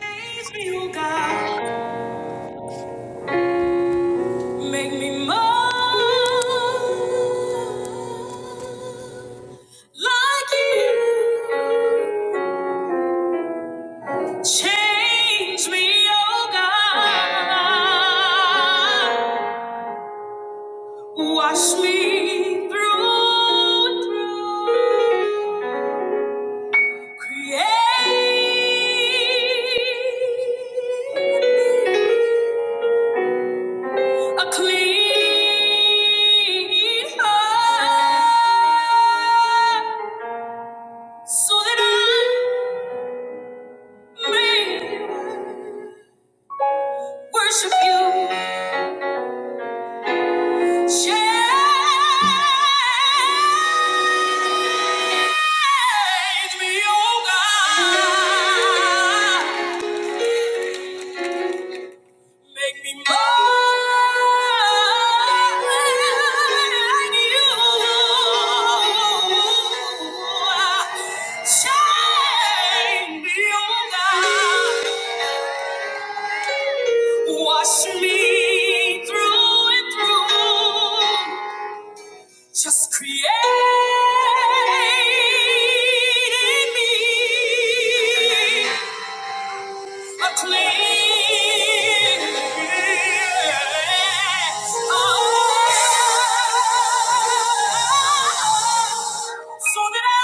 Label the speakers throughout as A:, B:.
A: Praise me, oh God. Make me more like you. Change me, oh God. Wash me through and through. Create. in me. A clean heart, so that I may worship you. Change me, oh God. Make me more like you. Shine beyond us. Wash me through and through. Just create in me. A clean yes. Oh, so that I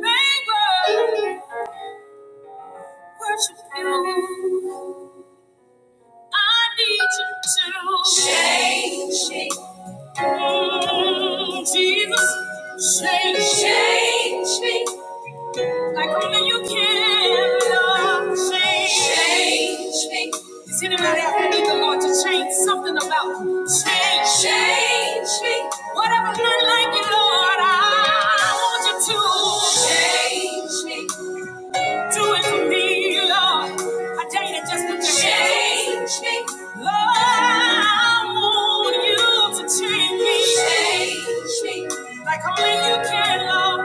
A: may worship you. I need you to change me. Mm, Jesus, change me. Like only you can, Lord, change. Change me. Does anybody ever need the Lord to change something about you? Change. Change me. Whatever's not like you, Lord, I want you to. Change me. Do it for me, Lord. I dare you just to change me. Lord, I want you to change me. Change me. Like only you can, Lord.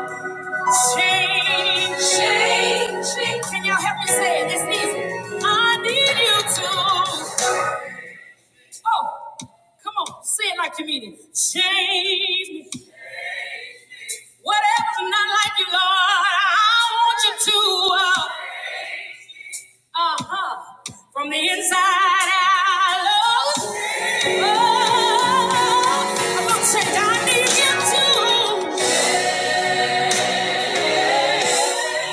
A: Change, change, change. Can y'all help me say it? It's easy. I need you to. Oh, come on, say it like you mean it. Change me. Whatever's not like you, Lord, I want you to. Uh huh. From the inside out, Lord. Oh, I'm gonna change. I need you to. Save my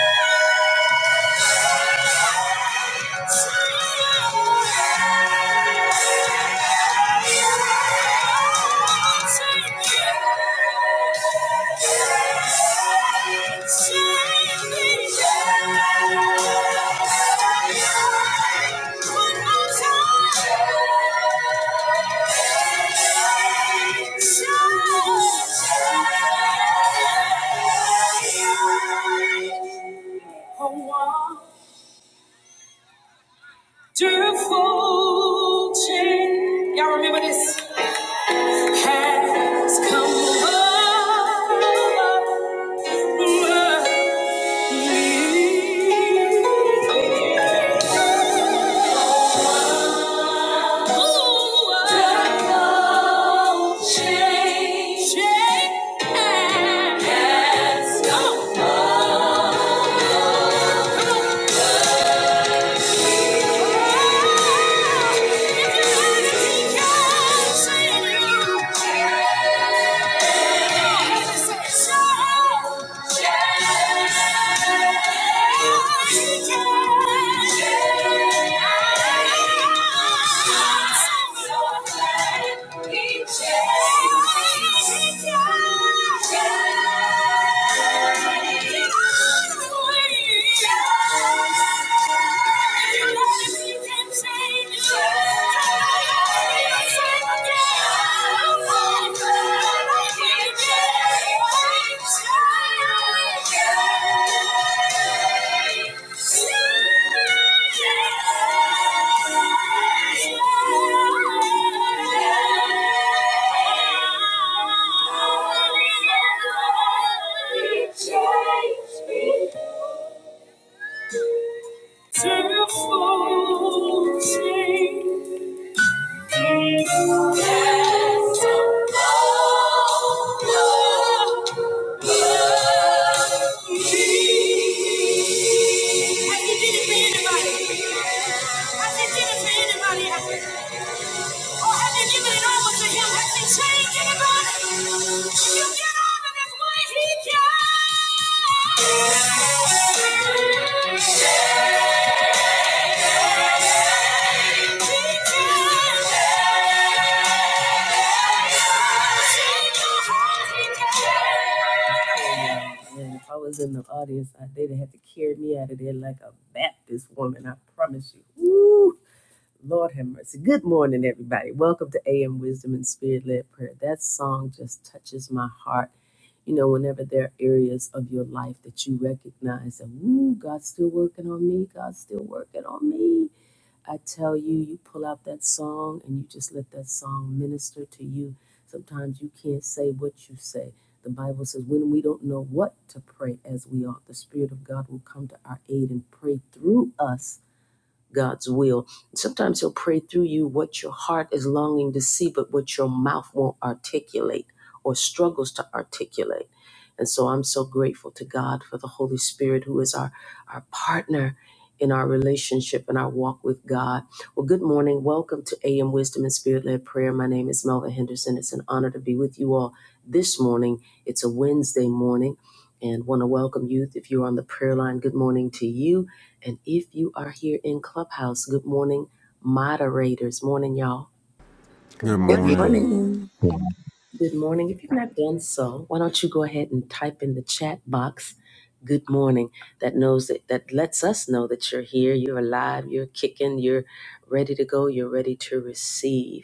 A: Yeah. Wonderful change. Y'all remember this? has come over me. Change has come over me. Yeah. Change me. Change anybody? If You get out of this way, he can. And if I was in the audience, I, they'd have had to carry me out of there like a Baptist woman, I promise you. Woo! Lord have mercy. Good morning, everybody. Welcome to AM Wisdom and Spirit Led Prayer. That song just touches my heart. You know, whenever there are areas of your life that you recognize that, woo, God's still working on me, God's still working on me. I tell you, you pull out that song and you just let that song minister to you. Sometimes you can't say what you say. The Bible says, when we don't know what to pray as we ought, the Spirit of God will come to our aid and pray through us God's will. Sometimes He'll pray through you what your heart is longing to see, but what your mouth won't articulate or struggles to articulate. And so I'm so grateful to God for the Holy Spirit, who is our, our partner in our relationship and our walk with God. Well, good morning. Welcome to AM Wisdom and Spirit Led Prayer. My name is Melvin Henderson. It's an honor to be with you all this morning. It's a Wednesday morning and want to welcome you. If you're on the prayer line, good morning to you. And if you are here in Clubhouse, good morning, moderators. Morning, y'all.
B: Good
C: Good
D: Good
C: morning.
B: morning,
D: morning.
A: Good morning. If you've not done so, why don't you go ahead and type in the chat box, good morning. That knows that, that lets us know that you're here, you're alive, you're kicking, you're ready to go, you're ready to receive.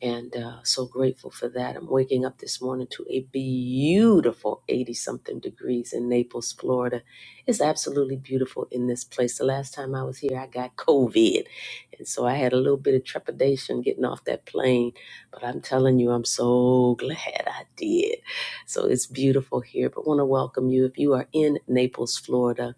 A: and uh, so grateful for that. I'm waking up this morning to a beautiful 80 something degrees in Naples, Florida. It's absolutely beautiful in this place. The last time I was here, I got COVID, and so I had a little bit of trepidation getting off that plane, but I'm telling you, I'm so glad I did. So it's beautiful here, but want to welcome you if you are in Naples, Florida.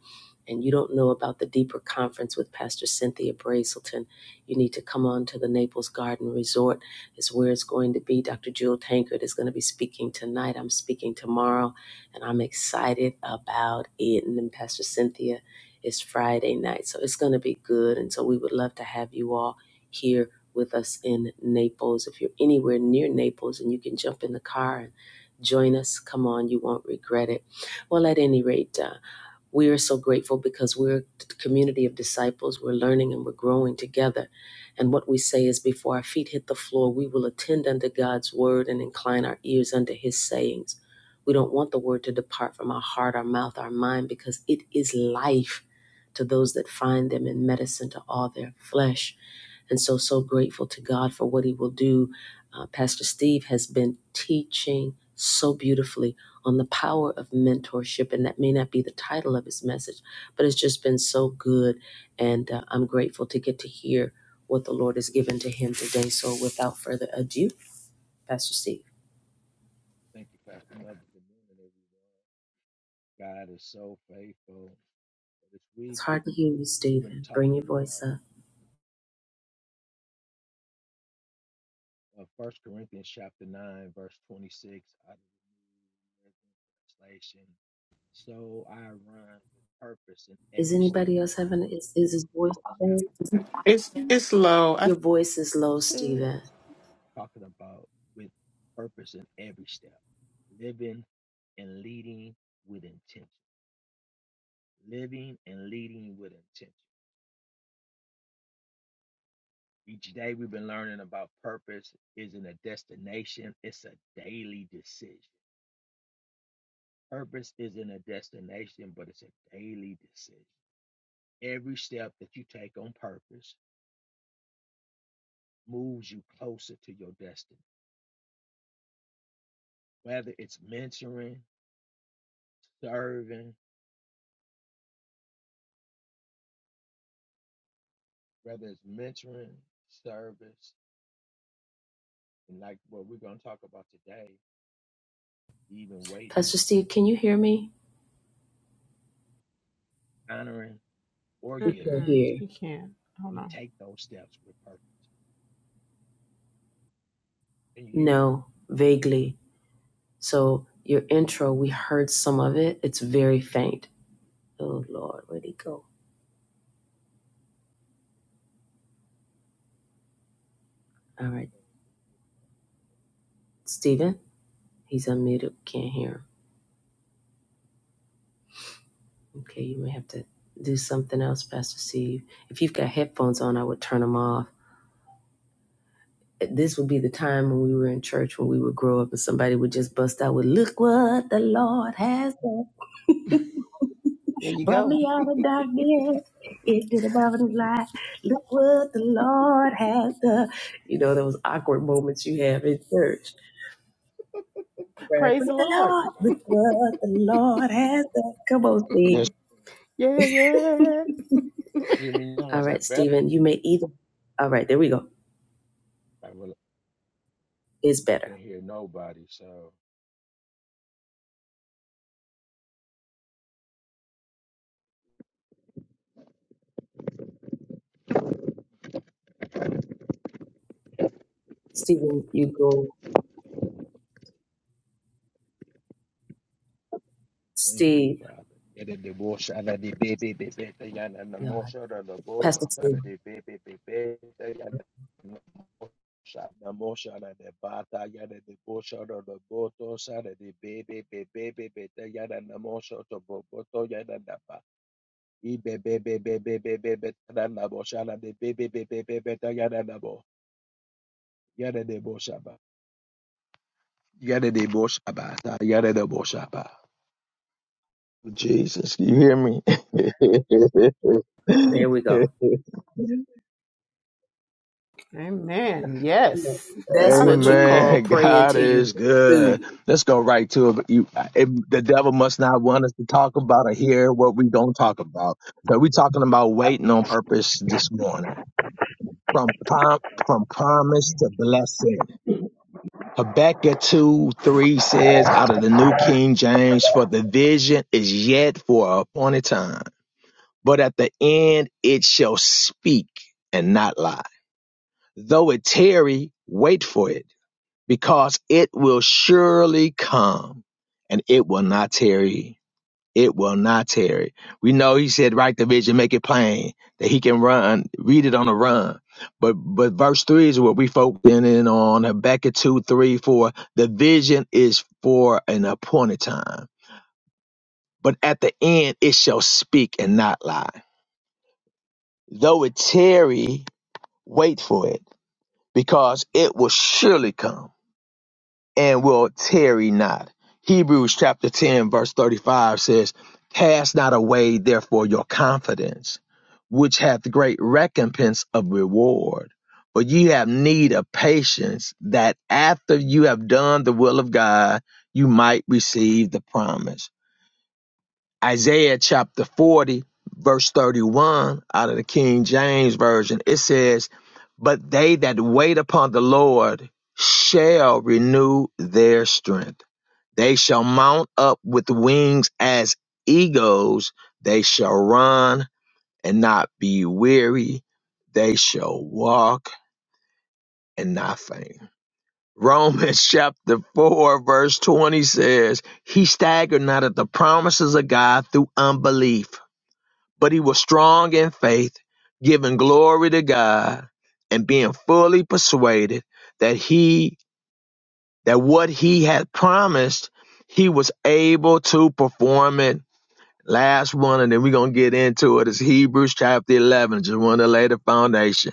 A: And you don't know about the deeper conference with Pastor Cynthia Brazelton, you need to come on to the Naples Garden Resort is where it's going to be. Dr. Jewel Tankard is going to be speaking tonight. I'm speaking tomorrow, and I'm excited about it. And then Pastor Cynthia is Friday night. So it's going to be good. And so we would love to have you all here with us in Naples. If you're anywhere near Naples and you can jump in the car and join us, come on, you won't regret it. Well, at any rate, uh, we are so grateful because we're a community of disciples. We're learning and we're growing together. And what we say is before our feet hit the floor, we will attend unto God's word and incline our ears unto his sayings. We don't want the word to depart from our heart, our mouth, our mind, because it is life to those that find them and medicine to all their flesh. And so, so grateful to God for what He will do. Uh, Pastor Steve has been teaching so beautifully on the power of mentorship, and that may not be the title of his message, but it's just been so good. And uh, I'm grateful to get to hear what the Lord has given to him today. So, without further ado, Pastor Steve.
E: Thank you, Pastor Mother. Good morning, everyone. God is so faithful. This
A: It's
E: week
A: hard to hear you,
E: we've been
A: Stephen. Bring your
E: talking
A: voice up.
E: about uh, First Corinthians chapter nine, verse twenty-six, out of the New Living Translation. So I run with purpose in
A: Is
E: every step,
A: anybody else having is is his voice
E: not
A: okay?
E: shallow.
B: It's it's low.
A: Your voice is low,
B: Steve.
E: Uh,
A: Stephen.
E: Talking about with purpose in every step, living and leading with intention. Living and leading with intention. Each day we've been learning about purpose isn't a destination, it's a daily decision. Purpose isn't a destination, but it's a daily decision. Every step that you take on purpose moves you closer to your destiny. Whether it's mentoring, serving, whether it's mentoring, service, and like what we're going to talk about today, even waiting,
A: Pastor Steve, can you hear me?
E: honoring, or
A: We can
E: giving,
A: hear.
B: Mm-mm, he can't. Hold
E: we
B: on.
E: take those steps with purpose. Can you hear me?
A: No, vaguely. So your intro, we heard some of it. It's very faint. Oh Lord, where'd he go? All right, Stephen, he's unmuted. Can't hear him. Okay, you may have to do something else, Pastor Steve. If you've got headphones on, I would turn them off. This would be the time when we were in church when we would grow up and somebody would just bust out with, "Look what the Lord has done."
B: There you
A: Brought
B: go.
A: me out of darkness into the marvelous light. Look what the Lord has done. You know those awkward moments you have in church, right?
B: Praise the
A: Praise the
B: Lord.
A: Lord. Look what the Lord has done. Come on, Steve.
E: Yes,
B: Yeah, yeah.
E: You Hear me now?
A: All
E: Is
A: right,
E: that better?
A: Stephen, you may either. All right, there we go.
E: I will,
A: It's
E: I
A: better.
E: can hear nobody, so
A: Stephen, you go.
E: thank you,
A: Steve,
E: Father. Yada de bo shada de be be be be te yana na
A: yeah,
E: mo shada de bo
A: Pastor Steve.
E: shada de be be be be te yana na mo shada mo shada de bata yada de bo shada de bo to shada de be be be be be be te yana na mo shada bo bo to yana na ba i be be be be be be be be te yana na bo shada de be be be be be be te yana na bo yada de bo shaba yada de bo shaba ta yada de bo shaba Jesus, you hear me?
A: There we go.
B: Amen. Yes.
A: That's what you
B: Hallelujah.
A: call
E: Amen.
A: praying
E: God
A: till you
E: is good.
A: through.
E: Let's go right to it. You, it. The devil must not want us to talk about or hear what we don't talk about. So we're talking about waiting on purpose this morning. From prom, from promise to blessing. Habakkuk 2 3 says out of the New King James, for the vision is yet for a appointed time. but at the end it shall speak and not lie. Though it tarry, wait for it, because it will surely come and it will not tarry. It will not tarry. We know he said, write the vision, make it plain that he can run, read it on the run. But, but verse three is what we focusing in on Habakkuk 2, 3, four. The vision is for an appointed time, but at the end it shall speak and not lie. Though it tarry, Wait for it, because it will surely come and will tarry not. Hebrews chapter 10, verse 35 says, Cast not away, therefore, your confidence, which hath great recompense of reward. For ye have need of patience, that after you have done the will of God, you might receive the promise. Isaiah chapter 40, verse 31 out of the King James Version, it says, But they that wait upon the Lord shall renew their strength. They shall mount up with wings as eagles. They shall run and not be weary. They shall walk and not faint. Romans chapter 4, verse 20 says, He staggered not at the promises of God through unbelief but he was strong in faith, giving glory to God, and being fully persuaded that he that what he had promised, he was able to perform it. Last one, and then we're gonna get into it. Is Hebrews chapter eleven. Just want to lay the foundation.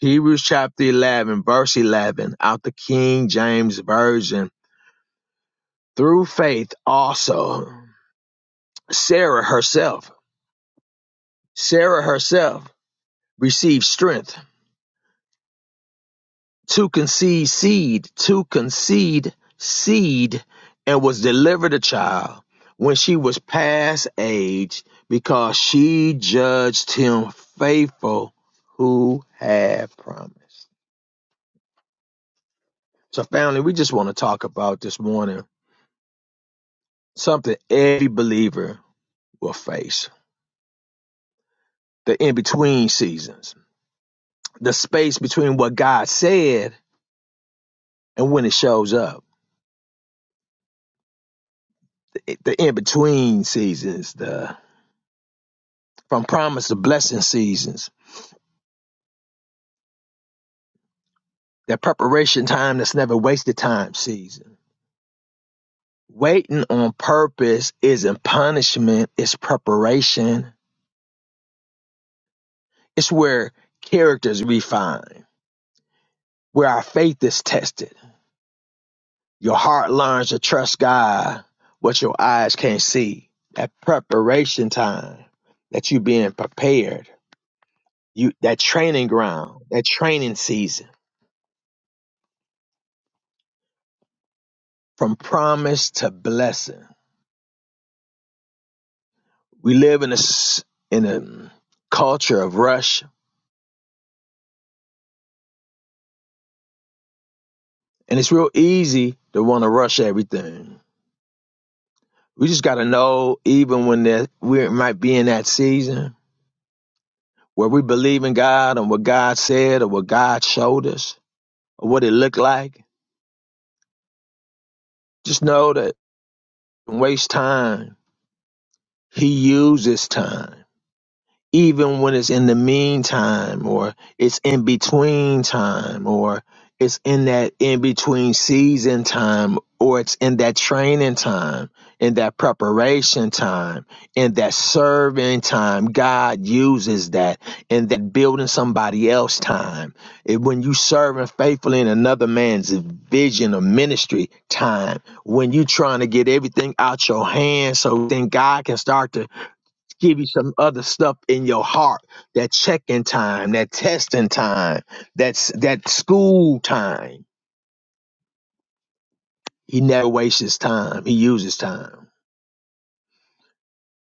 E: Hebrews chapter eleven, verse eleven, out the King James Version. Through faith also, Sarah herself, Sarah herself received strength to concede seed, to concede seed, and was delivered a child when she was past age because she judged him faithful who had promised. So, family, we just want to talk about this morning something every believer will face the in between seasons, the space between what God said and when it shows up, the in between seasons, the from promise to blessing seasons That preparation time that's never wasted time season. Waiting on purpose isn't punishment, it's preparation. It's where character is refined, where our faith is tested. Your heart learns to trust God, what your eyes can't see. That preparation time, that you being prepared, you that training ground, that training season, from promise to blessing. We live in a s- in a culture of rush And it's real easy to want to rush everything. We just got to know, even when that we might be in that season where we believe in God and what God said or what God showed us or what it looked like, just know that don't waste time. He uses time. even when it's in the meantime or it's in between time or it's in that in between season time or it's in that training time in that preparation time in that serving time god uses that in that building somebody else time And when you serving faithfully in another man's vision or ministry time when you trying to get everything out your hands so then god can start to give you some other stuff in your heart that checking time that testing time that's that school time he never wastes his time he uses time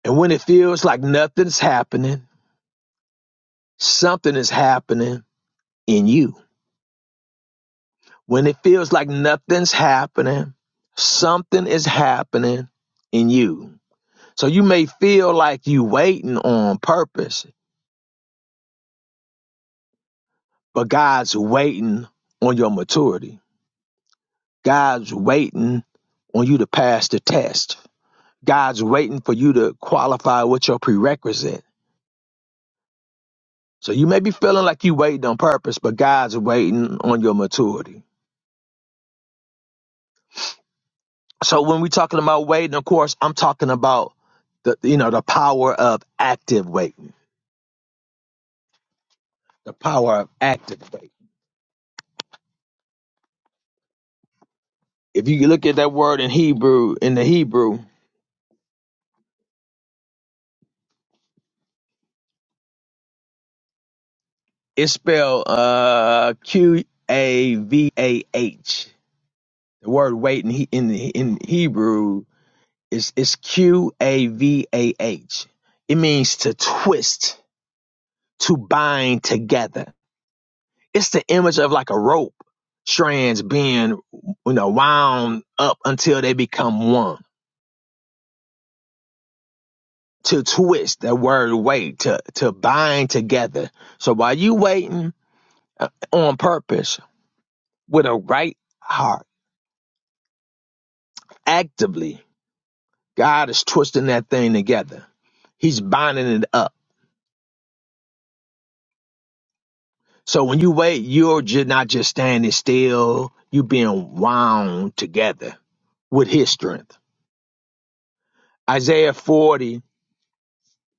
E: and when it feels like nothing's happening something is happening in you when it feels like nothing's happening something is happening in you so you may feel like you waiting on purpose but god's waiting on your maturity God's waiting on you to pass the test. God's waiting for you to qualify with your prerequisite. So you may be feeling like you waiting on purpose, but God's waiting on your maturity. So when we're talking about waiting, of course, I'm talking about the you know the power of active waiting. The power of active waiting. If you look at that word in Hebrew, in the Hebrew, it's spelled uh, Q A V A H. The word wait in, He- in in Hebrew It's it's Q A V A H. It means to twist, to bind together. It's the image of like a rope strands being you know wound up until they become one. To twist, that word wait, to to bind together. So while you waiting uh, on purpose with a right heart, actively, God is twisting that thing together. He's binding it up So when you wait, you're just not just standing still, you're being wound together with his strength. Isaiah 40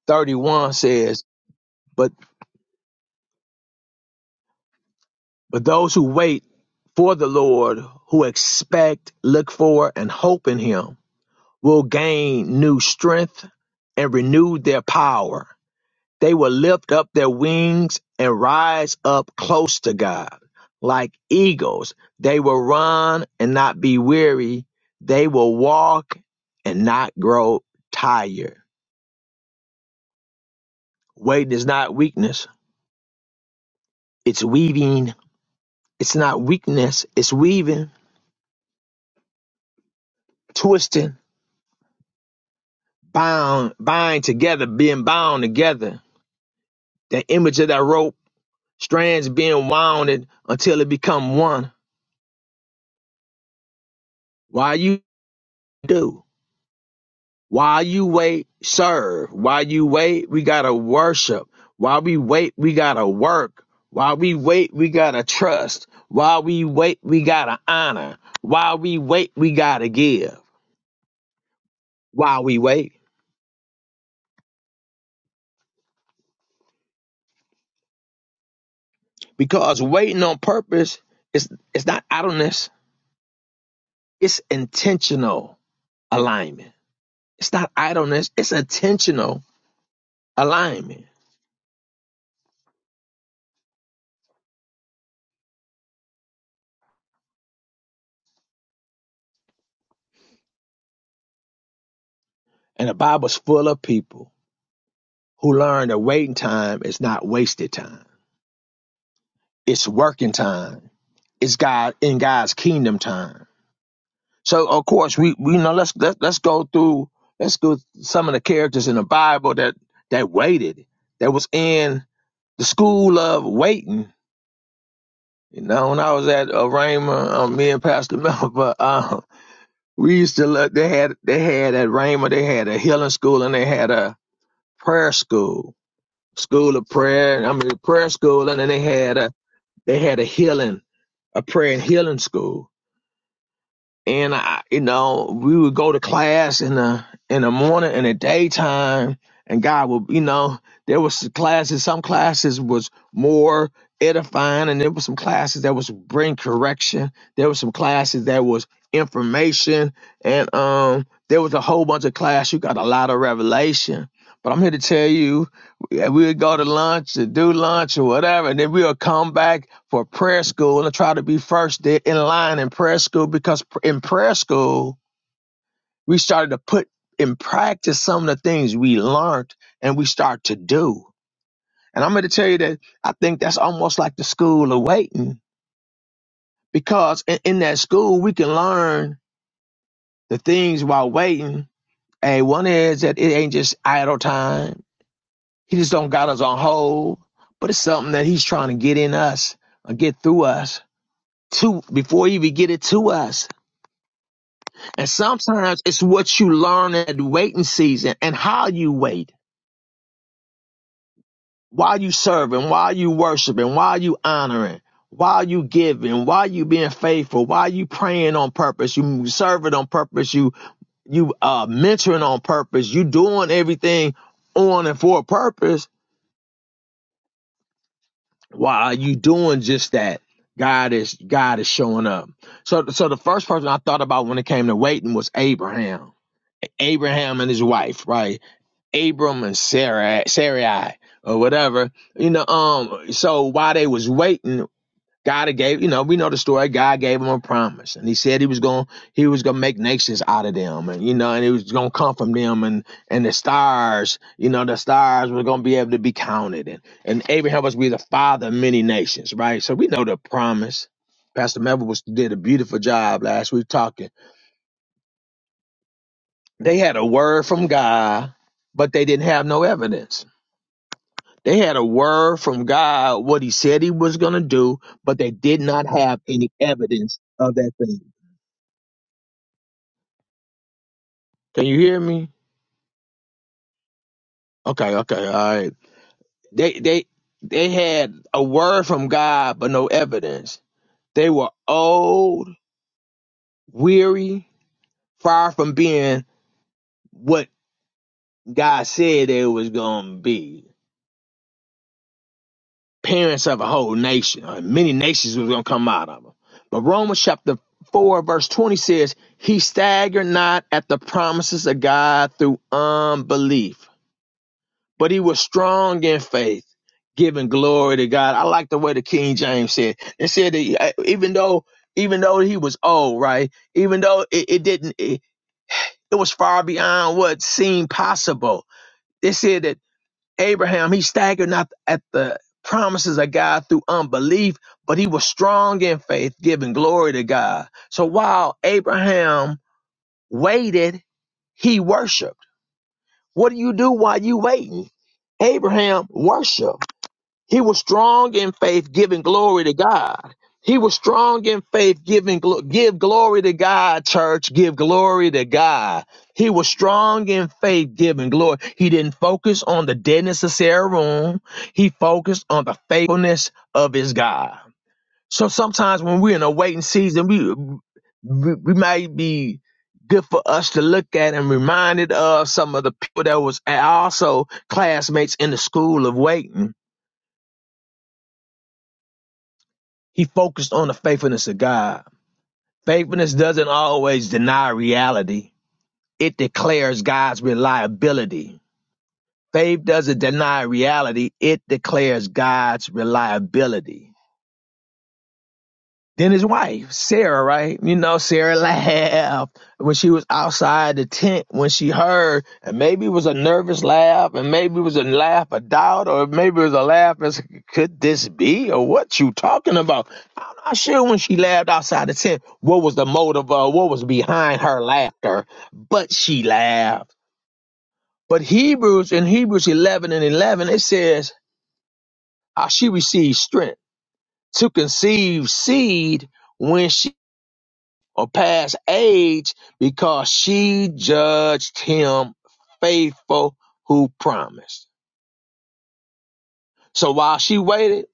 E: 31 says, But but those who wait for the Lord, who expect, look for, and hope in him, will gain new strength and renew their power. They will lift up their wings and rise up close to God. Like eagles, they will run and not be weary. They will walk and not grow tired. Waiting is not weakness, it's weaving. It's not weakness, it's weaving, twisting, bound, bind together, being bound together. The image of that rope, strands being wound until it become one. Why you do? While you wait, serve. While you wait, we gotta worship. While we wait, we gotta work. While we wait, we gotta trust. While we wait, we gotta honor. While we wait, we gotta give. While we wait. Because waiting on purpose is it's not idleness, it's intentional alignment. It's not idleness, it's intentional alignment. And the Bible's full of people who learn that waiting time is not wasted time. It's working time It's God in God's kingdom time. So of course we, we you know let's let's let's go through let's go some of the characters in the Bible that that waited that was in the school of waiting. You know, when I was at uh, Rhema, um, me and Pastor Mel, but um, we used to look. They had they had at Rhema, they had a healing school and they had a prayer school, school of prayer. I mean prayer school, and then they had a they had a healing a prayer and healing school. and I, you know, we would go to class in the in the morning and the daytime, and God would, you know, there was classes. Some classes was more edifying, and there was some classes that was bring correction. There was some classes that was information, and um, there was a whole bunch of class. You got a lot of revelation. But I'm here to tell you yeah, we would go to lunch and do lunch or whatever, and then we would come back for prayer school and try to be first there in line in prayer school because in prayer school we started to put in practice some of the things we learned and we start to do. And I'm going to tell you that I think that's almost like the school of waiting because in, in that school we can learn the things while waiting. Hey, one is that it ain't just idle time He just don't got us on hold, but it's something that he's trying to get in us or get through us to before he even get it to us. And sometimes it's what you learn at waiting season and how you wait, while you serving, while you worshiping, while you honoring, while you giving, while you being faithful, while you praying on purpose, you serving on purpose, you you uh mentoring on purpose, you doing everything on and for a purpose while you doing just that, God is God is showing up. So so the first person I thought about when it came to waiting was Abraham. Abraham and his wife, right? Abram and Sarah Sarai or whatever. You know, um so while they was waiting, God gave, you know, we know the story. God gave him a promise, and he said he was going, to he was going to make nations out of them, and you know, and it was going to come from them, and and the stars, you know, the stars were going to be able to be counted, and and Abraham was to be the father of many nations, right? So we know the promise. Pastor Melvin was did a beautiful job last week talking. They had a word from God, but they didn't have no evidence. They had a word from God, what He said He was going to do, but they did not have any evidence of that thing. Can you hear me? Okay, okay, all right. They they they had a word from God but no evidence. They were old, weary, far from being what God said they was gonna be. Parents of a whole nation, or many nations was gonna come out of them. But Romans chapter four verse twenty says, "He staggered not at the promises of God through unbelief." but he was strong in faith, giving glory to God. I like the way the King James said. It said that he- even though even though he was old, right? Even though it, it didn't, it, it was far beyond what seemed possible. It said that Abraham he staggered not at the promises of God through unbelief, but he was strong in faith, giving glory to God. So while Abraham waited, he worshipped. What do you do while you waiting? Abraham worshiped. He was strong in faith, giving glory to God. He was strong in faith, giving glo- give glory to God, church. Give glory to God. He was strong in faith, giving glory. He didn't focus on the deadness of Sarah room. He focused on the faithfulness of his God. So sometimes when we're in a waiting season, we we, we might be good for us to look at and reminded of some of the people that was also classmates in the school of waiting He focused on the faithfulness of God. Faithfulness doesn't always deny reality, it declares God's reliability. Faith doesn't deny reality, it declares God's reliability. Then his wife, Sarah, right? You know, Sarah laughed when she was outside the tent when she heard, and maybe it was a nervous laugh, and maybe it was a laugh of doubt, or maybe it was a laugh as could this be, or what you talking about? I'm not sure when she laughed outside the tent what was the motive or what was behind her laughter, but she laughed. But Hebrews in Hebrews 11 and 11 it says, "How she received strength to conceive seed when she." or past age because she judged him faithful who promised. So while she waited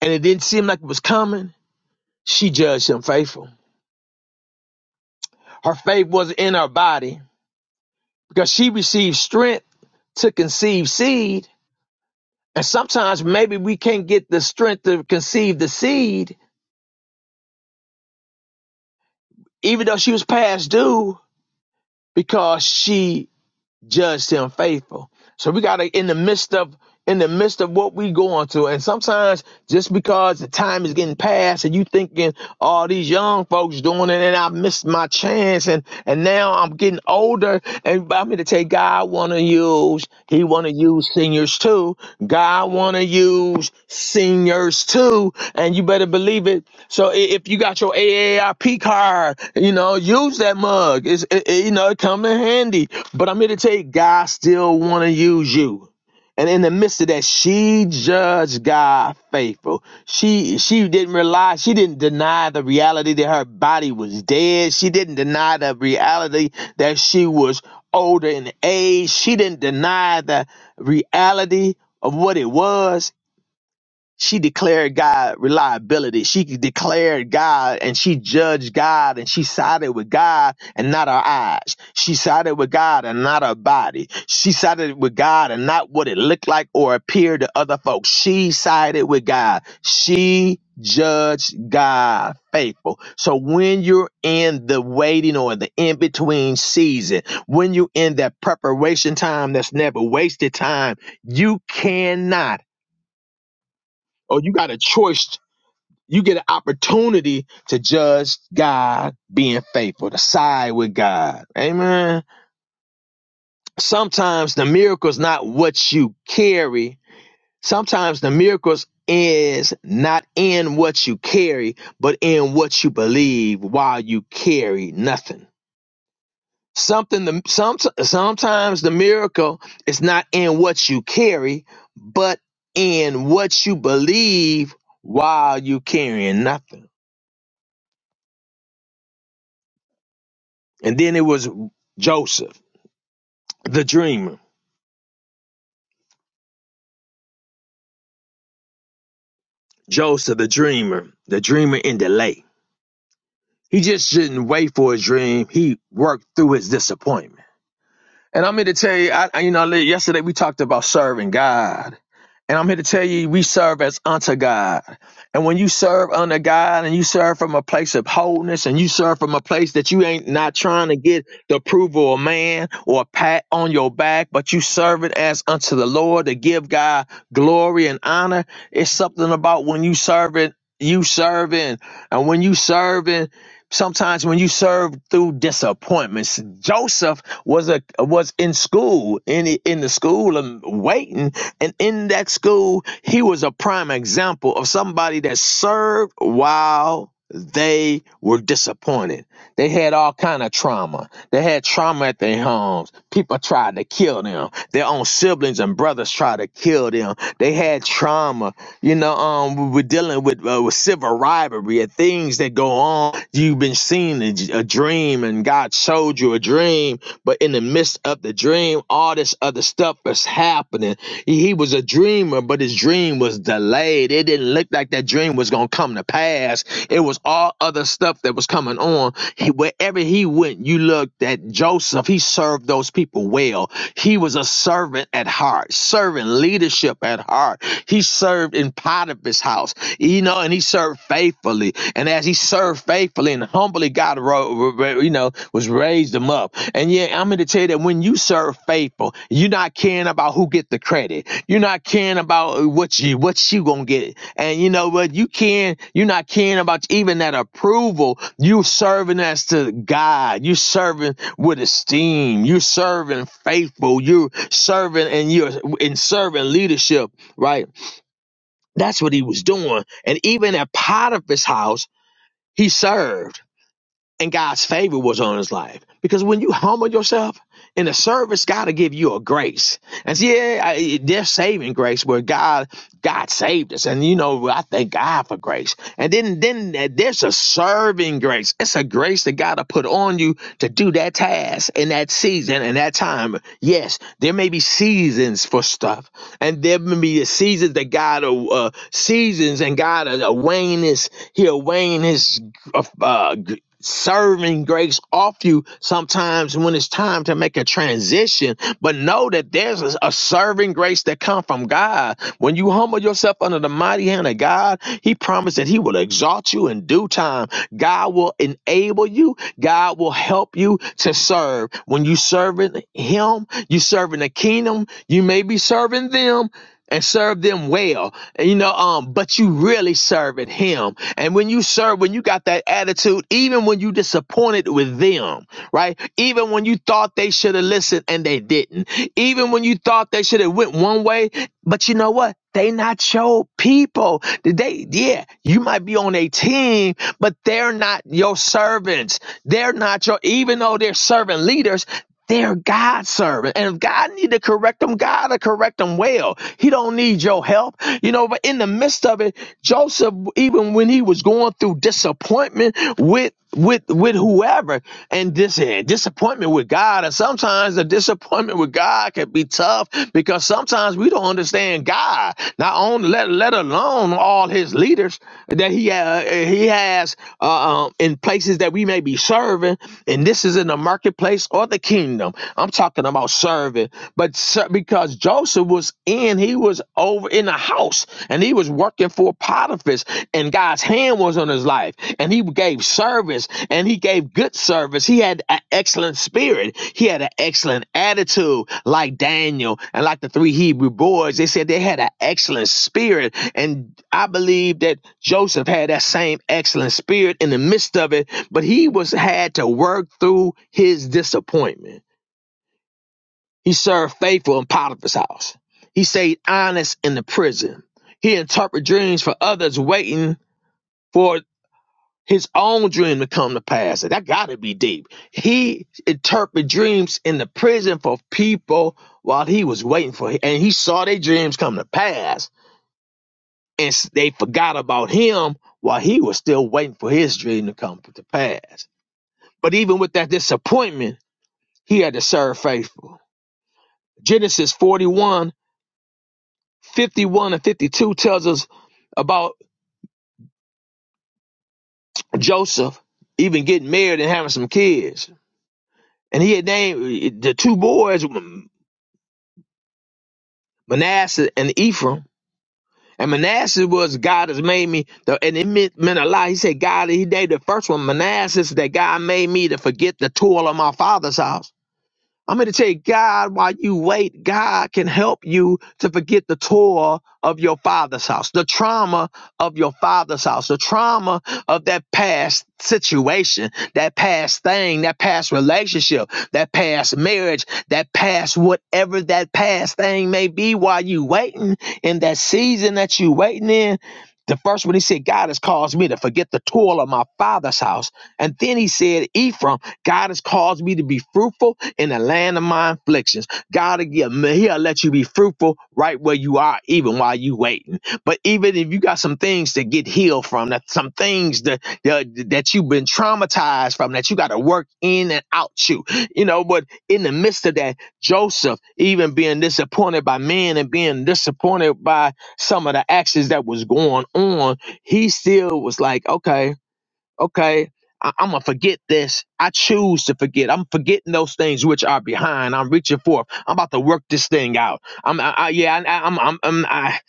E: and it didn't seem like it was coming, she judged him faithful. Her faith was in her body because she received strength to conceive seed. And sometimes maybe we can't get the strength to conceive the seed, even though she was past due, because she judged him faithful. So we gotta in the midst of in the midst of what we going through, and sometimes just because the time is getting past, and you thinking, "Oh, these young folks doing it, and I missed my chance, and and now I'm getting older, and I'm here to take God one of you schools, he want to use seniors too. God want to use seniors too, and you better believe it. So i- if you got your AARP card, you know, use that mug. It's it, it- you know, it come in handy. But I'm here to tell you, God still want to use you. And in the midst of that, she judged God faithful. She she didn't realize she didn't deny the reality that her body was dead. She didn't deny the reality that she was older in age. She didn't deny the reality of what it was she declared God reliability. She declared God and she judged God and she sided with God and not our eyes. She sided with God and not our body. She sided with God and not what it looked like or appeared to other folks. She sided with God. She judged God faithful. So when you're in the waiting or the in between season, when you're in that preparation time that's never wasted time, you cannot or you got a choice you get an opportunity to judge God being faithful, to side with God. Amen. Sometimes the miracle is not what you carry. Sometimes the miracles is not in what you carry, but in what you believe while you carry nothing. Something the some sometimes the miracle is not in what you carry, but in what you believe while you carrying nothing. And then it was Joseph, the dreamer. Joseph, the dreamer, the dreamer in delay. He just didn't wait for his dream. He worked through his disappointment. And I'm here to tell you, I, I- you know, li- yesterday we talked about serving God. And I'm here to tell you, we serve as unto God. And when you serve unto God and you serve from a place of wholeness and you serve from a place that you ain't not trying to get the approval of man or a pat on your back, but you serve it as unto the Lord to give God glory and honor, it's something about when you serve it, you serving. And when you serving, sometimes when you serve through disappointments, Joseph was a was in school in in the school and waiting and in that school he was a prime example of somebody that served while they were disappointed they had all kind of trauma they had trauma at their homes people tried to kill them their own siblings and brothers tried to kill them they had trauma you know um we- we're dealing with uh, with civil rivalry and things that go on you've been seeing a, a dream and god showed you a dream but in the midst of the dream, all this other stuff was happening. He was a dreamer, but his dream was delayed. It didn't look like that dream was going to come to pass. It was all other stuff that was coming on. He, wherever he went, you looked at Joseph. He served those people well. He was a servant at heart, serving leadership at heart. He served in Potiphar's house you know, and he served faithfully. And as he served faithfully and humbly, God, you know, was raised him up. And yeah, I'm going to tell you that when you serve faithful, you're not caring about who get the credit. You're not caring about what you what you gonna get. And you know what? You can you're not caring about even that approval. You serving as to God. You serving with esteem. You serving faithful. You serving and you're in serving leadership, right? That's what he was doing. And even at Potiphar's house, he served and God's favor was on his life. Because when you humble yourself in the service, God will give you a grace. And see, yeah, I- there's saving grace where God God saved us, and you know I thank God for grace. And then then uh, there's a serving grace. It's a grace that God will put on you to do that task in that season and that time. Yes, there may be seasons for stuff, and there may be seasons that God will, uh, seasons and God uh, wane his he'll wane his uh, uh, serving grace off you sometimes when it's time to make a transition but know that there's a, a serving grace that come from god when you humble yourself under the mighty hand of god he promised that he will exalt you in due time god will enable you god will help you to serve when you serving him you serving the kingdom you may be serving them and serve them well and you know um but you really serving him and when you serve when you got that attitude even when you disappointed with them right even when you thought they should have listened and they didn't even when you thought they should have went one way but you know what they not your people Did they yeah you might be on a team but they're not your servants they're not your even though they're serving leaders they're God's servant. And if God need to correct them, God will correct them well. He don't need your help. You know, but in the midst of it, Joseph, even when he was going through disappointment with with with whoever and this and disappointment with God and sometimes the disappointment disappointment with God can be tough because sometimes we don't understand God. Not only let let alone all His leaders that He uh, He has uh, um, in places that we may be serving, and this is in the marketplace or the kingdom. I'm talking about serving, but ser- because Joseph was in, he was over in the house and he was working for Potiphar's, and God's hand was on his life, and he gave service and he gave good service. He had an excellent spirit. He had an excellent attitude, like Daniel and like the three Hebrew boys. They said they had an excellent spirit, and I believe that Joseph had that same excellent spirit in the midst of it. But he was had to work through his disappointment. He served faithful in Potiphar's house. He stayed honest in the prison. He interpreted dreams for others waiting. for his own dream to come to pass. That got to be deep. He interpreted dreams in the prison for people while he was waiting for, him, and he saw their dreams come to pass, and s- they forgot about him while he was still waiting for his dream to come to pass. But even with that disappointment, he had to serve faithful. Genesis 41, 51, and 52 tells us about Joseph even getting married and having some kids. And he had named eh, the two boys. Manasseh and Ephraim. And Manasseh was God has made me, the, and it meant, meant a lot. He said, God, he gave the first one, Manasseh, that God made me to forget the toil of my father's house. I'm going to tell you, God, while you wait, God can help you to forget the toil of your father's house, the trauma of your father's house, the trauma of that past situation, that past thing, that past relationship, that past marriage, that past whatever that past thing may be while you waiting in that season that you waiting in. The first one he said, God has caused me to forget the toil of my father's house. And then he said, Ephraim. God has caused me to be fruitful in the land of my afflictions. God, again, He'll let you be fruitful right where you are, even while you waiting. But even if you got some things to get healed from, that some things that that, that you've been traumatized from, that you got to work in and out you, you know. But in the midst of that, Joseph, even being disappointed by men and being disappointed by some of the actions that was going on, he still was like, okay okay, I- I'm gonna forget this. I choose to forget. I'm forgetting those things which are behind. I'm reaching forth. I'm about to work this thing out. I'm, I, I, yeah, I, I'm, I'm, I'm I,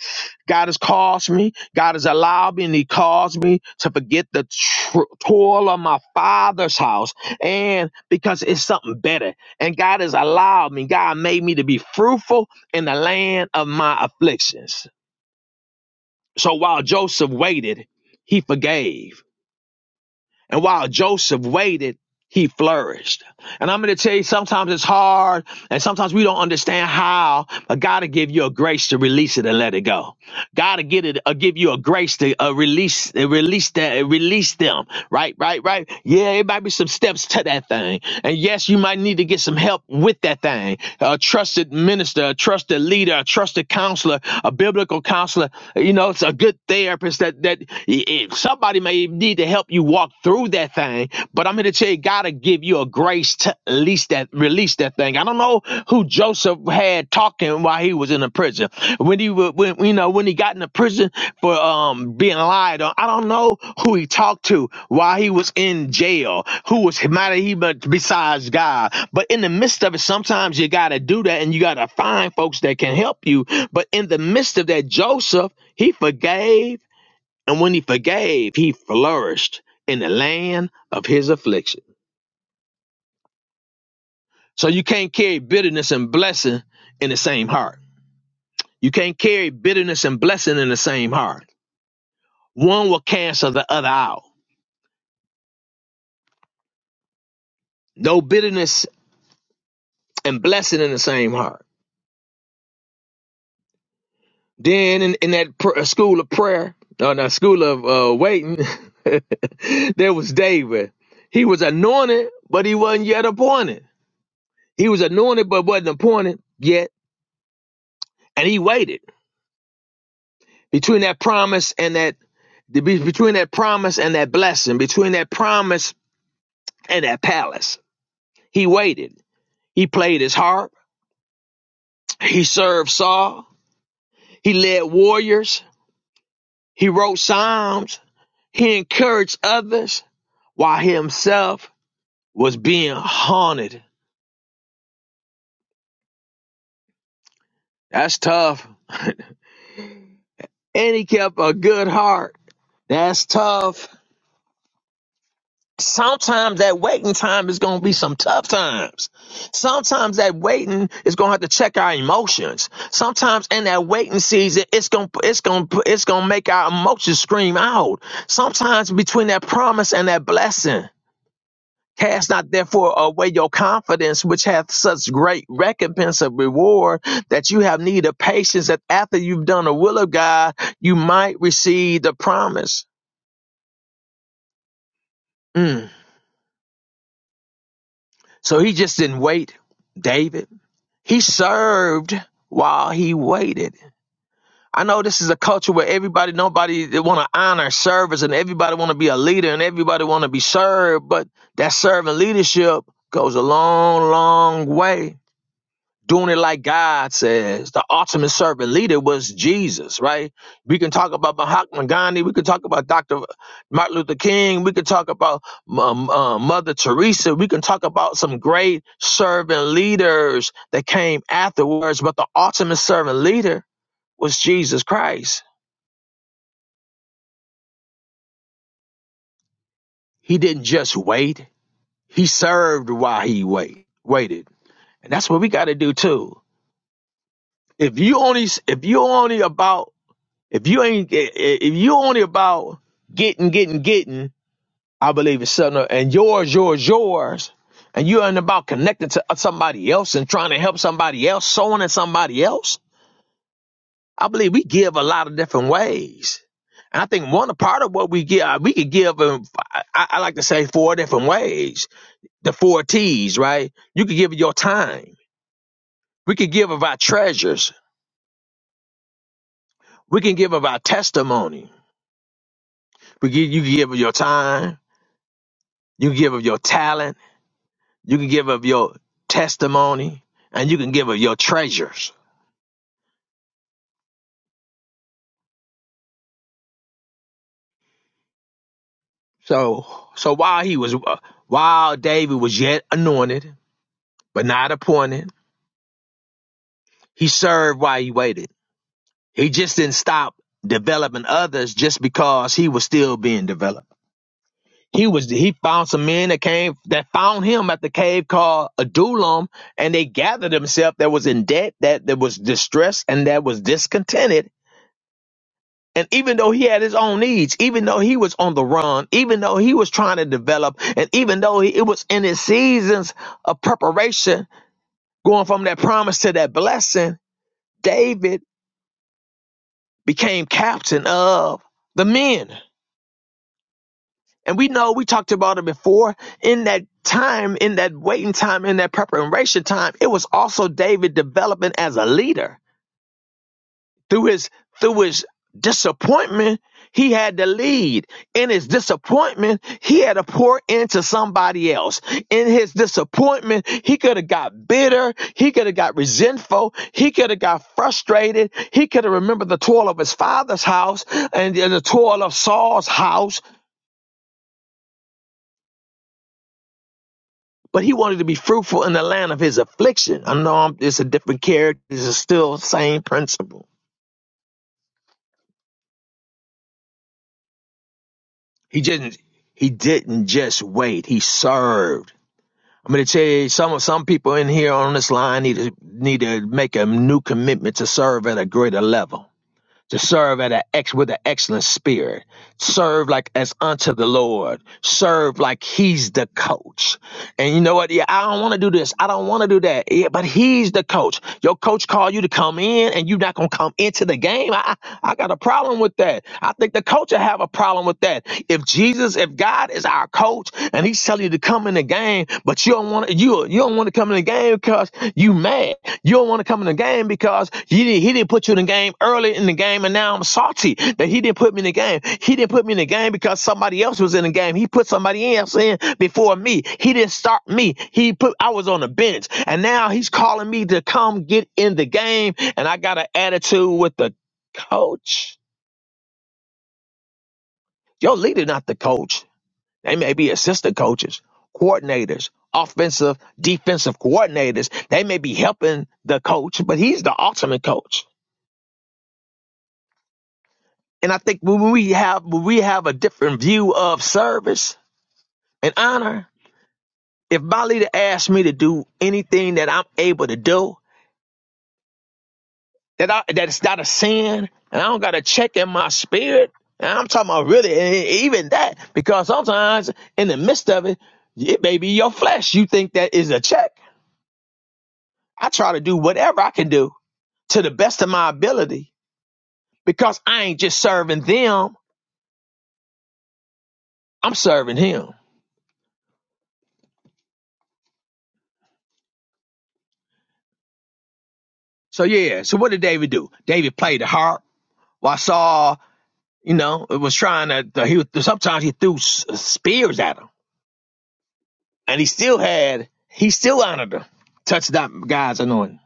E: God has caused me. God has allowed me, and He caused me to forget the tr- toil of my father's house, and because it's something better. And God has allowed me. God made me to be fruitful in the land of my afflictions. So while Joseph waited, he forgave and while Joseph waited, he flourished. And I'm going to tell you, sometimes it's hard, and sometimes we don't understand how, but God will give you a grace to release it and let it go. God will get it, uh, give you a grace to uh, release, uh, release that, uh, release them right, right, right. Yeah, it might be some steps to that thing. And yes, you might need to get some help with that thing. A trusted minister, a trusted leader, a trusted counselor, a biblical counselor, you know, it's a good therapist that that i- somebody may need to help you walk through that thing. But I'm here to tell you, God will give you a grace to at least that released that thing. I don't know who Joseph had talking while he was in the prison. When he wa- when you know when he got in the prison for um being lied on. I don't know who he talked to while he was in jail. Who was might he but besides God. But in the midst of it, sometimes you gotta do that and you gotta find folks that can help you. But in the midst of that, Joseph, he forgave, and when he forgave, he flourished in the land of his affliction. So you can't carry bitterness and blessing in the same heart. You can't carry bitterness and blessing in the same heart. One will cancel the other out. No bitterness and blessing in the same heart. Then in, in that pr- uh, school of prayer, or no, school of uh, waiting, there was David. He was anointed, but he wasn't yet appointed. He was anointed, but wasn't appointed yet. And he waited between that promise and that be- between that promise and that blessing, between that promise in that palace. He waited. He played his harp. He served Saul. He led warriors. He wrote psalms. He encouraged others while he himself was being haunted. That's tough. And he kept a good heart. That's tough. Sometimes that waiting time is going to be some tough times. Sometimes that waiting is going to have to check our emotions. Sometimes in that waiting season, it's going to it's going to it's going to make our emotions scream out. Sometimes between that promise and that blessing, cast not therefore away your confidence, which hath such great recompense of reward that you have need of patience. That after you've done the will of God, you might receive the promise. Mm. So he just didn't wait, David. He served while he waited. I know this is a culture where everybody, nobody they want to honor service and everybody want to be a leader and everybody want to be served, but that servant leadership goes a long, long way doing it like God says. The ultimate servant leader was Jesus, right? We can talk about Mahatma Gandhi. We can talk about Dr. Martin Luther King. We can talk about um, uh, Mother Teresa. We can talk about some great servant leaders that came afterwards, but the ultimate servant leader was Jesus Christ. He didn't just wait, he served while he wait, waited. And that's what we got to do too. If you only if you only about If you ain't, if you only about getting, getting, getting, I believe it's something, and yours, yours, yours, and you ain't about connecting to somebody else and trying to help somebody else, sowing in somebody else. I believe we give a lot of different ways. And I think one part of what we give, we could give, in, I, I like to say, four different ways. The four T's, right? You could give of your time. We could give of our treasures. We can give of our testimony. We give, you can give of your time. You can give of your talent You can give of your testimony and you can give of your treasures. So, so while he was, uh, while David was yet anointed, but not appointed, he served while he waited. He just didn't stop developing others just because he was still being developed. He was, he found some men that came, that found him at the cave called Adullam and they gathered themselves that was in debt, that, that was distressed and that was discontented And even though he had his own needs, even though he was on the run, even though he was trying to develop, and even though he, it was in his seasons of preparation, going from that promise to that blessing, David became captain of the men. And we know we talked about it before. In that time, in that waiting time, in that preparation time, it was also David developing as a leader. through his through his disappointment he had to lead in his disappointment he had to pour into somebody else in his disappointment he could have got bitter he could have got resentful he could have got frustrated he could have remembered the toil of his father's house and the toil of saul's house but he wanted to be fruitful in the land of his affliction i know I'm, it's a different character it's still the same principle he didn't he didn't just wait he served I'm going to tell you some some people in here on this line need to need to make a new commitment to serve at a greater level, to serve at an ex with an excellent spirit, serve like as unto the Lord, serve like He's the coach. And you know what? Yeah, I don't want to do this. I don't want to do that. Yeah, but He's the coach. Your coach called you to come in, and you're not gonna come into the game. I I got a problem with that. I think the coach will have a problem with that. If Jesus, if God is our coach, and He's telling you to come in the game game, but you don't want to you you don't want to come in the game because you mad. You don't want to come in the game because he didn't he didn't put you in the game early in the game, and now I'm salty that he didn't put me in the game. He didn't put me in the game because somebody else was in the game. He put somebody else in before me. He didn't start me. He put I was on the bench, and now he's calling me to come get in the game, and I got an attitude with the coach. Your leader, not the coach. They may be assistant coaches, coordinators, offensive, defensive coordinators. They may be helping the coach, but he's the ultimate coach. And I think when we have when we have a different view of service and honor, if my leader asks me to do anything that I'm able to do, that I, that it's not a sin, and I don't got a check in my spirit. And I'm talking about really e- even that because sometimes in the midst of it, it may be your flesh. You think that is a check. I try to do whatever I can do to the best of my ability because I ain't just serving them, I'm serving him. So yeah, so what did David do? David played the harp while Saul, you know, was trying to, he was, sometimes he threw spears at him and he still had, he still honored him. Touched that guy's anointing.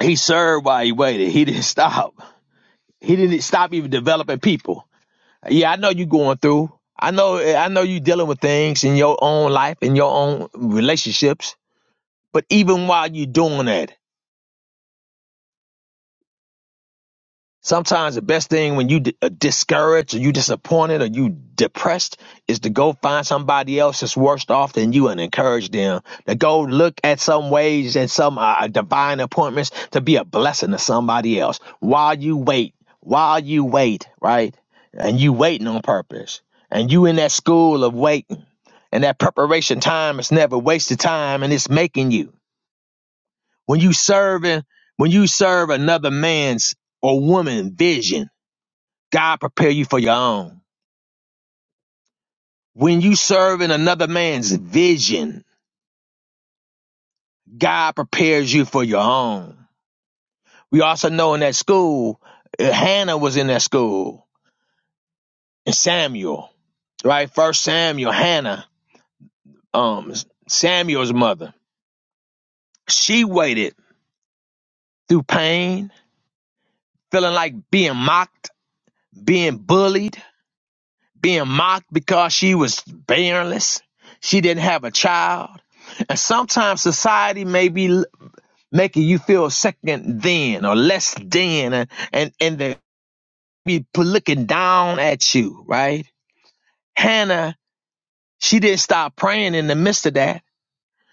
E: He served while he waited. He didn't stop. He didn't stop even developing people. Yeah, I know you going through. I know, I know you dealing with things in your own life, in your own relationships But even while you're doing that, sometimes the best thing when you d- are discouraged or you disappointed or you depressed is to go find somebody else that's worse off than you and encourage them. To go look at some ways and some uh, uh, divine appointments to be a blessing to somebody else while you wait, while you wait, right? And you waiting on purpose. And you in that school of waiting, and that preparation time is never wasted time, and it's making you. When you serving, when you serve another man's or woman vision, God prepare you for your own. When you serve in another man's vision, God prepares you for your own. We also know in that school, uh, Hannah was in that school, and Samuel, right? First Samuel, Hannah, um, Samuel's mother. She waited through pain, feeling like being mocked, being bullied being mocked because she was barrenless. She didn't have a child. And sometimes society may be making you feel second then or less than and, and, and they be looking down at you, right? Hannah, she didn't stop praying in the midst of that.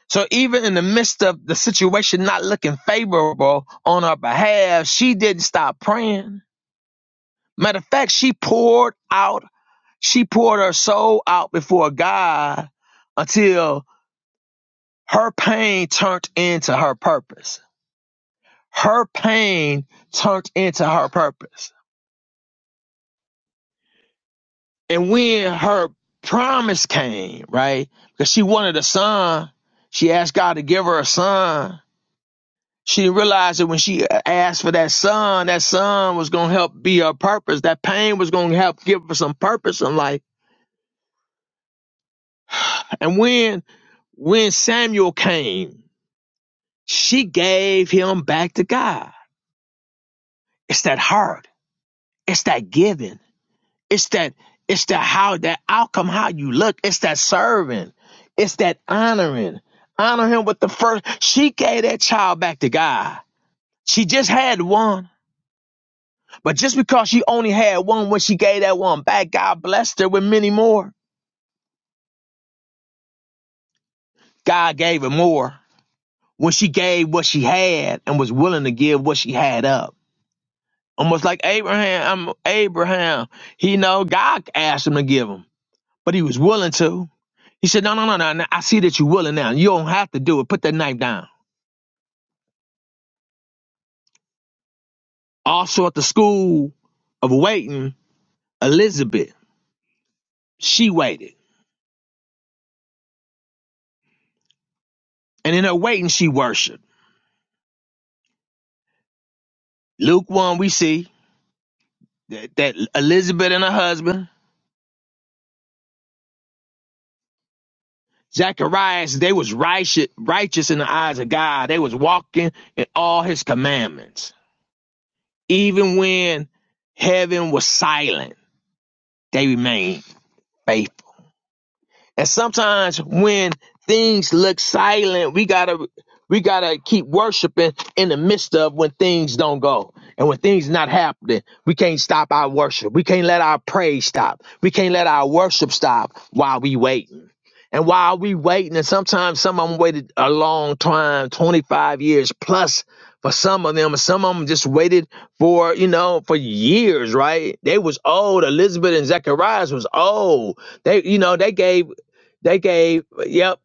E: So even in the midst of the situation not looking favorable on her behalf, she didn't stop praying. Matter of fact, she poured out She poured her soul out before God until her pain turned into her purpose. Her pain turned into her purpose. And when her promise came, right? Because she wanted a son, she asked God to give her a son. She didn't realize that when she asked for that son, that son was going to help be her purpose. That pain was going to help give her some purpose in life. And when when Samuel came, She gave him back to God. It's that heart. It's that giving. It's that it's that how that outcome, how you look. It's that serving. It's that honoring. Honor him with the first. She gave that child back to God. She just had one. But just because she only had one when she gave that one back, God blessed her with many more. God gave her more when she gave what she had and was willing to give what she had up. Almost like Abraham, I'm Abraham. He know God asked him to give him, but he was willing to. He said, No, no, no, no. no. I see that you're willing now. You don't have to do it. Put that knife down. Also at the school of waiting, Elizabeth, she waited. And in her waiting, she worshiped. Luke 1, we see that, that Elizabeth and her husband, Zacharias, they was righteous, righteous in the eyes of God. They was walking in all his commandments. Even when heaven was silent they remained faithful. And sometimes when things look silent, we gotta we gotta keep worshiping in the midst of when things don't go and when things not happening. We can't stop our worship. We can't let our praise stop. We can't let our worship stop while we waiting. And while we waiting, and sometimes some of them waited a long time, 25 years plus for some of them. Some of them just waited for, you know, for years, right? They was old. Elizabeth and Zacharias was old they you know they gave they gave, yep,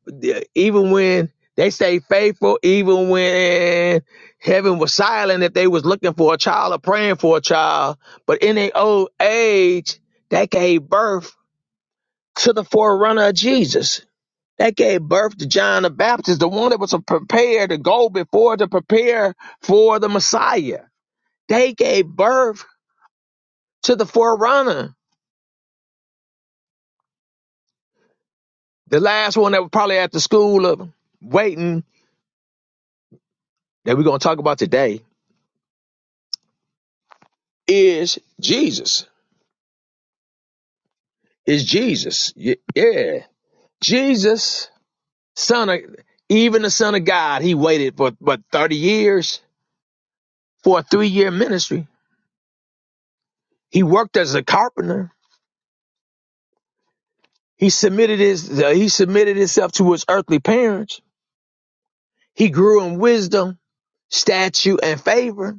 E: even when they stayed faithful, even when heaven was silent, if they was looking for a child or praying for a child, but in their old age, they gave birth to the forerunner of Jesus. They gave birth to John the Baptist, the one that was prepared to go before to prepare for the Messiah. They gave birth to the forerunner, the last one that was probably at the school of waiting that we're going to talk about today is Jesus. Is Jesus. Yeah. Jesus, son of, even the son of God, he waited for, what, 30 years for a three year ministry. He worked as a carpenter. He submitted his, uh, he submitted himself to his earthly parents. He grew in wisdom, stature, and favor.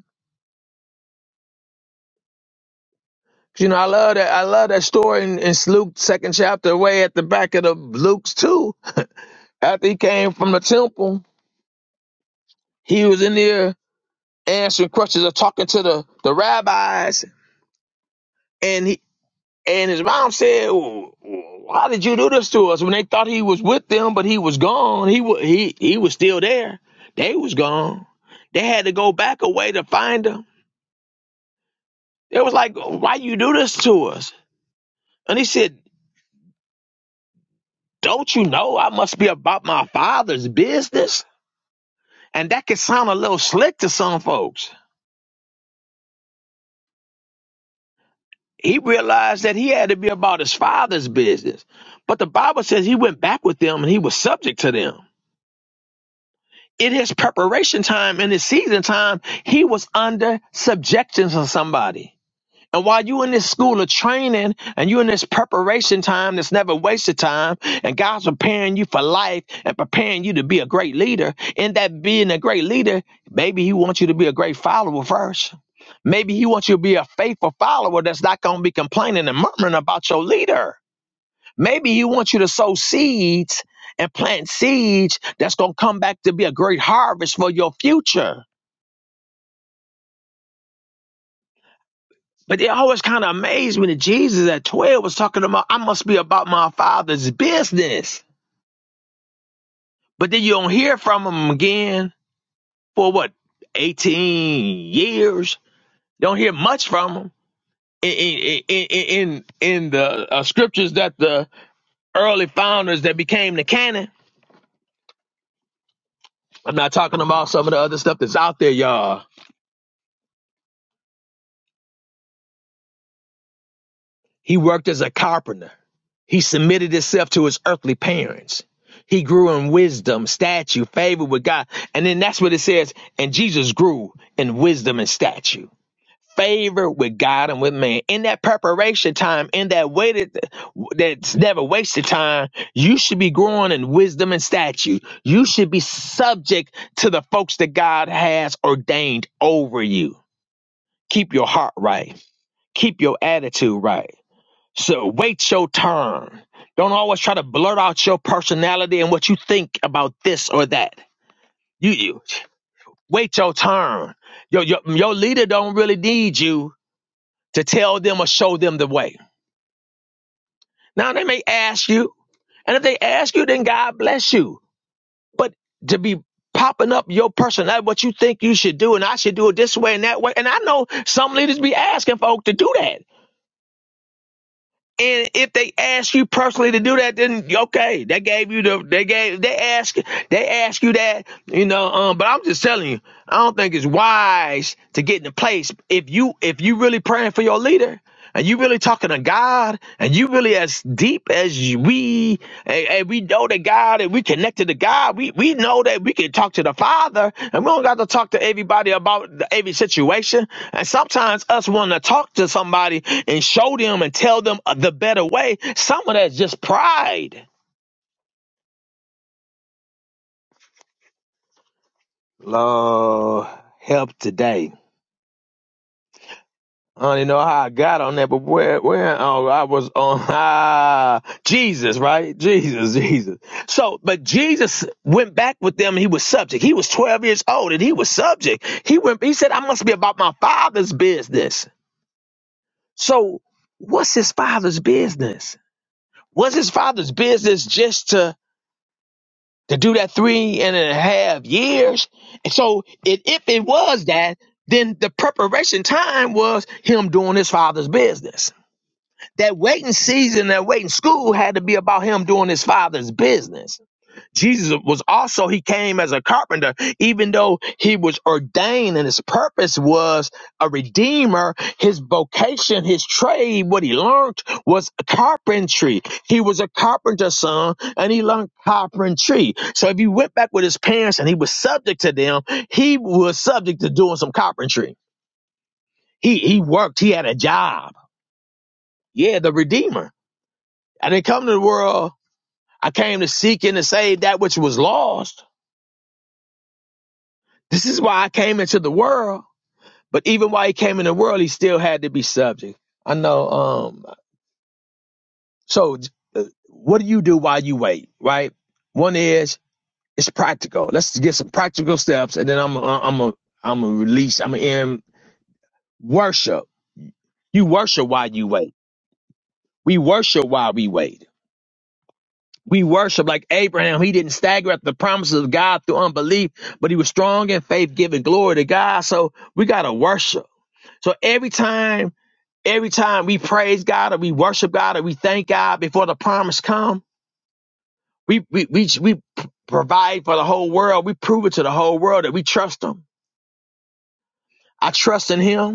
E: You know, I love that. I love that story in, in Luke second chapter, way at the back of the Luke's too. After he came from the temple, he was in there answering questions or talking to the, the rabbis, and he and his mom said, "Well, "Why did you do this to us?" When they thought he was with them, but he was gone. He was he he was still there. They was gone. They had to go back away to find him. It was like, "Why you do this to us?" And he said, "Don't you know I must be about my father's business?" And that can sound a little slick to some folks. He realized that he had to be about his father's business. But the Bible says he went back with them and he was subject to them. In his preparation time, in his season time, he was under subjection to somebody. And while you in this school of training and you in this preparation time that's never wasted time, and God's preparing you for life and preparing you to be a great leader, in that being a great leader, maybe He wants you to be a great follower first. Maybe He wants you to be a faithful follower that's not going to be complaining and murmuring about your leader. Maybe He wants you to sow seeds and plant seeds that's going to come back to be a great harvest for your future. But it always kind of amazed me that Jesus at 12 was talking about, I must be about my father's business. But then you don't hear from him again for what, 18 years? You don't hear much from him. In, in, in, in, in in the uh, scriptures that the early founders that became the canon, I'm not talking about some of the other stuff that's out there, y'all. He worked as a carpenter. He submitted himself to his earthly parents. He grew in wisdom, stature, favor with God. And then that's what it says. And Jesus grew in wisdom and stature, favor with God and with man. In that preparation time, in that waited, that's never wasted time, you should be growing in wisdom and stature. You should be subject to the folks that God has ordained over you. Keep your heart right. Keep your attitude right so wait your turn. Don't always try to blurt out your personality and what you think about this or that. You, you wait your turn. Your, your your leader don't really need you to tell them or show them the way. Now they may ask you, and if they ask you, then God bless you. But to be popping up your personality, what you think you should do, and I should do it this way and that way. And I know some leaders be asking folk to do that. And if they ask you personally to do that, then okay, they gave you the they gave they ask they ask you that, you know. Um, but I'm just telling you, I don't think it's wise to get in a place if you if you really praying for your leader and you really talking to God and you really as deep as you- we and, and we know that God and we connected to God. We we know that we can talk to the Father and we don't got to talk to everybody about the, every situation. And sometimes us want to talk to somebody and show them and tell them the better way. Some of that's just pride. Lord, help today. I don't even know how I got on that, but where, where, oh, I was on, ah, Jesus, right? Jesus, Jesus. So, but Jesus went back with them and he was subject. He was 12 years old and he was subject. He went, he said, I must be about my father's business. So, what's his father's business? Was his father's business just to to do that three and a half years. And so it, if it was that, then the preparation time was him doing his father's business. That waiting season, that waiting school had to be about him doing his father's business. Jesus was also, he came as a carpenter, even though he was ordained and his purpose was a redeemer. His vocation, his trade, what he learned was carpentry. He was a carpenter's son and he learned carpentry. So if he went back with his parents and he was subject to them, he was subject to doing some carpentry. He, he worked, he had a job. Yeah, the redeemer. I didn't come to the world. I came to seek and to save that which was lost. This is why I came into the world. But even while he came in the world, he still had to be subject. I know. Um. So, uh, what do you do while you wait? Right. One is it's practical. Let's get some practical steps, and then I'm i I'm am I'm a release. I'm a end worship. You worship while you wait. We worship while we wait. We worship like Abraham. He didn't stagger at the promises of God through unbelief, but he was strong in faith, giving glory to God. So we gotta worship. So every time Every time we praise God or we worship God or we thank God before the promise come, we we we, we provide for the whole world. We prove it to the whole world that we trust Him. I trust in Him.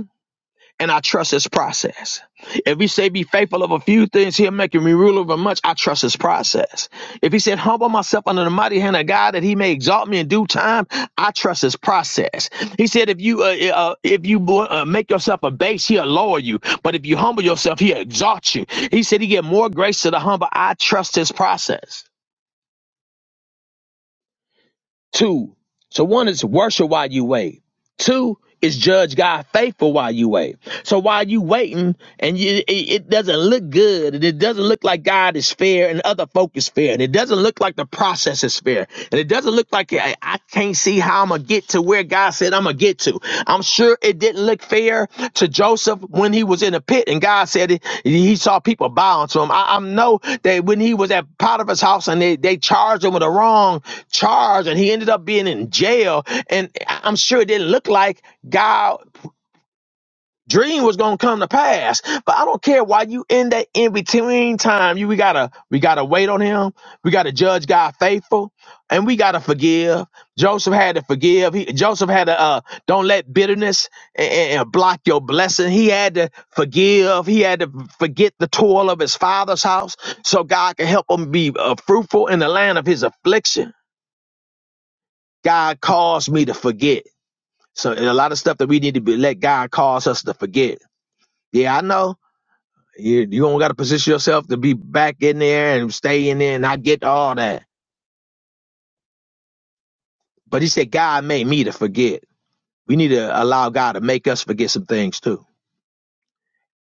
E: and I trust his process. If he say be faithful of a few things, he'll make me rule over much. I trust his process. If he said humble myself under the mighty hand of God that he may exalt me in due time, I trust his process. He said if you uh, uh, uh, if you uh, make yourself a base, he'll lower you. But if you humble yourself, he'll exalt you. He said he get more grace to the humble. I trust his process. Two. So one is worship while you wait. Two is judge God faithful while you wait. So while you waiting and you, it, it doesn't look good and it doesn't look like God is fair and other folk is fair and it doesn't look like the process is fair and it doesn't look like I, I can't see how I'm gonna get to where God said I'm gonna get to. I'm sure it didn't look fair to Joseph when he was in a pit, and God said it, he saw people bowing to him. I, I know that when he was at Potiphar's house and they, they charged him with a wrong charge, and he ended up being in jail, and I'm sure it didn't look like God dream was gonna come to pass. But I don't care why you in that in between time. You we gotta we gotta wait on him. We gotta judge God faithful, and we gotta forgive. Joseph had to forgive. He, Joseph had to uh, don't let bitterness and, and block your blessing. He had to forgive. He had to forget the toil of his father's house, so God can help him be uh, fruitful in the land of his affliction. God caused me to forget. So and a lot of stuff that we need to be let God cause us to forget. Yeah, I know You you don't got to position yourself to be back in there and stay in there, and I get all that. But he said God made me to forget. We need to allow God to make us forget some things too,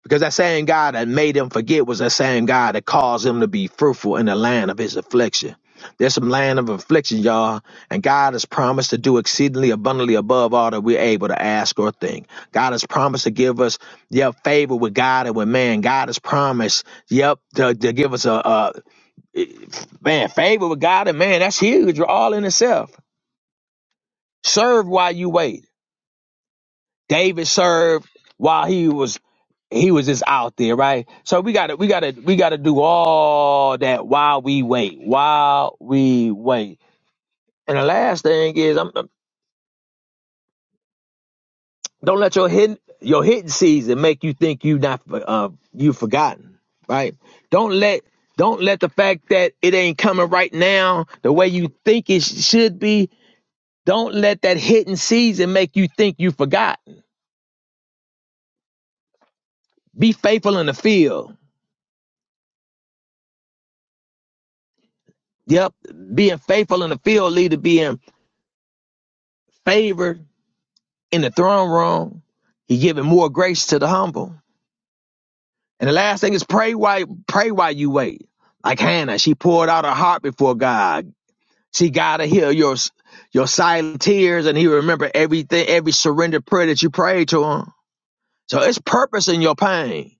E: because that same God that made him forget was that same God that caused him to be fruitful in the land of his affliction. There's some land of affliction, y'all, and God has promised to do exceedingly abundantly above all that we're able to ask or think. God has promised to give us, yep favor with God and with man. God has promised, yep, to, to give us a, a It- man, favor with God and man, that's huge. We're all in itself. Serve while you wait. David served while he was he was just out there, right? So we gotta we gotta we gotta do all that while we wait. While we wait. And the last thing is I'm, I'm- don't let your hidden your hidden season make you think you not uh you forgotten, right? Don't let don't let the fact that it ain't coming right now the way you think it sh- should be Don't let that hidden season make you think you have forgotten. Be faithful in the field. Yep, being faithful in the field leads to being favored in the throne room. He's giving more grace to the humble. And the last thing is pray while pray while you wait. Like Hannah, she poured out her heart before God. See God will hear your your silent tears, and He remember everything, every surrendered prayer that you prayed to Him. So it's purpose in your pain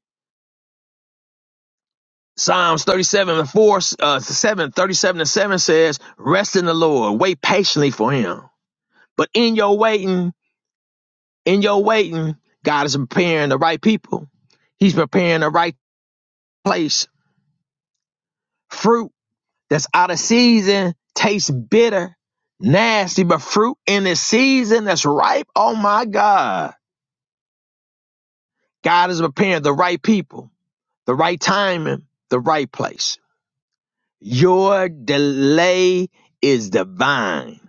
E: Psalms 37 and 4, uh, 7, thirty-seven and 7 says, Rest in the Lord, wait patiently for him. But in your waiting, in your waiting, God is preparing the right people. He's preparing the right place. Fruit that's out of season tastes bitter, nasty, but fruit in the season that's ripe, oh my God. God is preparing the right people, the right timing, the right place. Your delay is divine.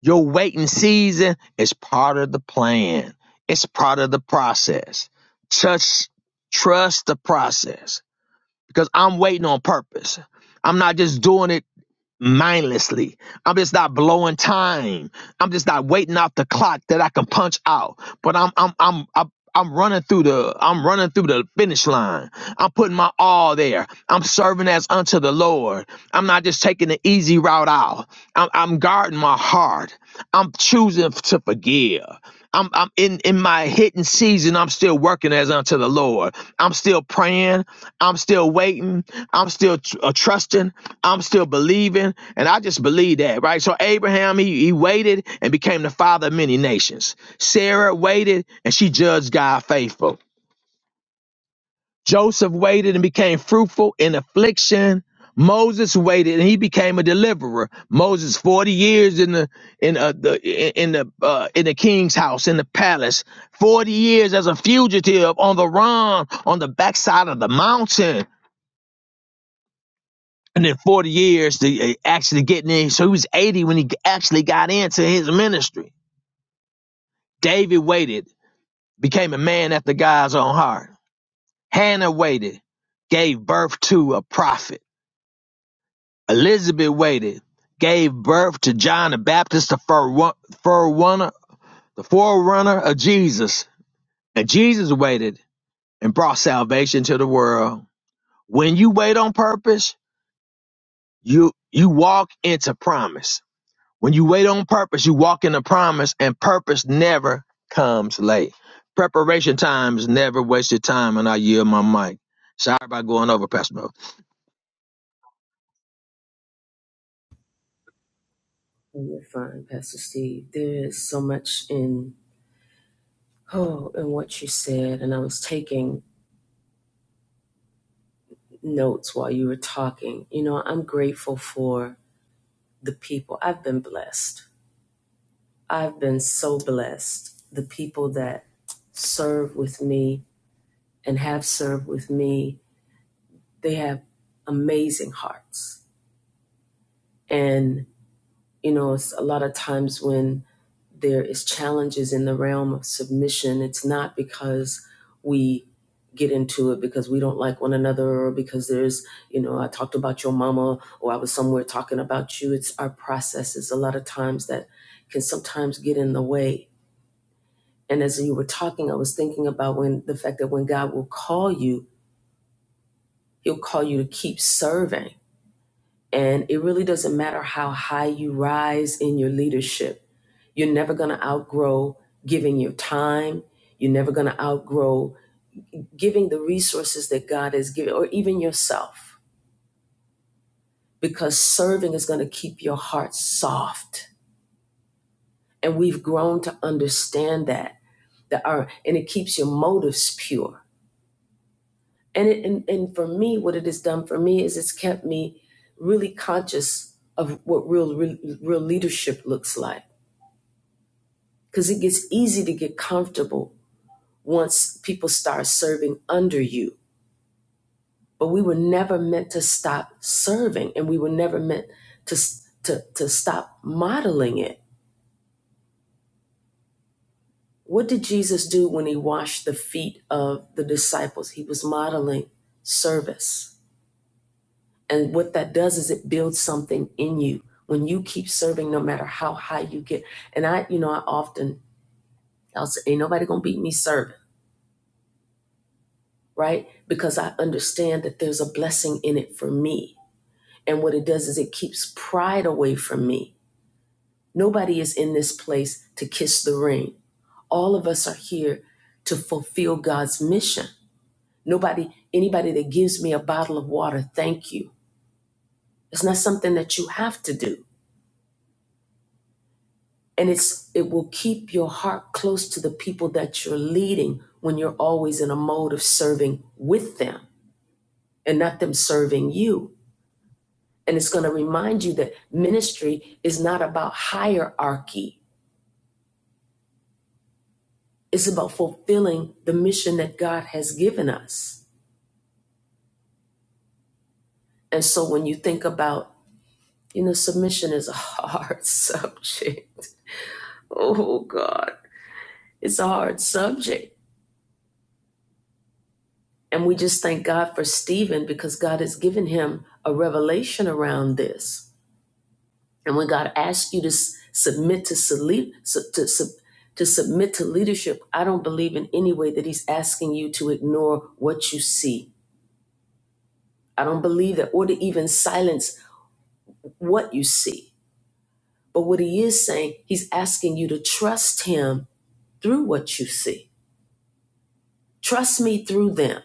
E: Your waiting season is part of the plan. It's part of the process. Trust, trust the process because I'm waiting on purpose. I'm not just doing it mindlessly. I'm just not blowing time. I'm just not waiting out the clock that I can punch out. But I'm I'm I'm I'm, I'm running through the I'm running through the finish line. I'm putting my all there. I'm serving as unto the Lord. I'm not just taking the easy route out. I'm, I'm guarding my heart. I'm choosing to forgive. I'm I'm in in my hidden season. I'm still working as unto the Lord. I'm still praying. I'm still waiting. I'm still tr- uh, trusting. I'm still believing, and I just believe that, right? So Abraham he, he waited and became the father of many nations. Sarah waited and she judged God faithful. Joseph waited and became fruitful in affliction. Moses waited and he became a deliverer. Moses 40 years in the in uh, the in the uh, in the king's house in the palace. 40 years as a fugitive on the run on the backside of the mountain. And then 40 years to uh, actually getting in. So he was 80 when he g- actually got into his ministry. David waited, became a man after God's own heart. Hannah waited, gave birth to a prophet. Elizabeth waited, gave birth to John the Baptist, the forerunner, the forerunner of Jesus. And Jesus waited and brought salvation to the world. When you wait on purpose, you you walk into promise. When you wait on purpose, you walk into promise, and purpose never comes late. Preparation time is never wasted time, and I yield my mic. Sorry about going over, Pastor.
A: You're fine, Pastor Steve. There is so much in Oh, and what you said, and I was taking notes while you were talking. You know, I'm grateful for the people. I've been blessed. I've been so blessed. The people that serve with me and have served with me, they have amazing hearts. And, you know, it's a lot of times when there is challenges in the realm of submission it's not because we get into it because we don't like one another or because there's you know i talked about your mama or i was somewhere talking about you it's our processes a lot of times that can sometimes get in the way and as you were talking i was thinking about when the fact that when god will call you he'll call you to keep serving and it really doesn't matter how high you rise in your leadership You're never going to outgrow giving your time. You're never going to outgrow giving the resources that God has given, or even yourself, because serving is going to keep your heart soft. And we've grown to understand that. That our, and it keeps your motives pure. And, it, and, and for me, what it has done for me is it's kept me really conscious of what real, real, real leadership looks like. Because it gets easy to get comfortable once people start serving under you but we were never meant to stop serving and we were never meant to to to stop modeling it what did jesus do when he washed the feet of the disciples he was modeling service and what that does is it builds something in you when you keep serving no matter how high you get and i you know i often i'll say ain't nobody gonna beat me serving right because i understand that there's a blessing in it for me and what it does is it keeps pride away from me Nobody is in this place to kiss the ring. All of us are here to fulfill God's mission. Nobody, anybody that gives me a bottle of water, thank you. It's not something that you have to do. And it's it will keep your heart close to the people that you're leading when you're always in a mode of serving with them and not them serving you. And it's going to remind you that ministry is not about hierarchy. It's about fulfilling the mission that God has given us. And so when you think about, you know, submission is a hard subject. Oh, God, it's a hard subject. And we just thank God for Stephen because God has given him a revelation around this. And when God asks you to s- submit to, soli- su- to, sub- to submit to leadership, I don't believe in any way that he's asking you to ignore what you see. I don't believe that, or to even silence what you see. But what he is saying, he's asking you to trust him through what you see. Trust me through them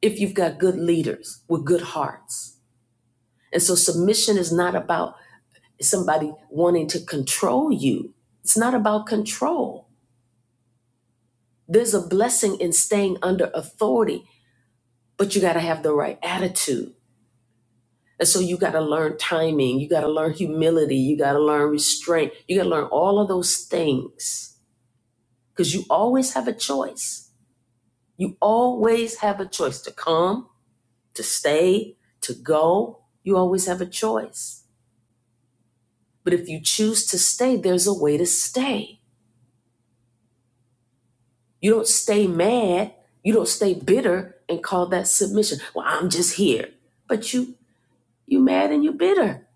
A: if you've got good leaders with good hearts. And so submission is not about somebody wanting to control you. It's not about control. There's a blessing in staying under authority, but you got to have the right attitude. And so you got to learn timing, you got to learn humility, you got to learn restraint, you got to learn all of those things because you always have a choice. You always have a choice to come to stay, to go. You always have a choice. But if you choose to stay, there's a way to stay. You don't stay mad, you don't stay bitter and call that submission. Well, I'm just here. But you you mad and you bitter.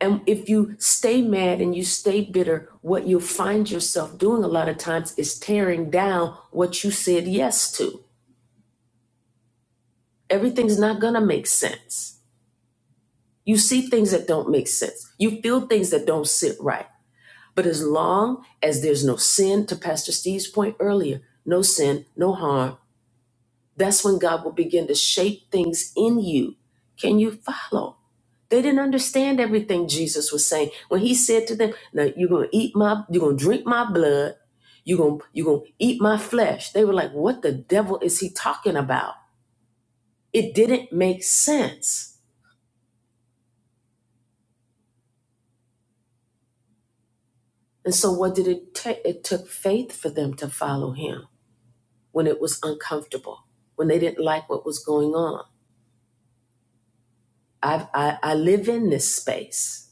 A: And if you stay mad and you stay bitter, what you'll find yourself doing a lot of times is tearing down what you said yes to. Everything's not going to make sense. You see things that don't make sense. You feel things that don't sit right. But as long as there's no sin, to Pastor Steve's point earlier, no sin, no harm, that's when God will begin to shape things in you. Can you follow? They didn't understand everything Jesus was saying. When he said to them, Now you're gonna eat my you're gonna drink my blood, you're gonna you're gonna eat my flesh. They were like, What the devil is he talking about? It didn't make sense. And so what did it take? It took faith for them to follow him. when it was uncomfortable, when they didn't like what was going on. I've, I, I live in this space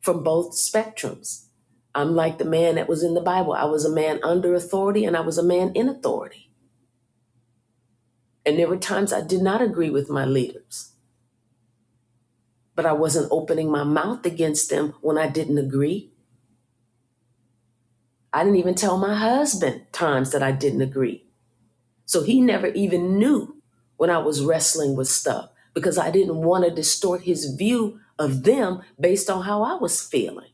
A: from both spectrums. I'm like the man that was in the Bible. I was a man under authority and I was a man in authority. And there were times I did not agree with my leaders, but I wasn't opening my mouth against them when I didn't agree. I didn't even tell my husband times that I didn't agree So he never even knew when I was wrestling with stuff because I didn't want to distort his view of them based on how I was feeling.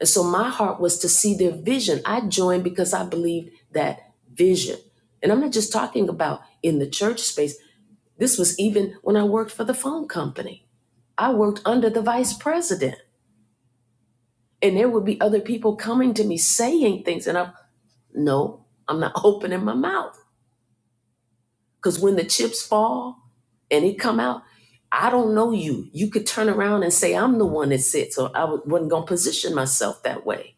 A: And so my heart was to see their vision. I joined because I believed that vision. And I'm not just talking about in the church space. This was even when I worked for the phone company. I worked under the vice president. And there would be other people coming to me saying things. And I'm, no, I'm not opening my mouth Because when the chips fall and it come out, I don't know you. You could turn around and say, I'm the one that said so. I w- wasn't going to position myself that way.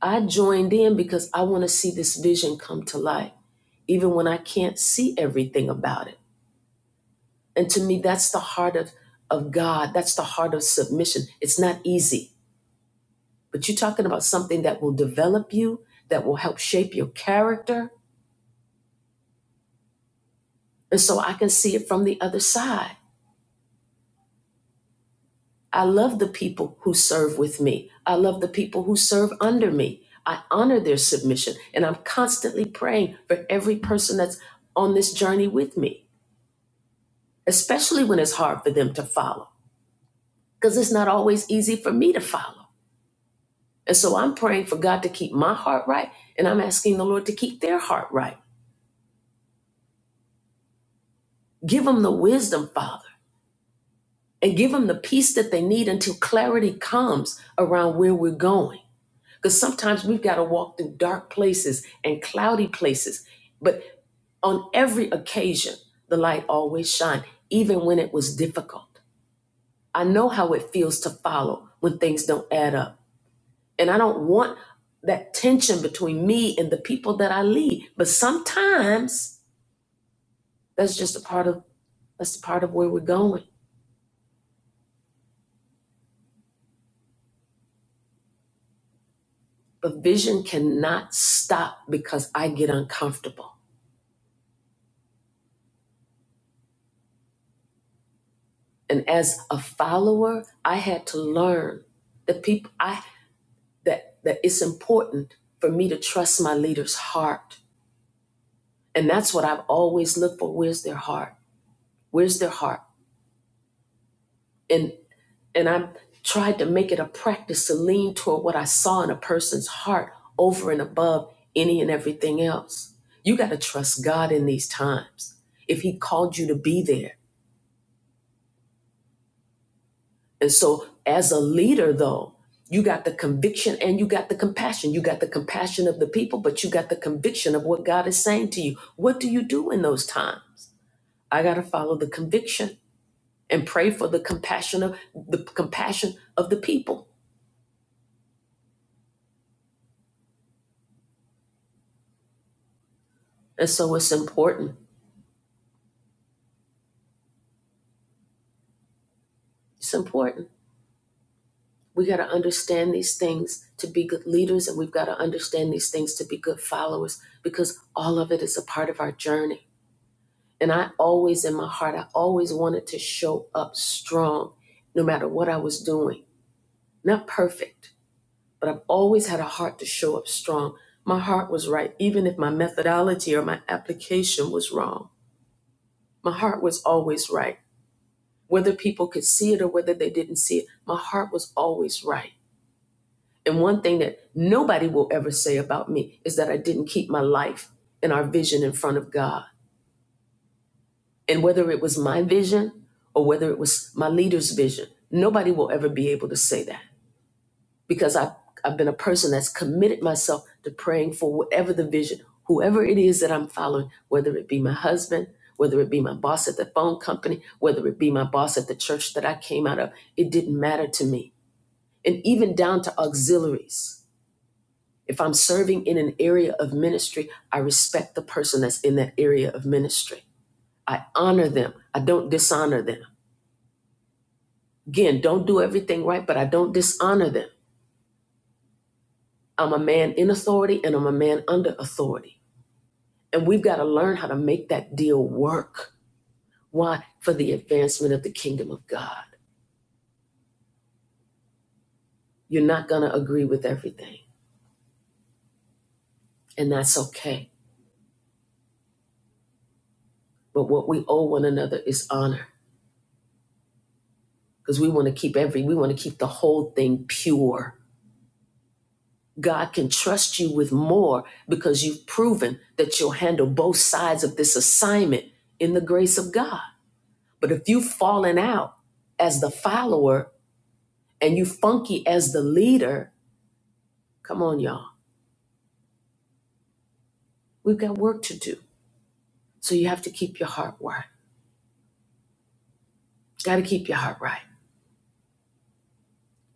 A: I joined in because I want to see this vision come to life, even when I can't see everything about it. And to me, that's the heart of, of God. That's the heart of submission. It's not easy, but you're talking about something that will develop you, that will help shape your character. And so I can see it from the other side. I love the people who serve with me. I love the people who serve under me. I honor their submission. And I'm constantly praying for every person that's on this journey with me, especially when it's hard for them to follow, because it's not always easy for me to follow. And so I'm praying for God to keep my heart right. And I'm asking the Lord to keep their heart right. Give them the wisdom, Father, and give them the peace that they need until clarity comes around where we're going. Because sometimes we've got to walk through dark places and cloudy places. But on every occasion, the light always shines, even when it was difficult. I know how it feels to follow when things don't add up. And I don't want that tension between me and the people that I lead. But sometimes that's just a part of that's a part of where we're going. But vision cannot stop because I get uncomfortable. And as a follower, I had to learn the people. I. that that it's important for me to trust my leader's heart and that's what i've always looked for where's their heart where's their heart and and i tried to make it a practice to lean toward what i saw in a person's heart over and above any and everything else you got to trust god in these times if he called you to be there And so, as a leader, though, you got the conviction and you got the compassion. You got the compassion of the people, but you got the conviction of what God is saying to you. What do you do in those times? I got to follow the conviction and pray for the compassion of the compassion of the people. And so, it's important. It's important. We got to understand these things to be good leaders, and we've got to understand these things to be good followers because all of it is a part of our journey. And I always, in my heart, I always wanted to show up strong no matter what I was doing. Not perfect, but I've always had a heart to show up strong. My heart was right, even if my methodology or my application was wrong. My heart was always right. Whether people could see it or whether they didn't see it, my heart was always right. And one thing that nobody will ever say about me is that I didn't keep my life and our vision in front of God. And whether it was my vision or whether it was my leader's vision, nobody will ever be able to say that because I've, I've been a person that's committed myself to praying for whatever the vision, whoever it is that I'm following, whether it be my husband, whether it be my boss at the phone company, whether it be my boss at the church that I came out of, it didn't matter to me. And even down to auxiliaries. If I'm serving in an area of ministry, I respect the person that's in that area of ministry. I honor them. I don't dishonor them. Again, don't do everything right, but I don't dishonor them. I'm a man in authority and I'm a man under authority. And we've got to learn how to make that deal work. Why? For the advancement of the kingdom of God. You're not going to agree with everything, and that's okay. But what we owe one another is honor because we want to keep every, we want to keep the whole thing pure. God can trust you with more because you've proven that you'll handle both sides of this assignment in the grace of God. But if you've fallen out as the follower and you funky as the leader, come on, y'all. We've got work to do. So you have to keep your heart right. Got to keep your heart right.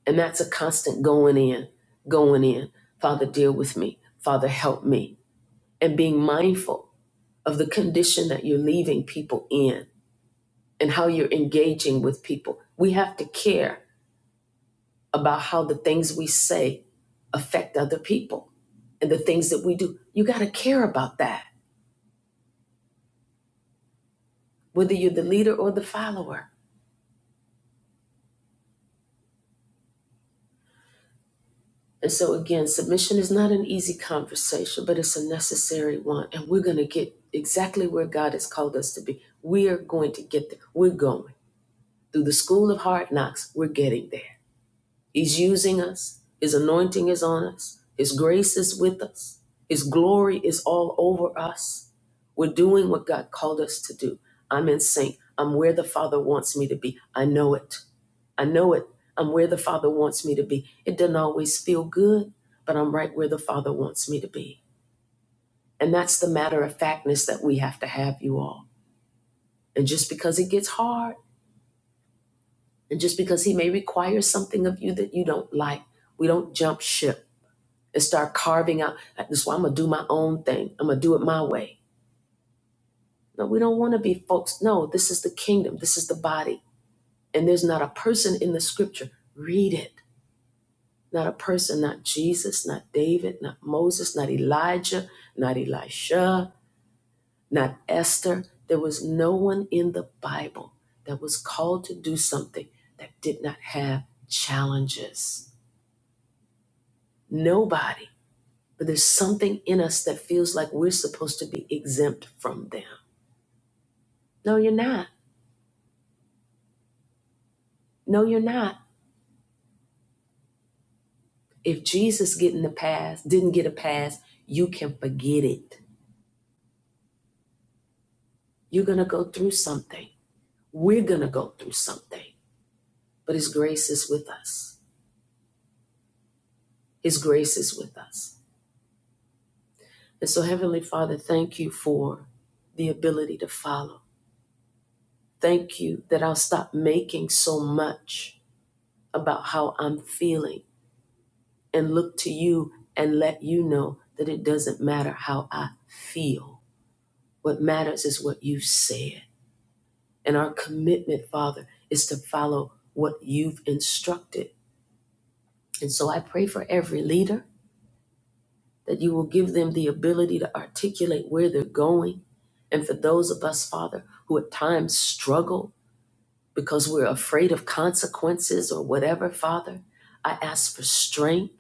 A: And that's a constant going in, going in. Father, deal with me. Father, help me. And being mindful of the condition that you're leaving people in and how you're engaging with people. We have to care about how the things we say affect other people and the things that we do. You got to care about that whether you're the leader or the follower. And so, again, submission is not an easy conversation, but it's a necessary one. And we're going to get exactly where God has called us to be. We are going to get there. We're going. Through the school of hard knocks, we're getting there. He's using us, His anointing is on us, His grace is with us, His glory is all over us. We're doing what God called us to do. I'm in sync. I'm where the Father wants me to be. I know it. I know it. I'm where the Father wants me to be. It doesn't always feel good, but I'm right where the Father wants me to be. And that's the matter of factness that we have to have, you all. And just because it gets hard, and just because He may require something of you that you don't like, we don't jump ship and start carving out. That's why I'm going to do my own thing. I'm going to do it my way. No, we don't want to be folks. No, this is the kingdom, this is the body. And there's not a person in the scripture. Read it Not a person, not Jesus, not David, not Moses, not Elijah, not Elisha, not Esther. There was no one in the Bible that was called to do something that did not have challenges. Nobody. But there's something in us that feels like we're supposed to be exempt from them. No, you're not. No, you're not. If Jesus getting the pass didn't get a pass, you can forget it. You're gonna go through something. We're gonna go through something. but His grace is with us. His grace is with us. And so, Heavenly Father, thank you for the ability to follow. Thank you that I'll stop making so much about how I'm feeling and look to you and let you know that it doesn't matter how I feel. What matters is what you said. And our commitment, Father, is to follow what you've instructed. And so I pray for every leader. that you will give them the ability to articulate where they're going. And for those of us, Father, who at times struggle because we're afraid of consequences or whatever, Father, I ask for strength,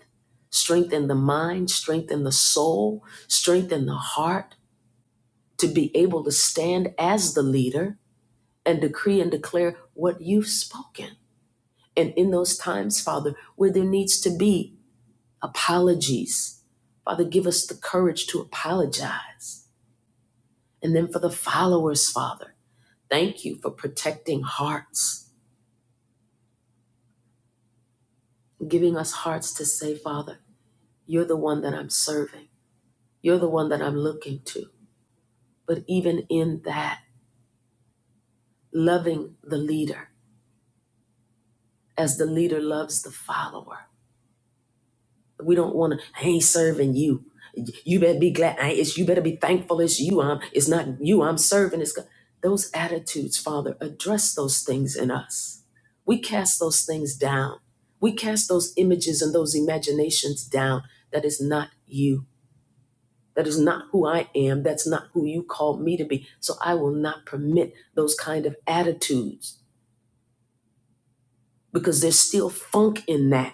A: strength in the mind, strength in the soul, strength in the heart to be able to stand as the leader and decree and declare what you've spoken. And in those times, Father, where there needs to be apologies, Father, give us the courage to apologize And then for the followers, Father, thank you for protecting hearts, giving us hearts to say, Father, you're the one that I'm serving, you're the one that I'm looking to. But even in that, loving the leader as the leader loves the follower We don't want to. I ain't serving you. You better be glad. I, it's you better be thankful. It's you. I'm. It's not you. I'm serving. It's God. Those attitudes, Father, address those things in us. We cast those things down. We cast those images and those imaginations down. That is not you. That is not who I am. That's not who you called me to be. So I will not permit those kind of attitudes because there's still funk in that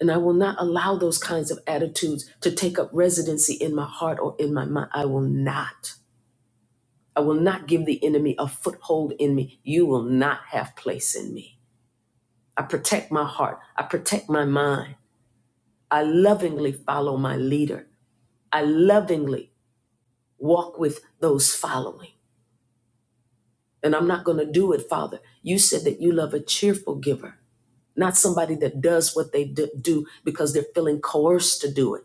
A: And I will not allow those kinds of attitudes to take up residency in my heart or in my mind. I will not. I will not give the enemy a foothold in me. You will not have place in me. I protect my heart. I protect my mind. I lovingly follow my leader. I lovingly walk with those following. And I'm not going to do it, Father. You said that you love a cheerful giver, not somebody that does what they d- do because they're feeling coerced to do it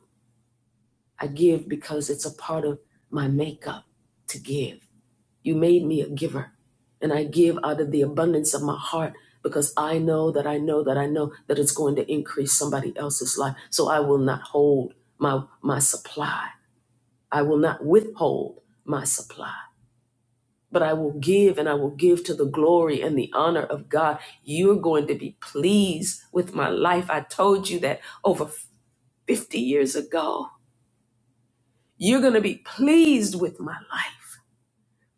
A: I give because it's a part of my makeup to give. You made me a giver, and I give out of the abundance of my heart because I know that I know that I know that it's going to increase somebody else's life. So I will not hold my my supply. I will not withhold my supply. But I will give and I will give to the glory and the honor of God. You're going to be pleased with my life. I told you that over 50 years ago. You're going to be pleased with my life.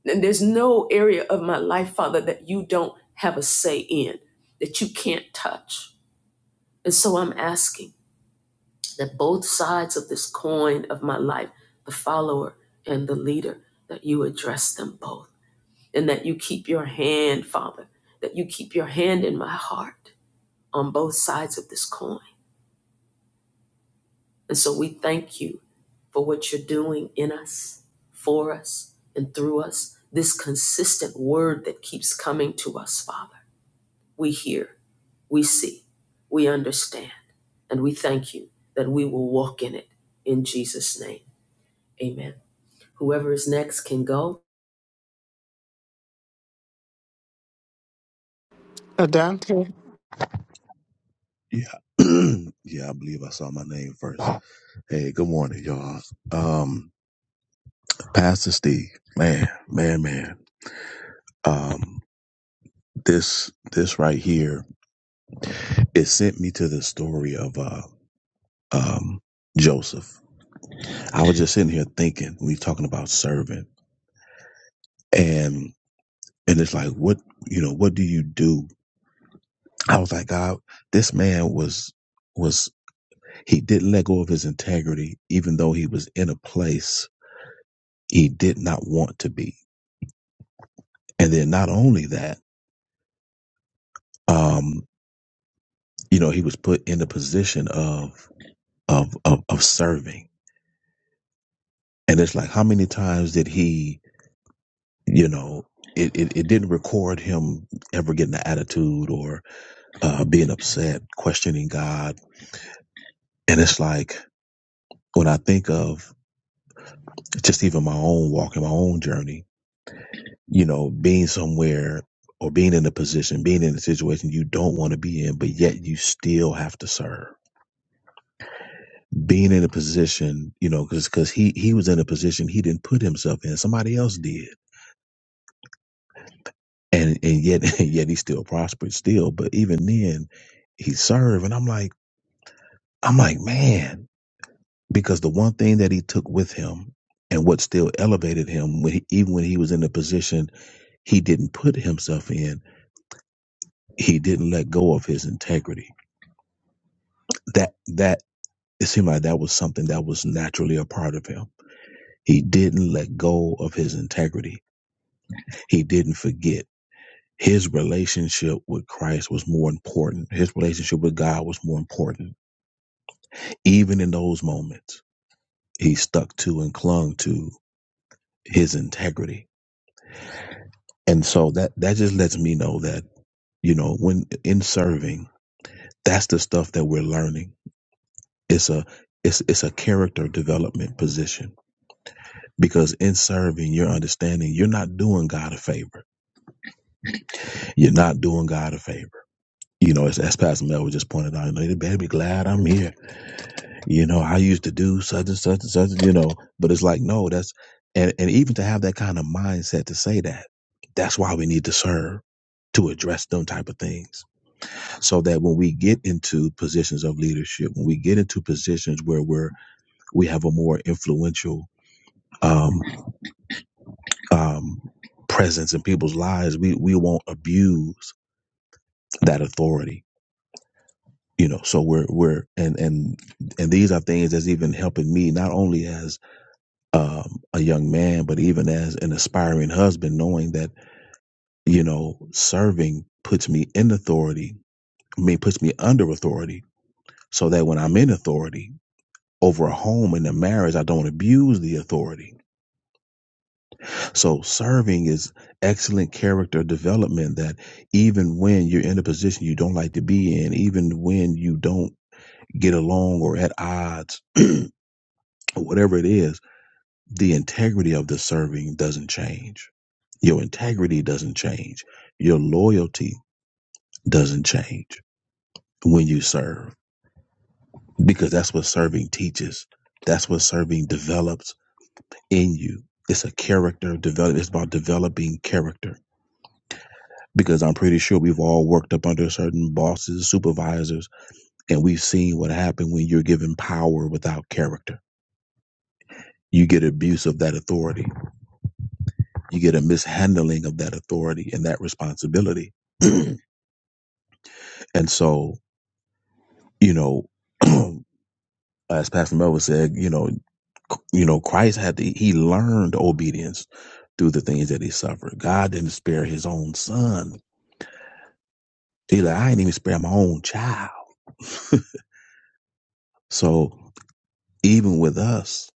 A: And there's no area of my life, Father, that you don't have a say in, that you can't touch. And so I'm asking that both sides of this coin of my life, the follower and the leader, that you address them both. And that you keep your hand, Father, that you keep your hand in my heart on both sides of this coin. And so we thank you for what you're doing in us, for us, and through us. This consistent word that keeps coming to us, Father. We hear we see, we understand, and we thank you that we will walk in it. In Jesus' name, amen. Whoever is next can go.
B: Adante.
F: Yeah. yeah, I believe I saw my name first. Hey, good morning, y'all. Um, Pastor Steve, man, man, man. Um, this this right here, it sent me to the story of uh um Joseph. I was just sitting here thinking, we talking about serving and and it's like what you know, what do you do? I was like, God, this man was was he didn't let go of his integrity, even though he was in a place he did not want to be And then not only that, um, you know, he was put in the position of, of, of, of serving. And it's like, how many times did he, you know, it, it, it didn't record him ever getting an attitude or uh, being upset, questioning God. And it's like, when I think of just even my own walk and my own journey, you know, being somewhere or being in a position, being in a situation you don't want to be in, but yet you still have to serve being in a position, you know, because because he he was in a position he didn't put himself in. Somebody else did, and and yet and yet he still prospered still. But even then, he served, and I'm like I'm like man, because the one thing that he took with him and what still elevated him when he, even when he was in a position he didn't put himself in, he didn't let go of his integrity. That that it seemed like that was something that was naturally a part of him. He didn't let go of his integrity. He didn't forget his relationship with Christ was more important. His relationship with God was more important. Even in those moments, he stuck to and clung to his integrity. And so that, that just lets me know that, you know, when in serving, that's the stuff that we're learning. It's a, it's, it's a character development position because in serving, you're understanding you're not doing God a favor. You're not doing God a favor. You know, as, as Pastor Mel just pointed out, you know, they better be glad I'm here you know, I used to do such and such and such, you know, but it's like, no, that's, and, and even to have that kind of mindset to say that, that's why we need to serve to address them type of things so that when we get into positions of leadership, when we get into positions where we're, we have a more influential, um, um, presence in people's lives, we, we won't abuse that authority. You know, so we're, we're, and, and, and these are things that's even helping me, not only as um, a young man, but even as an aspiring husband, knowing that, you know, serving puts me in authority, I mean, puts me under authority so that when I'm in authority over a home and a marriage, I don't abuse the authority. So serving is excellent character development that even when you're in a position you don't like to be in, even when you don't get along or at odds or whatever it is, the integrity of the serving doesn't change. Your integrity doesn't change. Your loyalty doesn't change when you serve because that's what serving teaches. That's what serving develops in you. It's a character develop. It's about developing character because I'm pretty sure we've all worked up under certain bosses, supervisors, and we've seen what happened when you're given power without character. You get abuse of that authority. You get a mishandling of that authority and that responsibility. And so, you know, as Pastor Melvin said, you know, c- you know, Christ had to, he learned obedience through the things that he suffered. God didn't spare his own son. He like, I didn't even spare my own child. So even with us,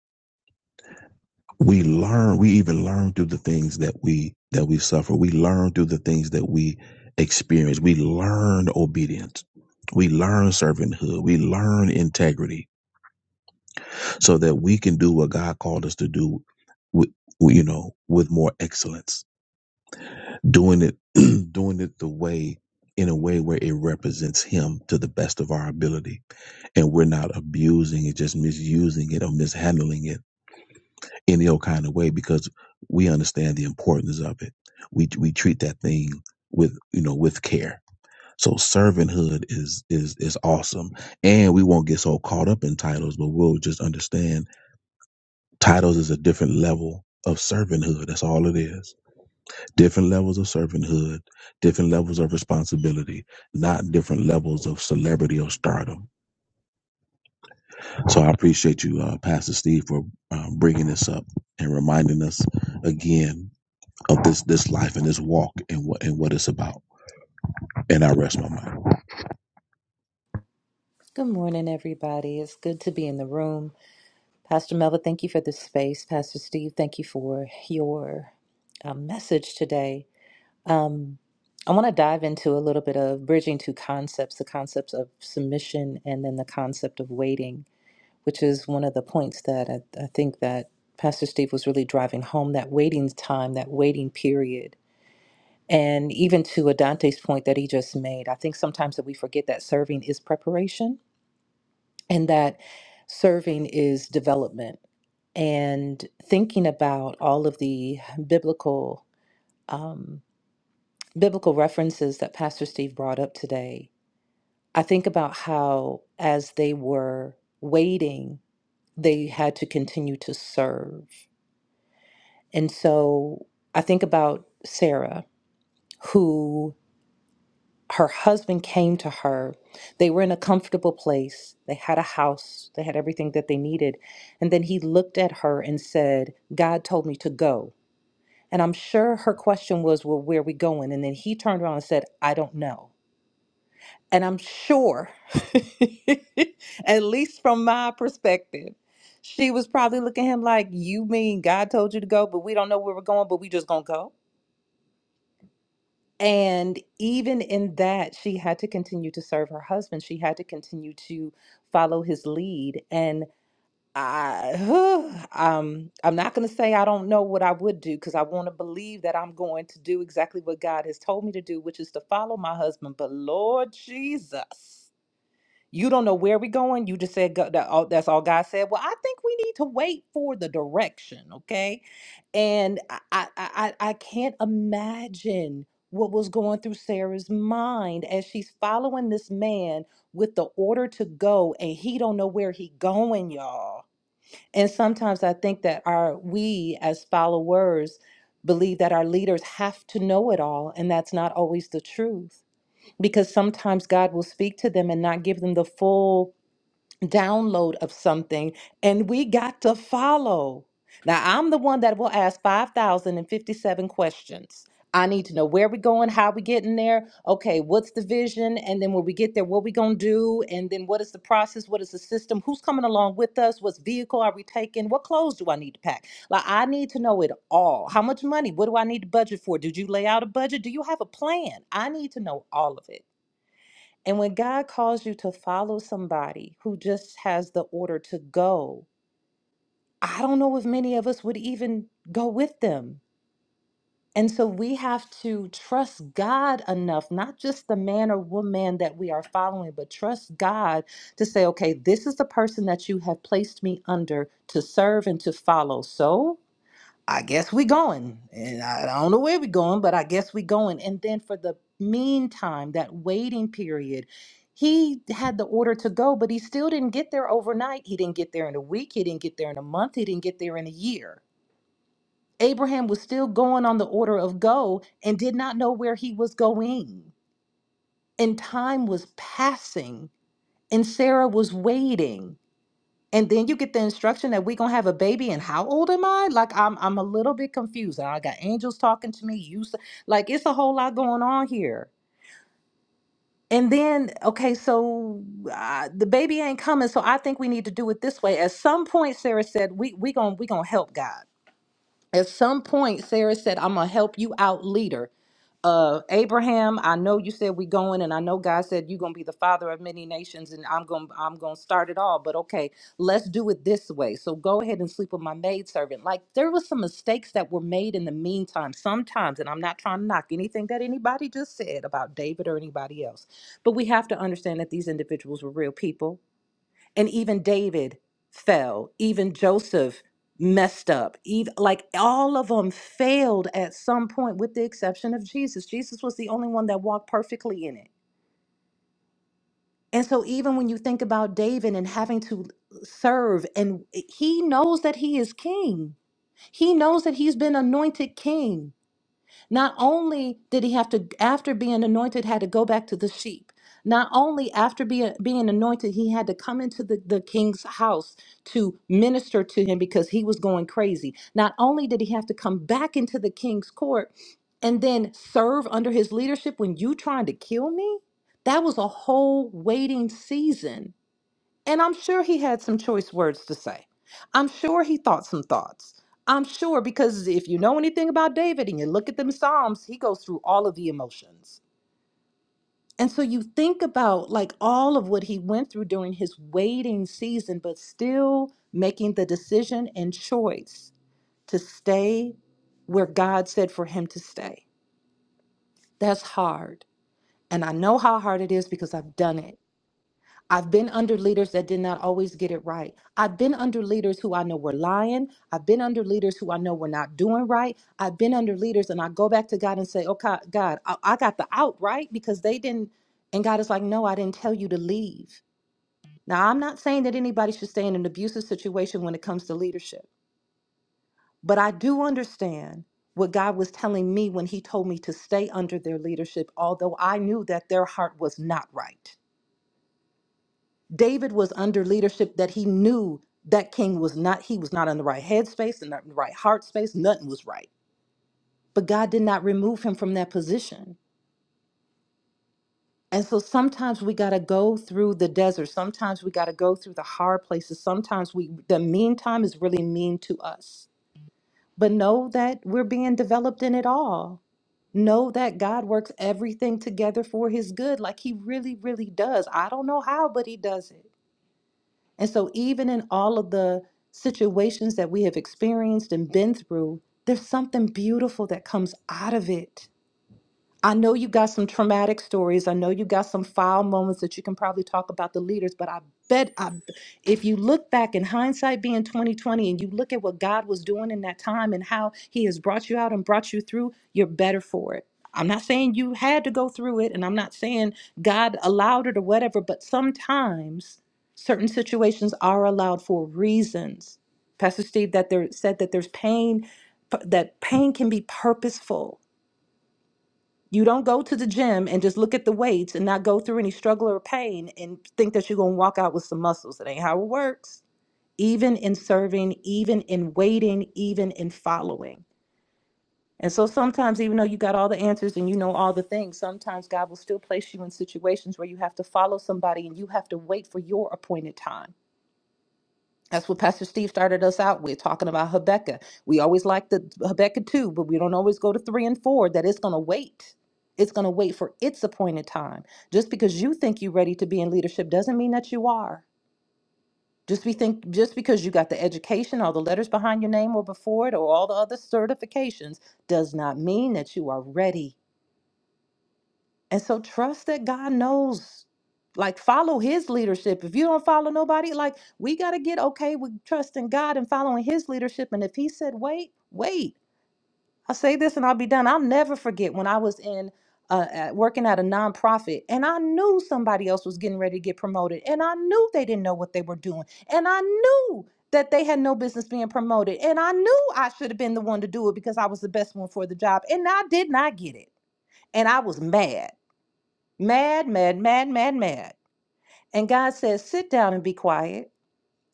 F: we learn, we even learn through the things that we, that we suffer. We learn through the things that we experience. We learn obedience. We learn servanthood. We learn integrity so that we can do what God called us to do with you know with more excellence doing it doing it the way in a way where it represents him to the best of our ability and we're not abusing it just misusing it or mishandling it any old kind of way because we understand the importance of it we we treat that thing with you know with care so servanthood is is is awesome and we won't get so caught up in titles but we'll just understand Titles is a different level of servanthood. That's all it is. Different levels of servanthood, different levels of responsibility, not different levels of celebrity or stardom. So I appreciate you, uh, Pastor Steve, for um, bringing this up and reminding us again of this this life and this walk and what and what it's about. And I rest my mind.
G: Good morning, everybody. It's good to be in the room. Pastor Melva, thank you for this space. Pastor Steve, thank you for your uh, message today. Um, I want to dive into a little bit of bridging two concepts the concepts of submission and then the concept of waiting, which is one of the points that I, I think that Pastor Steve was really driving home that waiting time, that waiting period. And even to Adante's point that he just made, I think sometimes that we forget that serving is preparation and that serving is development. And thinking about all of the biblical um, biblical references that Pastor Steve brought up today, I think about how as they were waiting, they had to continue to serve. And so I think about Sarah, who her husband came to her. They were in a comfortable place. They had a house. They had everything that they needed. And then he looked at her and said, God told me to go. And I'm sure her question was, Well, where are we going? And then he turned around and said, I don't know. And I'm sure, at least from my perspective, she was probably looking at him like, You mean God told you to go, but we don't know where we're going, but we just gonna go? And even in that, she had to continue to serve her husband. She had to continue to follow his lead. And I, um, I'm not going to say I don't know what I would do because I want to believe that I'm going to do exactly what God has told me to do, which is to follow my husband. But Lord Jesus. You don't know where we going. You just said go, that all, that's all God said. Well, I think we need to wait for the direction, okay? And I, I, I, I can't imagine what was going through Sarah's mind as she's following this man with the order to go, and he don't know where he going, y'all. And sometimes I think that our we as followers believe that our leaders have to know it all, and that's not always the truth because sometimes God will speak to them and not give them the full download of something and we got to follow. Now, I'm the one that will ask 5,057 questions. I need to know where we're going, how we getting there. Okay, what's the vision? And then when we get there, what we going to do? And then what is the process? What is the system? Who's coming along with us? What vehicle are we taking? What clothes do I need to pack? Like, I need to know it all. How much money? What do I need to budget for? Did you lay out a budget? Do you have a plan? I need to know all of it. And when God calls you to follow somebody who just has the order to go, I don't know if many of us would even go with them. And so we have to trust God enough, not just the man or woman that we are following, but trust God to say, okay, this is the person that you have placed me under to serve and to follow. So I guess we going. And I don't know where we going, but I guess we going. And then for the meantime, that waiting period, he had the order to go, but he still didn't get there overnight. He didn't get there in a week. He didn't get there in a month. He didn't get there in a year. Abraham was still going on the order of go and did not know where he was going. And time was passing, and Sarah was waiting and then you get the instruction that we're gonna have a baby and how old am i like i'm i'm a little bit confused i got angels talking to me you s- like it's a whole lot going on here and then okay so uh, the baby ain't coming so i think we need to do it this way at some point sarah said we we gonna we gonna help god at some point sarah said i'm gonna help you out leader uh Abraham, I know you said we going and I know God said you're going to be the father of many nations and I'm going to I'm going to start it all, but okay, let's do it this way. So go ahead and sleep with my maidservant. Like there was some mistakes that were made in the meantime sometimes and I'm not trying to knock anything that anybody just said about David or anybody else. But we have to understand that these individuals were real people and even David fell. Even Joseph messed up. Even, like all of them failed at some point, with the exception of Jesus. Jesus was the only one that walked perfectly in it. And so, even when you think about David and having to serve, and he knows that he is king, he knows that he's been anointed king. Not only did he have to, after being anointed, had to go back to the sheep. Not only after being, being anointed, he had to come into the, the king's house to minister to him because he was going crazy. Not only did he have to come back into the king's court and then serve under his leadership when you trying to kill me, that was a whole waiting season and I'm sure he had some choice words to say. I'm sure he thought some thoughts. I'm sure because if you know anything about David and you look at them Psalms, he goes through all of the emotions. And so you think about like all of what he went through during his waiting season, but still making the decision and choice to stay where God said for him to stay. That's hard. And I know how hard it is because I've done it. I've been under leaders that did not always get it right. I've been under leaders who I know were lying. I've been under leaders who I know were not doing right. I've been under leaders and I go back to God and say, okay, God, I, I got the out right because they didn't. And God is like, no, I didn't tell you to leave. Now, I'm not saying that anybody should stay in an abusive situation when it comes to leadership, but I do understand what God was telling me when He told me to stay under their leadership, although I knew that their heart was not right. David was under leadership that he knew that king was not, he was not in the right headspace and not in the right heart space. Nothing was right. But God did not remove him from that position. And so sometimes we got to go through the desert. Sometimes we got to go through the hard places. Sometimes we, the meantime is really mean to us. But know that we're being developed in it all. Know that God works everything together for his good, like he really, really does. I don't know how, but he does it. And so, even in all of the situations that we have experienced and been through, there's something beautiful that comes out of it I know you got some traumatic stories. I know you got some foul moments that you can probably talk about the leaders, but I bet I, if you look back in hindsight being 2020 and you look at what God was doing in that time and how he has brought you out and brought you through, you're better for it. I'm not saying you had to go through it and I'm not saying God allowed it or whatever, but sometimes certain situations are allowed for reasons. Pastor Steve that there said that there's pain that pain can be purposeful you don't go to the gym and just look at the weights and not go through any struggle or pain and think that you're going to walk out with some muscles. That ain't how it works. Even in serving, even in waiting, even in following. And so sometimes, even though you got all the answers and you know all the things, sometimes God will still place you in situations where you have to follow somebody and you have to wait for your appointed time that's what Pastor Steve started us out with, talking about Habakkuk. We always like the Habakkuk 2, but we don't always go to 3 and 4, that it's going to wait. It's going to wait for its appointed time. Just because you think you're ready to be in leadership doesn't mean that you are. Just we think just because you got the education, all the letters behind your name or before it, or all the other certifications, does not mean that you are ready. And so trust that God knows. Like follow his leadership. If you don't follow nobody, like we got to get okay with trusting God and following his leadership. And if he said, wait, wait, I'll say this and I'll be done. I'll never forget when I was in uh, at, working at a nonprofit and I knew somebody else was getting ready to get promoted and I knew they didn't know what they were doing. And I knew that they had no business being promoted. And I knew I should have been the one to do it because I was the best one for the job. And I did not get it. And I was mad mad, mad, mad, mad, mad. And God says, sit down and be quiet.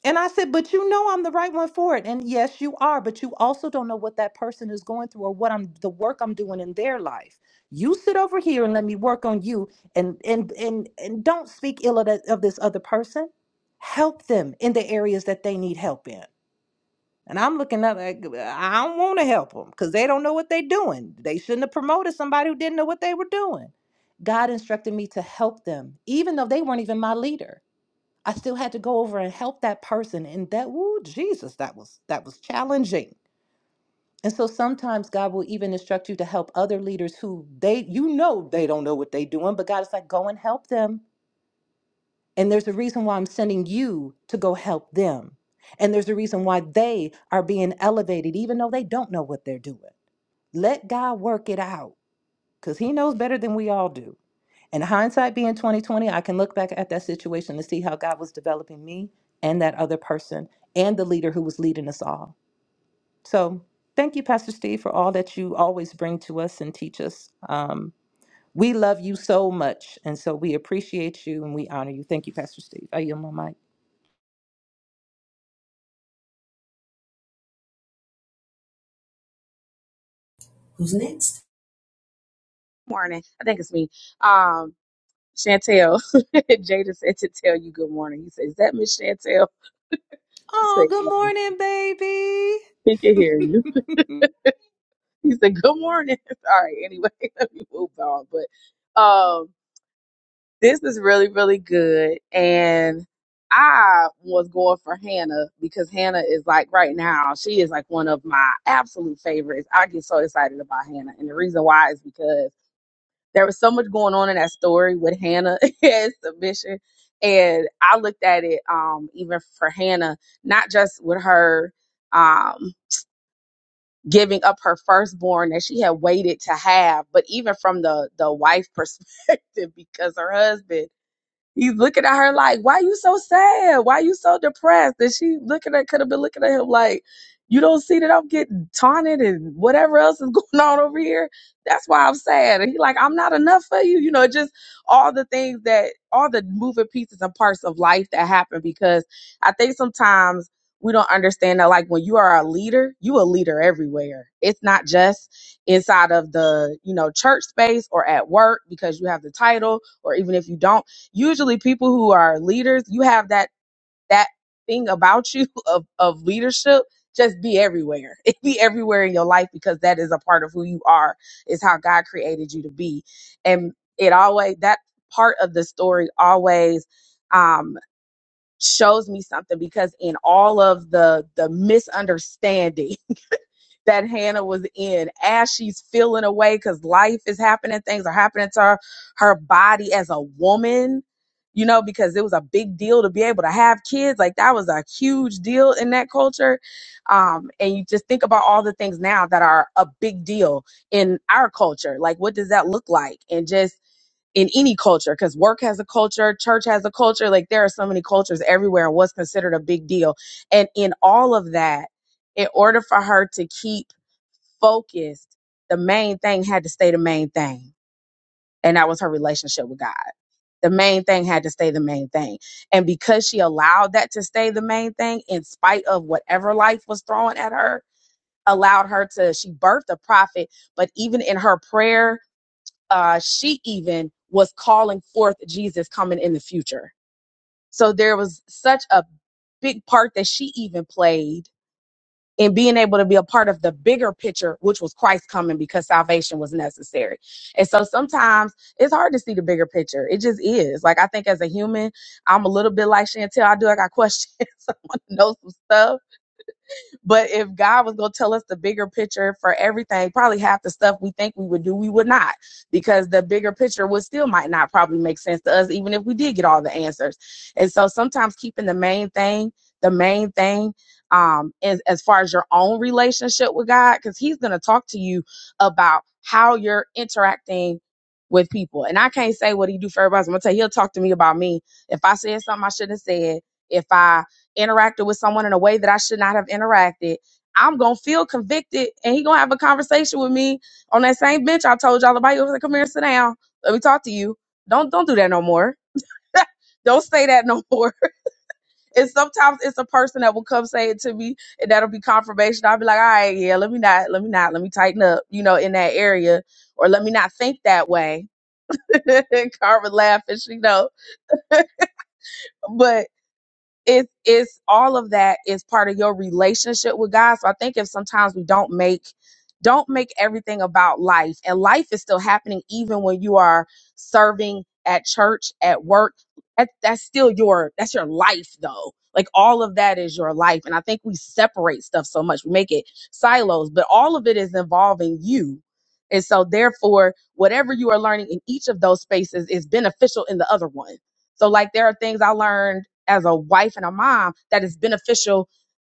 G: And I said, but you know I'm the right one for it. And yes, you are, but you also don't know what that person is going through or what I'm the work I'm doing in their life. You sit over here and let me work on you and and and and don't speak ill of, that, of this other person. Help them in the areas that they need help in. And I'm looking up like uh, I don't want to help them because they don't know what they're doing. They shouldn't have promoted somebody who didn't know what they were doing. God instructed me to help them, even though they weren't even my leader. I still had to go over and help that person. And that, woo, Jesus, that was that was challenging. And so sometimes God will even instruct you to help other leaders who they you know they don't know what they're doing, but God is like, go and help them and there's a reason why I'm sending you to go help them. And there's a reason why they are being elevated, even though they don't know what they're doing. Let God work it out because He knows better than we all do. And hindsight being 2020, I can look back at that situation to see how God was developing me and that other person and the leader who was leading us all. So thank you, Pastor Steve, for all that you always bring to us and teach us. Um, we love you so much. And so we appreciate you and we honor you. Thank you, Pastor Steve. I yield my mic.
H: morning. I think it's me. Um, Chantel. Jada said to tell you good morning. He said, Is that Miss Chantel? I said,
G: Oh, good
H: yes. He can
G: morning,
H: hear
G: baby.
H: you. He said, Good morning. All right, anyway, let me move on. But um this is really, really good. And I was going for Hannah because Hannah is like right now, she is like one of my absolute favorites. I get so excited about Hannah. And the reason why is because There was so much going on in that story with Hannah and submission. And I looked at it um even for Hannah, not just with her um giving up her firstborn that she had waited to have, but even from the the wife perspective, because her husband He's looking at her like, why you so sad? Why you so depressed? And she looking at could have been looking at him like, you don't see that I'm getting taunted and whatever else is going on over here. That's why I'm sad. And he like, I'm not enough for you. You know, just all the things that all the moving pieces and parts of life that happen because I think sometimes we don't understand that like when you are a leader, you a leader everywhere. It's not just inside of the, you know, church space or at work because you have the title or even if you don't usually people who are leaders, you have that that thing about you of of leadership just be everywhere. It be everywhere in your life because that is a part of who you are, is how God created you to be. And it always that part of the story always um shows me something because in all of the the misunderstanding that Hannah was in as she's feeling away because life is happening, things are happening to her, her body as a woman, you know, because it was a big deal to be able to have kids. Like that was a huge deal in that culture. Um, and you just think about all the things now that are a big deal in our culture. Like, what does that look like? And just in any culture, because work has a culture, church has a culture. Like, there are so many cultures everywhere, and what's considered a big deal. And in all of that, in order for her to keep focused, the main thing had to stay the main thing. And that was her relationship with God. The main thing had to stay the main thing. And because she allowed that to stay the main thing, in spite of whatever life was throwing at her, allowed her to, she birthed a prophet. But even in her prayer, uh, she even was calling forth Jesus coming in the future. So there was such a big part that she even played and being able to be a part of the bigger picture, which was Christ coming because salvation was necessary. And so sometimes it's hard to see the bigger picture. It just is. Like I think as a human, I'm a little bit like Chantel. I do. I got questions. I want to know some stuff. But if God was going to tell us the bigger picture for everything, probably half the stuff we think we would do, we would not, because the bigger picture would still might not probably make sense to us, even if we did get all the answers. And so sometimes keeping the main thing, the main thing, um, as, as far as your own relationship with God, because He's going to talk to you about how you're interacting with people. And I can't say what He do for everybody. else. I'm going to tell you, He'll talk to me about me. If I said something I shouldn't have said, if I interacted with someone in a way that I should not have interacted. I'm gonna feel convicted, and he gonna have a conversation with me on that same bench I told y'all about. He was like, "Come here, sit down. Let me talk to you. Don't don't do that no more. don't say that no more." And sometimes it's a person that will come say it to me, and that'll be confirmation. I'll be like, "All right, yeah, let me not, let me not, let me tighten up, you know, in that area, or let me not think that way." Carmen laughing, she know, but it's it's all of that is part of your relationship with God. So I think if sometimes we don't make don't make everything about life and life is still happening even when you are serving at church, at work. That, that's still your that's your life though. Like all of that is your life and I think we separate stuff so much. We make it silos, but all of it is involving you. And so therefore, whatever you are learning in each of those spaces is beneficial in the other one. So like there are things I learned as a wife and a mom that is beneficial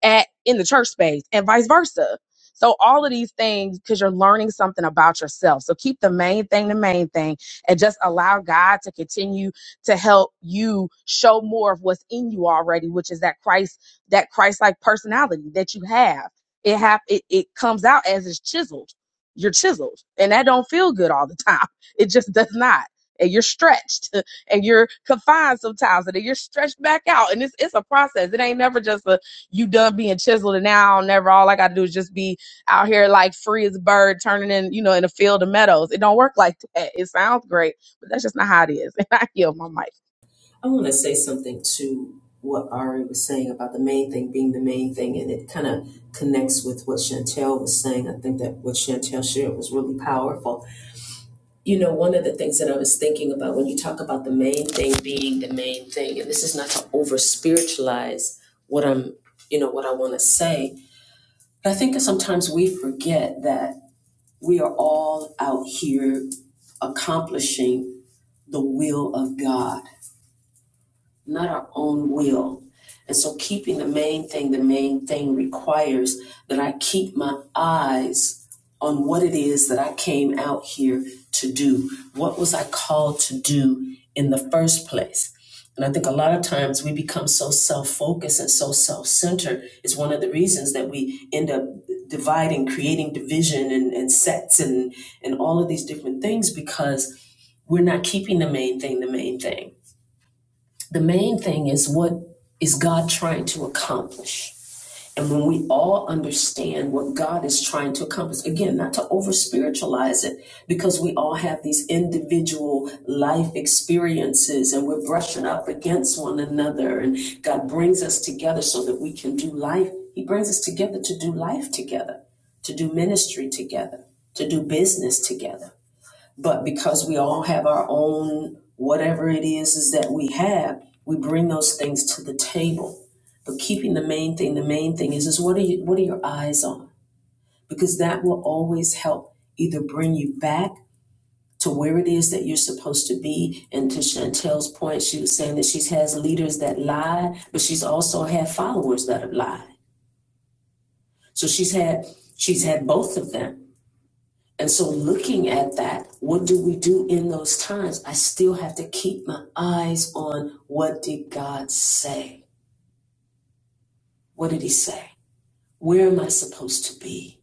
H: at in the church space and vice versa. So all of these things because you're learning something about yourself. So keep the main thing the main thing and just allow God to continue to help you show more of what's in you already, which is that Christ, that Christ-like personality that you have. It have it, it comes out as it's chiseled. You're chiseled. And that don't feel good all the time. It just does not. And you're stretched and you're confined sometimes and then you're stretched back out. And it's it's a process. It ain't never just a you done being chiseled and now I'll never all I gotta do is just be out here like free as a bird turning in, you know, in a field of meadows. It don't work like that. It sounds great, but that's just not how it is. And I yield my mic.
A: I want to say something to what Ari was saying about the main thing being the main thing, and it kind of connects with what Chantel was saying. I think that what Chantel shared was really powerful. You know, one of the things that I was thinking about when you talk about the main thing being the main thing, and this is not to over spiritualize what I'm, you know, what I want to say, But I think that sometimes we forget that we are all out here accomplishing the will of God not our own will. And so keeping the main thing, the main thing requires that I keep my eyes on what it is that I came out here to do. What was I called to do in the first place? And I think a lot of times we become so self focused and so self centered is one of the reasons that we end up dividing, creating division and, and sets and, and all of these different things because we're not keeping the main thing the main thing the main thing is what is God trying to accomplish? And when we all understand what God is trying to accomplish, again, not to over spiritualize it, because we all have these individual life experiences and we're brushing up against one another. And God brings us together so that we can do life. He brings us together to do life together, to do ministry together, to do business together. But because we all have our own whatever it is is that we have, we bring those things to the table. But keeping the main thing, the main thing is is what are you what are your eyes on? Because that will always help either bring you back is that you're supposed to be and when she has leaders that lie, but she's also had followers that have lied. Both of them. So looking at that, what do we do in those times? I keep my eye. What did he say? Where am I supposed to be?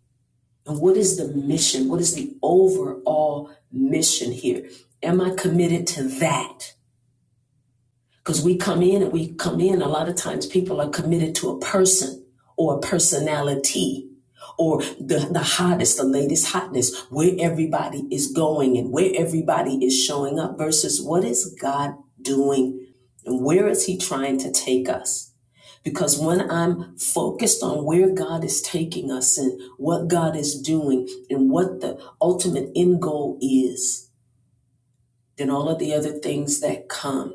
A: And what is the mission? What is the overall mission here? Am I committed to that? Because we come in and we come in, a lot of times people are committed to a person or a personality or the, the hottest, the latest hotness, where everybody is going and where everybody is showing up versus what is God doing and where is He trying to take us? Because when I'm focused on where God is taking us and what God is doing and what the ultimate end goal is, then all of the other things that come,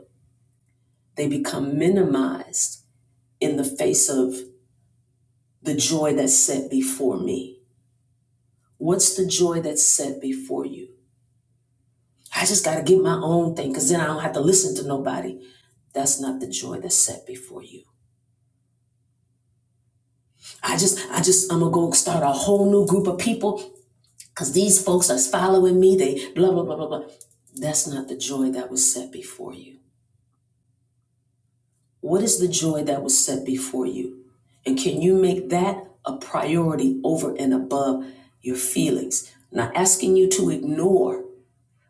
A: they become minimized in the face of the joy that's set before me. What's the joy that's set before you? I just got to get my own thing because then I don't have to listen to nobody. No group of people because these folks are following me. They blah, blah, blah, blah, blah. That's not the joy that was set before you. Can you make that? priority over and above things. Not you to ignore,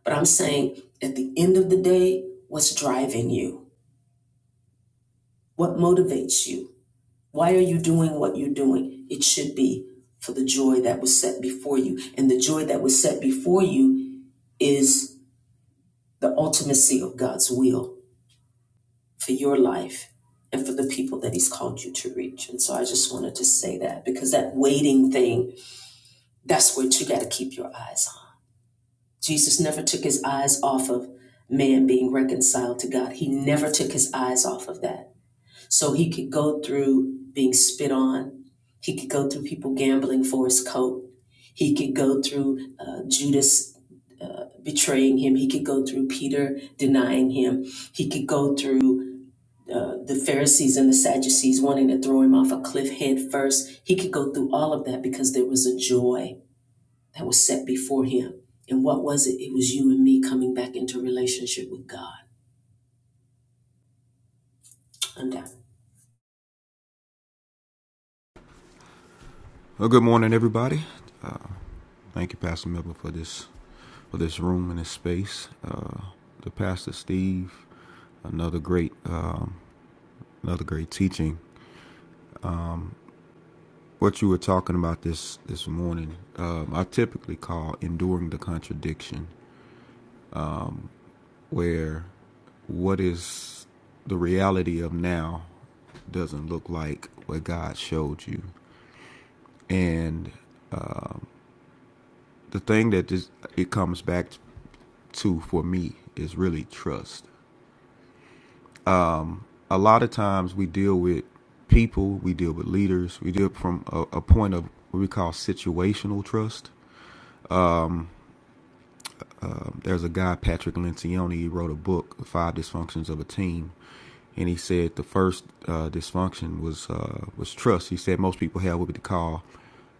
A: but I'm saying at the end of the day, what's driving you? What motivates you? Why are you doing what you're doing? It should be for the joy that was set before you. And the joy that was set before you is the ultimacy of God's will for your life and for the people that He's called you to reach. And so I just wanted to say that because that waiting thing, that's what you got to keep your eyes Jesus never took his eyes off of man being reconciled to God. He never took his eyes off of that. So he could go through being spit on, he could go through people gambling for his coat, he could go through uh, Judas. Uh, betraying him, he could go through Peter denying him. He could go through uh, the Pharisees and the Sadducees wanting to throw him off a cliff head first. He could go through all of that because there was a joy that was set before him. And what was it? It was you and me coming back into relationship with God. I'm down.
C: Well, good morning, everybody. Uh, thank you, Pastor Miller, for this for this room and this space. Uh, the Pastor Steve, another great um, another great teaching. What you were talking about this this morning, um, I typically call enduring the contradiction, where what is the reality of now doesn't look like what God showed you, and uh, the thing that just it comes back to for me is really trust. A lot of times we deal with people, we deal with leaders, we deal from a, a point of what we call situational trust. Um, There's a guy, Patrick Lencioni, he wrote a book, Five Dysfunctions of a Team, and he said the first uh, dysfunction was uh, was trust. He said most people have what we call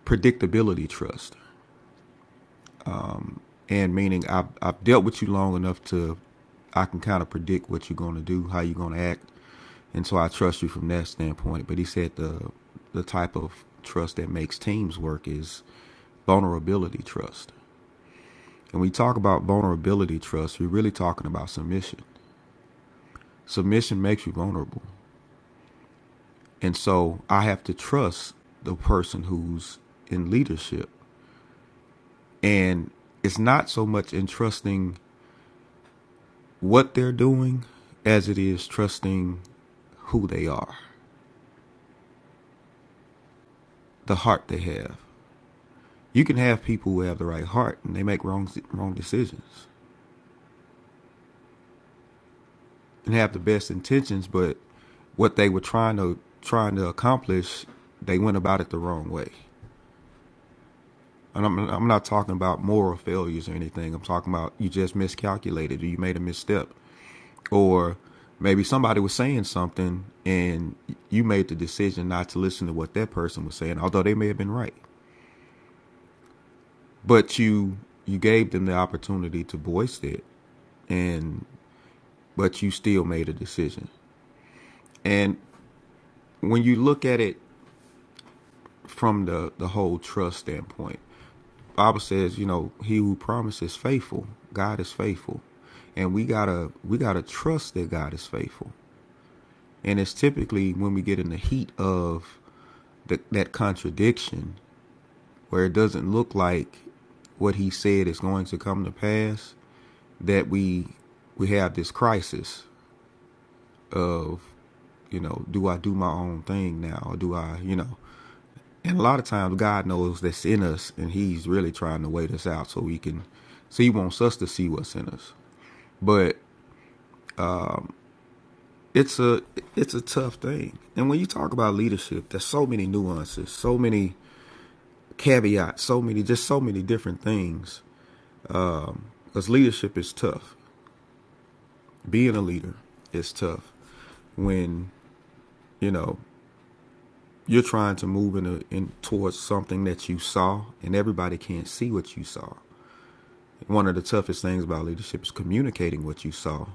C: predictability trust. and meaning I've, I've dealt with you long enough to i can kind of predict what you're going to do how you're going to act and so i trust you from that standpoint but he said the the type of trust that makes teams work is vulnerability trust and when we talk about vulnerability trust we're really talking about submission submission makes you vulnerable and so i have to trust the person who's in leadership and it's not so much in trusting what they're doing as it is trusting who they are, the heart they have. You can have people who have the right heart and they make wrong wrong decisions and have the best intentions, but what they were trying to trying to accomplish, they went about it the wrong way. And I'm I'm not talking about moral failures or anything. I'm talking about you just miscalculated or you made a misstep or maybe somebody was saying something and you made the decision not to listen to what that person was saying, although they may have been right. but you you gave them the opportunity to voice it and but you still made a decision and when you look at it from the the whole trust standpoint the bible says you know he who promises faithful god is faithful and we gotta we gotta trust that god is faithful and it's typically when we get in the heat of the, that contradiction where it doesn't look like what he said is going to come to pass that we we have this crisis of, you know, do I do my own thing now? Or do I, you know, and a lot of times God knows that's in us and he's really trying to wait us out so he can, so he wants us to see what's in us. But it's a, it's a tough thing. And when you talk about leadership, there's so many nuances, so many caveats, so many, just so many different things. Because leadership is tough. Being a leader is tough when you know you're trying to move in, a, in towards something that you saw and everybody can't see what you saw one of the toughest things about leadership is communicating what you saw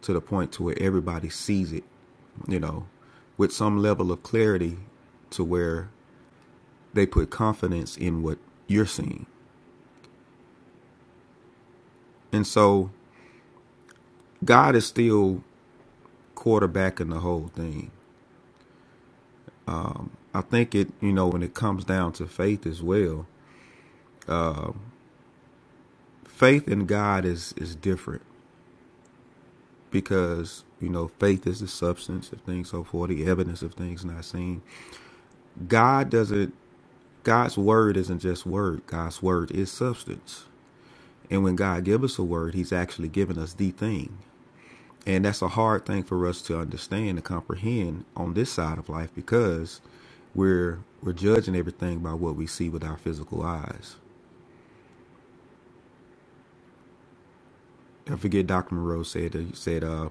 C: to the point to where everybody sees it you know with some level of clarity to where they put confidence in what you're seeing and so god is still quarterbacking the whole thing i think it you know when it comes down to faith as well faith in god is is different because you know faith is the substance of things so forth the evidence of things not seen god doesn't god's word isn't just word god's word is substance and when god gives us a word he's actually giving us the thing and that's a hard thing for us to understand and comprehend on this side of life because we're we're judging everything by what we see with our physical eyes i forget dr monroe said that he said uh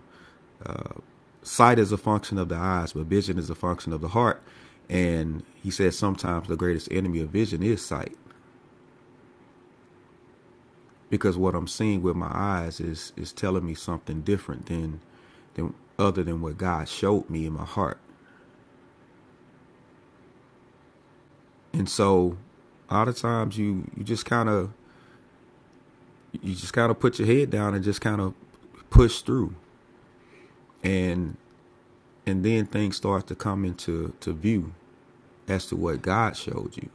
C: sight is a function of the eyes, but vision is a function of the heart. And he says sometimes the greatest enemy of vision is sight, because what I'm seeing with my eyes is is telling me something different than than other than what God showed me in my heart. And so, a lot of times you you just kind of you just kind of put your head down and just kind of push through, and and then things start to come into to view as to what God showed you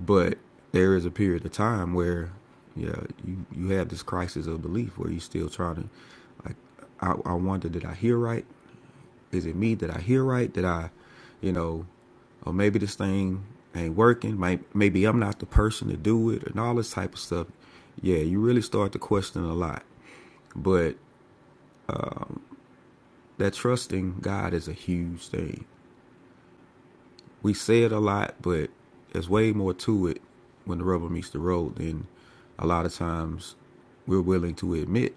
C: But there is a period of time where, yeah, you you have this crisis of belief where you still trying to, like, I, I wonder did I hear right? Is it me? Did I hear right? Did I, you know, or maybe this thing ain't working. Maybe, maybe I'm not the person to do it, and all this type of stuff. Yeah, you really start to question a lot. But that trusting God is a huge thing. we say it a lot, but there's way more to it when the rubber meets the road than a lot of times we're willing to admit.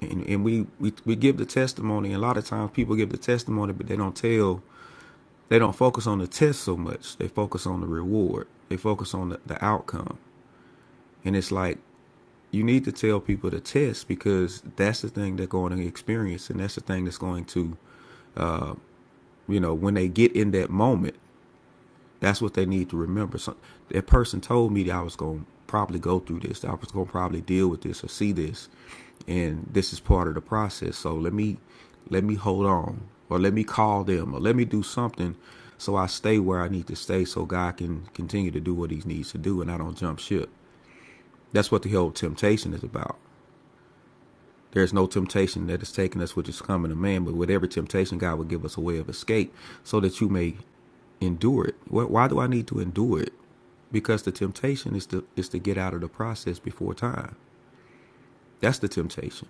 C: And, and we, we we give the testimony. And a lot of times people give the testimony, but they don't tell. They don't focus on the test so much. They focus on the reward. They focus on the, the outcome. And it's like you need to tell people the test because that's the thing they're going to experience, and that's the thing that's going to you know when they get in that moment That's what they need to remember. So, that person told me that I was going to probably go through this, that I was going to probably deal with this or see this, and this is part of the process. So let me let me hold on, or let me call them, or let me do something so I stay where I need to stay, so God can continue to do what He needs to do, and I don't jump ship. That's what the whole temptation is about. There's no temptation that is taking us which is coming to man, but with every temptation, God will give us a way of escape so that you may endure it. Why do I need to endure it? Because the temptation is to is to get out of the process before time. That's the temptation.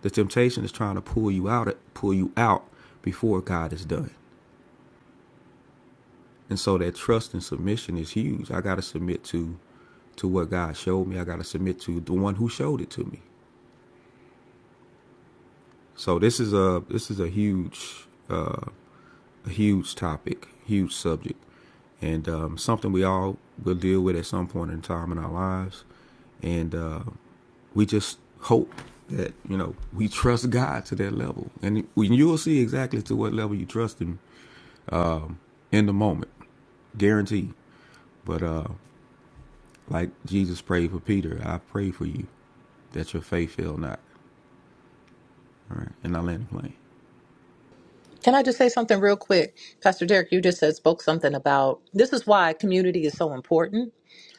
C: The temptation is trying to pull you out pull you out before God is done. And so that trust and submission is huge. I got to submit to to what God showed me. I got to submit to the one who showed it to me. So this is a this is a huge uh, a huge topic, huge subject, and um, something we all will deal with at some point in time in our lives. And uh, we just hope that you know we trust God to that level, and you'll see exactly to what level you trust Him in the moment, guarantee. But uh, like Jesus prayed for Peter, I pray for you that your faith fail not. All right, and I land the plane.
G: Can I just say something real quick? Pastor Derek, you just said spoke something about this is why community is so important.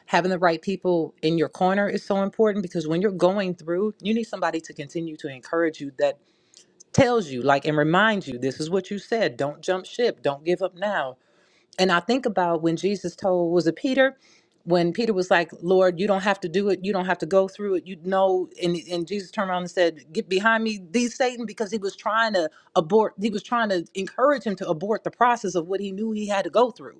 G: Having the right people in your corner is so important because when you're going through, you need somebody to continue to encourage you that tells you like and reminds you this is what you said, don't jump ship, don't give up now. And I think about when Jesus told, was it Peter? When Peter was like, Lord, you don't have to do it. You don't have to go through it. You know, and, and Jesus turned around and said, Get behind me, thee Satan, because he was trying to abort, he was trying to encourage him to abort the process of what he knew he had to go through.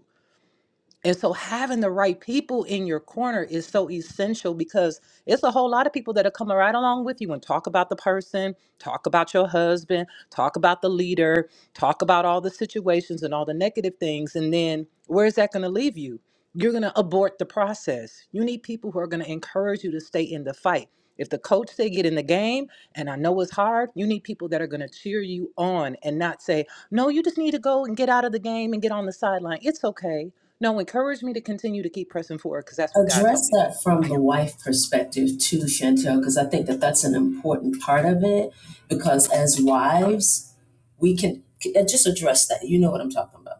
G: And so having the right people in your corner is so essential because it's a whole lot of people that are coming right along with you and talk about the person, talk about your husband, talk about the leader, talk about all the situations and all the negative things. And then where's that going to leave you? you're going to abort the process. You need people who are going to encourage you to stay in the fight. If the coach say get in the game, and I know it's hard, you need people that are going to cheer you on and not say, no, you just need to go and get out of the game and get on the sideline. It's okay. No, encourage me to continue to keep pressing forward because that's what God told
A: Address
G: me to do.
A: that from
G: I
A: the
G: am.
A: wife perspective too, Chantel, because I think that that's an important part of it. Because as wives, we can uh, just address that. You know what I'm talking about.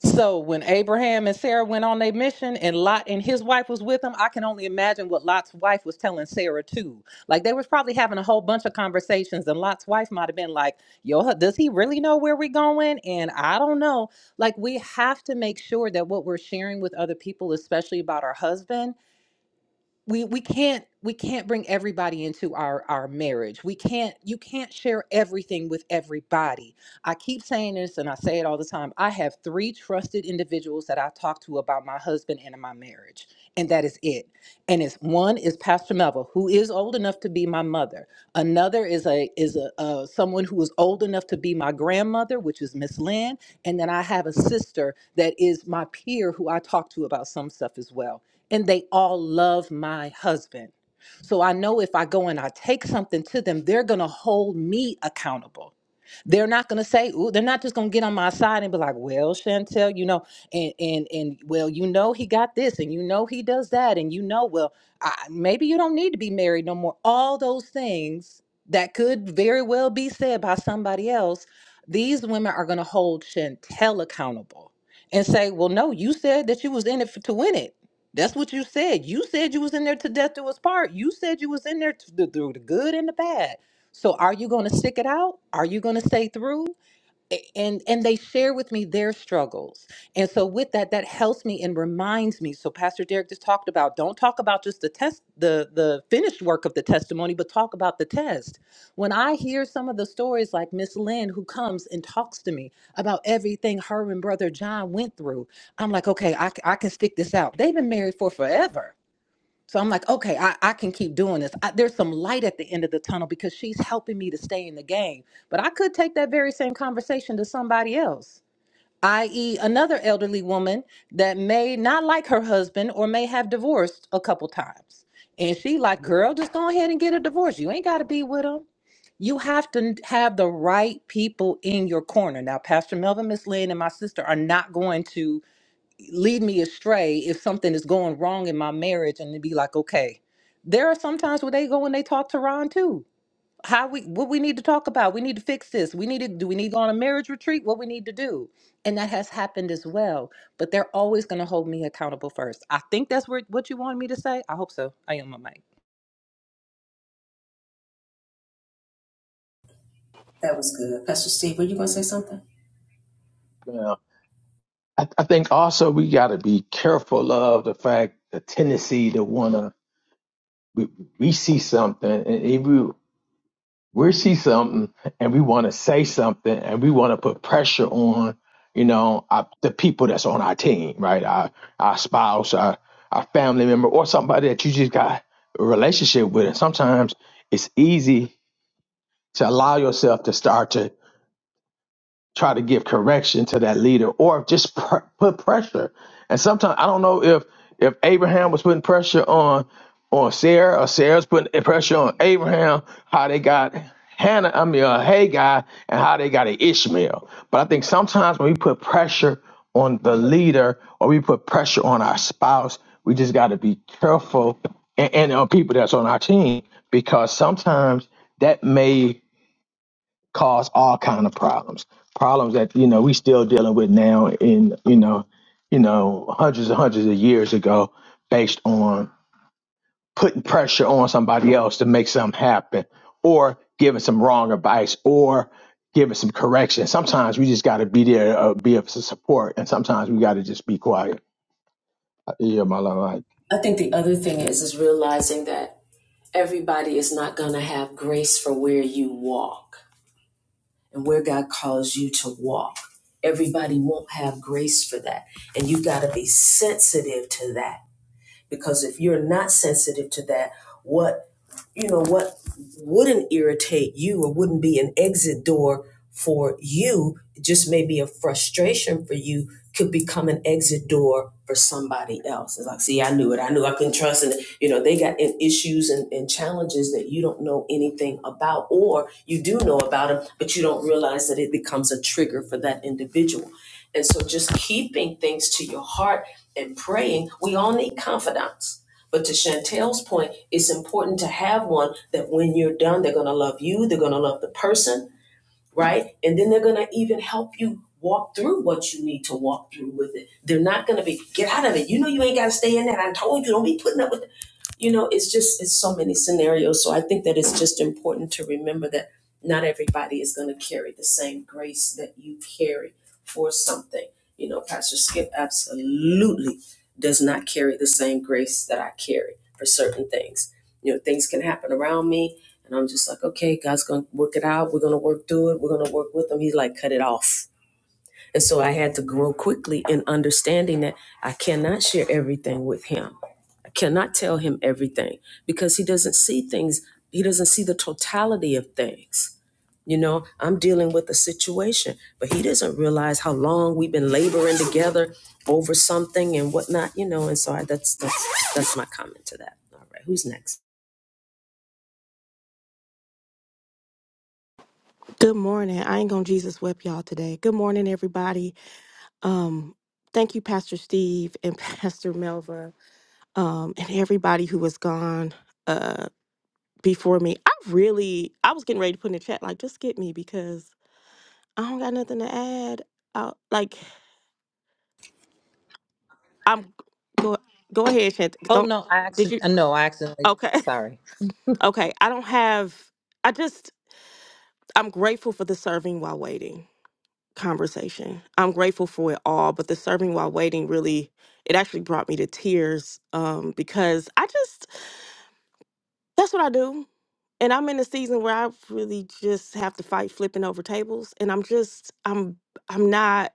G: So when Abraham and Sarah went on their mission and Lot and his wife was with them, I can only imagine what Lot's wife was telling Sarah too. Like they was probably having a whole bunch of conversations and Lot's wife might have been like, "Yo, does he really know where we're going?" And I don't know. Like we have to make sure that what we're sharing with other people, especially about our husband, we we can't we can't bring everybody into our our marriage we can't you can't share everything with everybody i keep saying this and i say it all the time i have three trusted individuals that i talk to about my husband and my marriage and that is it and it's one is pastor melville who is old enough to be my mother another is a is a uh, someone who is old enough to be my grandmother which is miss lynn and then i have a sister that is my peer who i talk to about some stuff as well and they all love my husband. So I know if I go and I take something to them, they're going to hold me accountable. They're not gonna say, ooh, they're not just gonna get on my side and be like, well, Chantel, you know, and and and well, you know he got this, and you know he does that, and you know, well, I, maybe you don't need to be married no more. All those things that could very well be said by somebody else, these women are gonna hold Chantel accountable and say, well, no, you said that you was in it for, to win it. That's what you said. You said you was in there to death do us part. You said you was in there to, through the good and the bad so are you going to stick it out? Are you going to stay through? A- And and they share with me their struggles. And so with that that helps me and reminds me. So Pastor Derek just talked about don't talk about just the test the the finished work of the testimony, but talk about the test. When I hear some of the stories like Miss Lynn who comes and talks to me about everything her and brother John went through, I'm like, "Okay, I c- I can stick this out. They've been married for forever." So I'm like, okay, I, I can keep doing this. I, there's some light at the end of the tunnel because she's helping me to stay in the game. But I could take that very same conversation to somebody else, i.e., another elderly woman that may not like her husband or may have divorced a couple times. And she like, girl, just go ahead and get a divorce. You ain't got to be with him. You have to have the right people in your corner. Now, Pastor Melvin, Miss Lynn, and my sister are not going to lead me astray if something is going wrong in my marriage and to be like, okay, there are some times where they go and they talk to Ron too. How we what we need to talk about. We need to fix this. We need to do we need to go on a marriage retreat? What we need to do. And that has happened as well. But they're always gonna hold me accountable first. I think that's what what you wanted me to say. I hope so. I am my mic.
E: Mo. I, I think also we got to be careful of the fact the tendency to want to we, we see something and if we we see something and we want to say something and we want to put pressure on you know our, the people that's on our team right our our spouse our our family member or somebody that you just got a relationship with and sometimes it's easy to allow yourself to start to try to give correction to that leader or just pr- put pressure. And sometimes I don't know if if Abraham was putting pressure on on Sarah or Sarah's putting pressure on Abraham, how they got Hannah, I mean uh, Hagar, and how they got an Ishmael. But I think sometimes when we put pressure on the leader or we put pressure on our spouse, we just got to be careful and, and on people that's on our team because sometimes that may cause all kind of problems problems that you know we still dealing with now in you know you know hundreds and hundreds of years ago based on putting pressure on somebody else to make something happen or giving some wrong advice or giving some correction sometimes we just got to be there uh, be of support and sometimes we got to just be quiet yeah my love
A: I think the other thing is is realizing that everybody is not going to have grace for where you walk and where God calls you to walk. Everybody won't have grace for that. And you've got to be sensitive to that. Because if you're not sensitive to that, what you know what wouldn't irritate you or wouldn't be an exit door for you just maybe a frustration for you could become an exit door for somebody else it's like see i knew it i knew i couldn't trust and you know they got issues and, and challenges that you don't know anything about or you do know about them but you don't realize that it becomes a trigger for that individual and so just keeping things to your heart and praying we all need confidants but to Chantel's point, it's important to have one that when you're done, they're going to love you, they're going to love the person, right? And then they're going to even help you walk through what you need to walk through with it. They're not going to be, get out of it. You know, you ain't got to stay in that. I told you, don't be putting up with you know it's just it's so many scenarios so i think that it's just important to remember that not everybody is going to carry the same grace that you carry for something you know pastor skip absolutely does not carry the same grace that i carry for certain things you know things can happen around me and i'm just like okay god's going to work it out we're going to work through it we're going to work with him he's like cut it off and so I had to grow quickly in understanding that I cannot share everything with him. I cannot tell him everything because he doesn't see things, he doesn't see the totality of things. You know, I'm dealing with a situation, but he doesn't realize how long we've been laboring together over something and whatnot, you know, and so I, that's that's that's my comment to that. All right, who's next?
I: Good morning. I ain't gonna Jesus whip y'all today. Good morning, everybody. Um, thank you, Pastor Steve and Pastor Melva, um, and everybody who was gone uh before me. I really I was getting ready to put in the chat, like, just get me because I don't got nothing to add. Uh like I'm go go ahead, Shant.
G: Oh
I: Don't
G: no, I
I: did you
G: accident no, I accidentally did
I: okay.
G: that. Sorry.
I: Okay. I don't have I just I'm grateful for the serving while waiting. conversation. I'm grateful for it all, but the serving while waiting really it actually brought me to tears um because I just that's what I do. And I'm in a season where I really just have to fight flipping over tables and I'm just I'm I'm not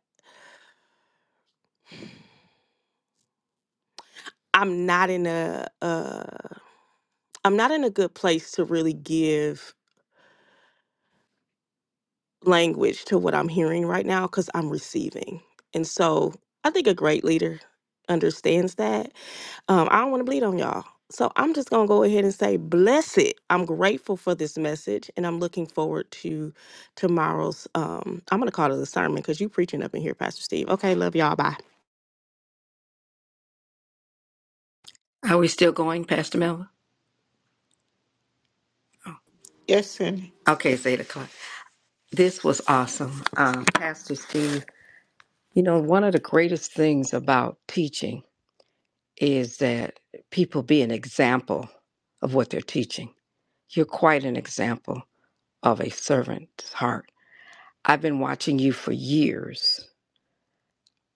I: I'm not in a uh I'm not in a good place to really give language to what I'm hearing right now cuz I'm receiving. And so I think a great leader understands that Um, I don't want to bleed on y'all. So I'm just going to go ahead and say, bless it. I'm grateful for this message and I'm looking forward to tomorrow's. Um, I'm going to call it a sermon because you preaching up in here, Pastor Steve. Okay, love y'all. Bye.
D: Are we still going, Pastor Melva?
B: Yes, sir.
D: Okay, it's eight o'clock. This was awesome. Um, Pastor Steve, you know, one of the greatest things about teaching is that people be an example of what they're teaching. You're quite an example of a servant's heart. I've been watching you for years,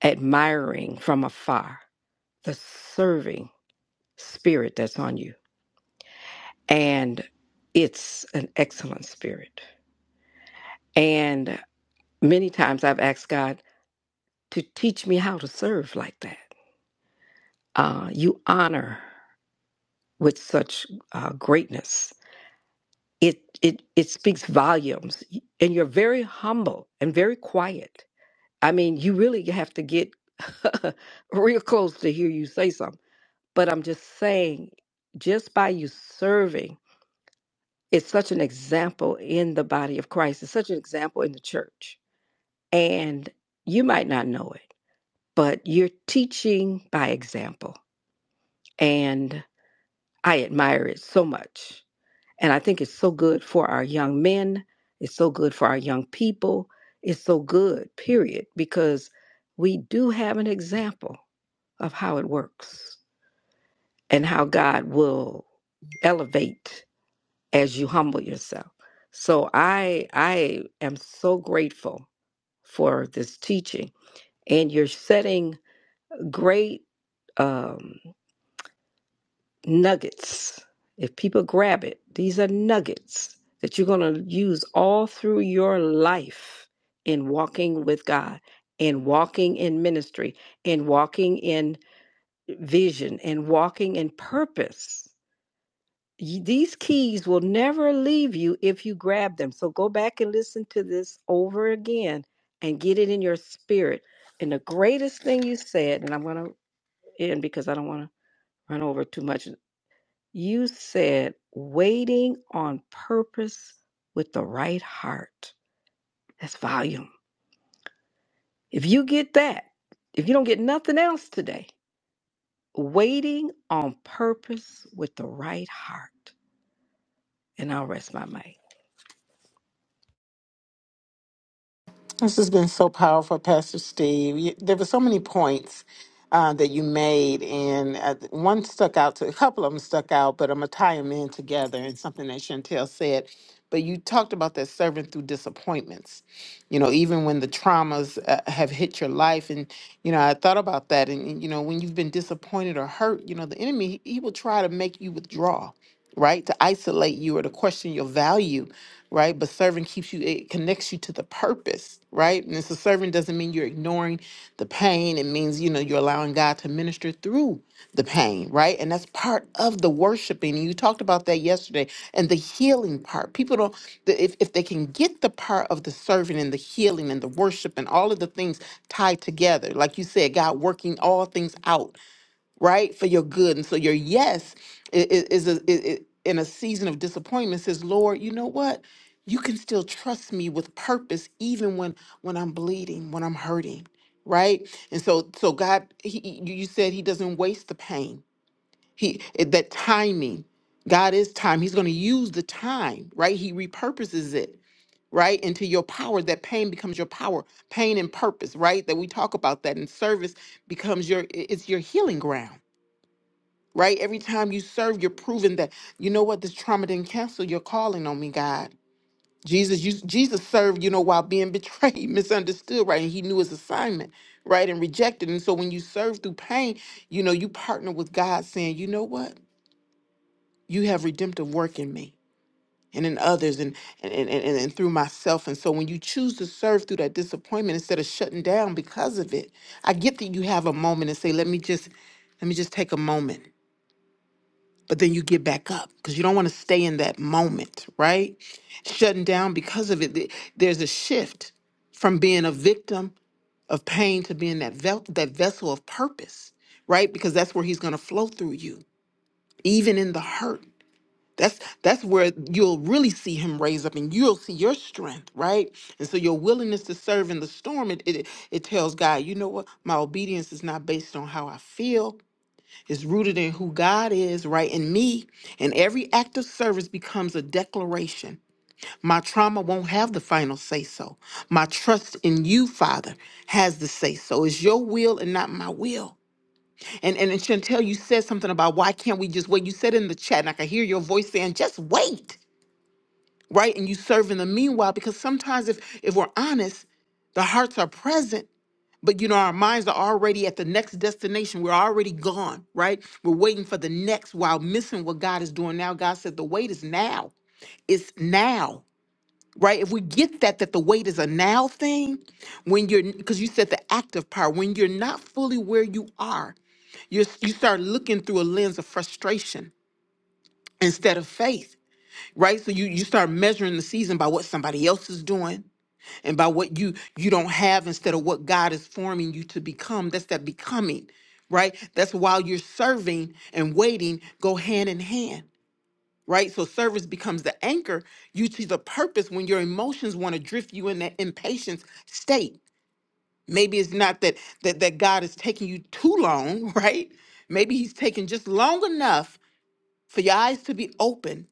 D: admiring from afar the serving spirit that's on you. And it's an excellent spirit. and Many times I've asked God to teach me how to serve like that. Uh, you honor with such uh, greatness. It, it, it speaks volumes. And you're very humble and very quiet. I mean, you really have to get real close to hear you say something. But I'm just saying, just by you serving, it's such an example in the body of Christ. It's such an example in the church. And you might not know it but you're teaching by example. And I admire it so much. And I think it's so good for our young men. It's so good for our young people. It's so good, period, because we do have an example of how it works and how God will elevate as you humble yourself. So I I am so grateful for this teaching and you're setting great um. nuggets. If people grab it, these are nuggets that you're going to use all through your life in walking with God, in walking in ministry, in walking in vision, in walking in purpose. You- These keys will never leave you if you grab them. So go back and listen to this over again and get it in your spirit. And the greatest thing you said, and I'm going to end because I don't want to run over too much. You said waiting on purpose with the right heart. That's volume. If you get that, if you don't get nothing else today, waiting on purpose with the right heart. And I'll rest my mic.
B: This has been so powerful, Pastor Steve. You, there were so many points uh, that you made, and uh, one stuck out to a couple of them stuck out, but I'm gonna tie them in together and something that Chantel said. But you talked about that serving through disappointments, you know, even when the traumas uh, have hit your life. And, you know, I thought about that. And, and, you know, when you've been disappointed or hurt, you know, the enemy, he he will try to make you withdraw right? To isolate you or to question your value, right? But serving keeps you, it connects you to the purpose, right? And so serving doesn't mean you're ignoring the pain. It means, you know, you're allowing God to minister through the pain, right? And that's part of the worshiping. And you talked about that yesterday and the healing part. People don't, the, if, if they can get the part of the serving and the healing and the worship and all of the things tied together, like you said, God working all things out right? For your good. And so your yes i- i- is, a, i- i- in a season of disappointment says, Lord, you know what? You can still trust me with purpose, even when when I'm bleeding, when I'm hurting, right? And so, so God, he, he- you you said He doesn't waste the pain. He it- that timing, God is time. He's going to use the time, right? He repurposes it right into your power that pain becomes your power pain and purpose right that we talk about that and service becomes your i- it's your healing ground right? Every time you serve, you're proving that you know what this trauma didn't cancel your calling on me, God. Jesus, you, Jesus served, you know, while being betrayed, misunderstood, right? And he knew his assignment, right? And rejected. And so when you serve through pain, you know, you partner with God saying, you know what? You have redemptive work in me and in others and and, and, and, and through myself. And so when you choose to serve through that disappointment instead of shutting down because of it, I get that you have a moment and say, let me just, let me just take a moment but then you get back up because you don't want to stay in that moment, right? Shutting down because of it. th- There's a shift from being a victim of pain to being that vel- that vessel of purpose, right? Because that's where he's going to flow through you, even in the hurt. That's that's where you'll really see him raise up, and you'll see your strength, right? And so your willingness to serve in the storm, it it, it tells God, you know what? My obedience is not based on how I feel it's rooted in who God is, right? In me. And every act of service becomes a declaration. My trauma won't have the final say so. My trust in you, Father, has the say so. It's your will and not my will. And and and Chantel, you said something about why can't we just wait? You said in the chat, and I can hear your voice saying, just wait, right? And you serve in the meanwhile, because sometimes if if we're honest, the hearts are present, but you know, our minds are already at the next destination. We're already gone, right? We're waiting for the next while missing what God is doing now. God said the wait is now. It's now, right? If we get that, that the wait is a now thing, when you're, because you said the active part, when you're not fully where you are, you're, you start looking through a lens of frustration instead of faith, right? So you, you start measuring the season by what somebody else is doing and by what you you don't have instead of what God is forming you to become. That's that becoming, right? That's while you're serving and waiting go hand in hand, right? So service becomes the anchor you to the purpose when your emotions want to drift you in that impatience state. Maybe it's not that that that God is taking you too long, right? Maybe he's taking just long enough for your eyes to be open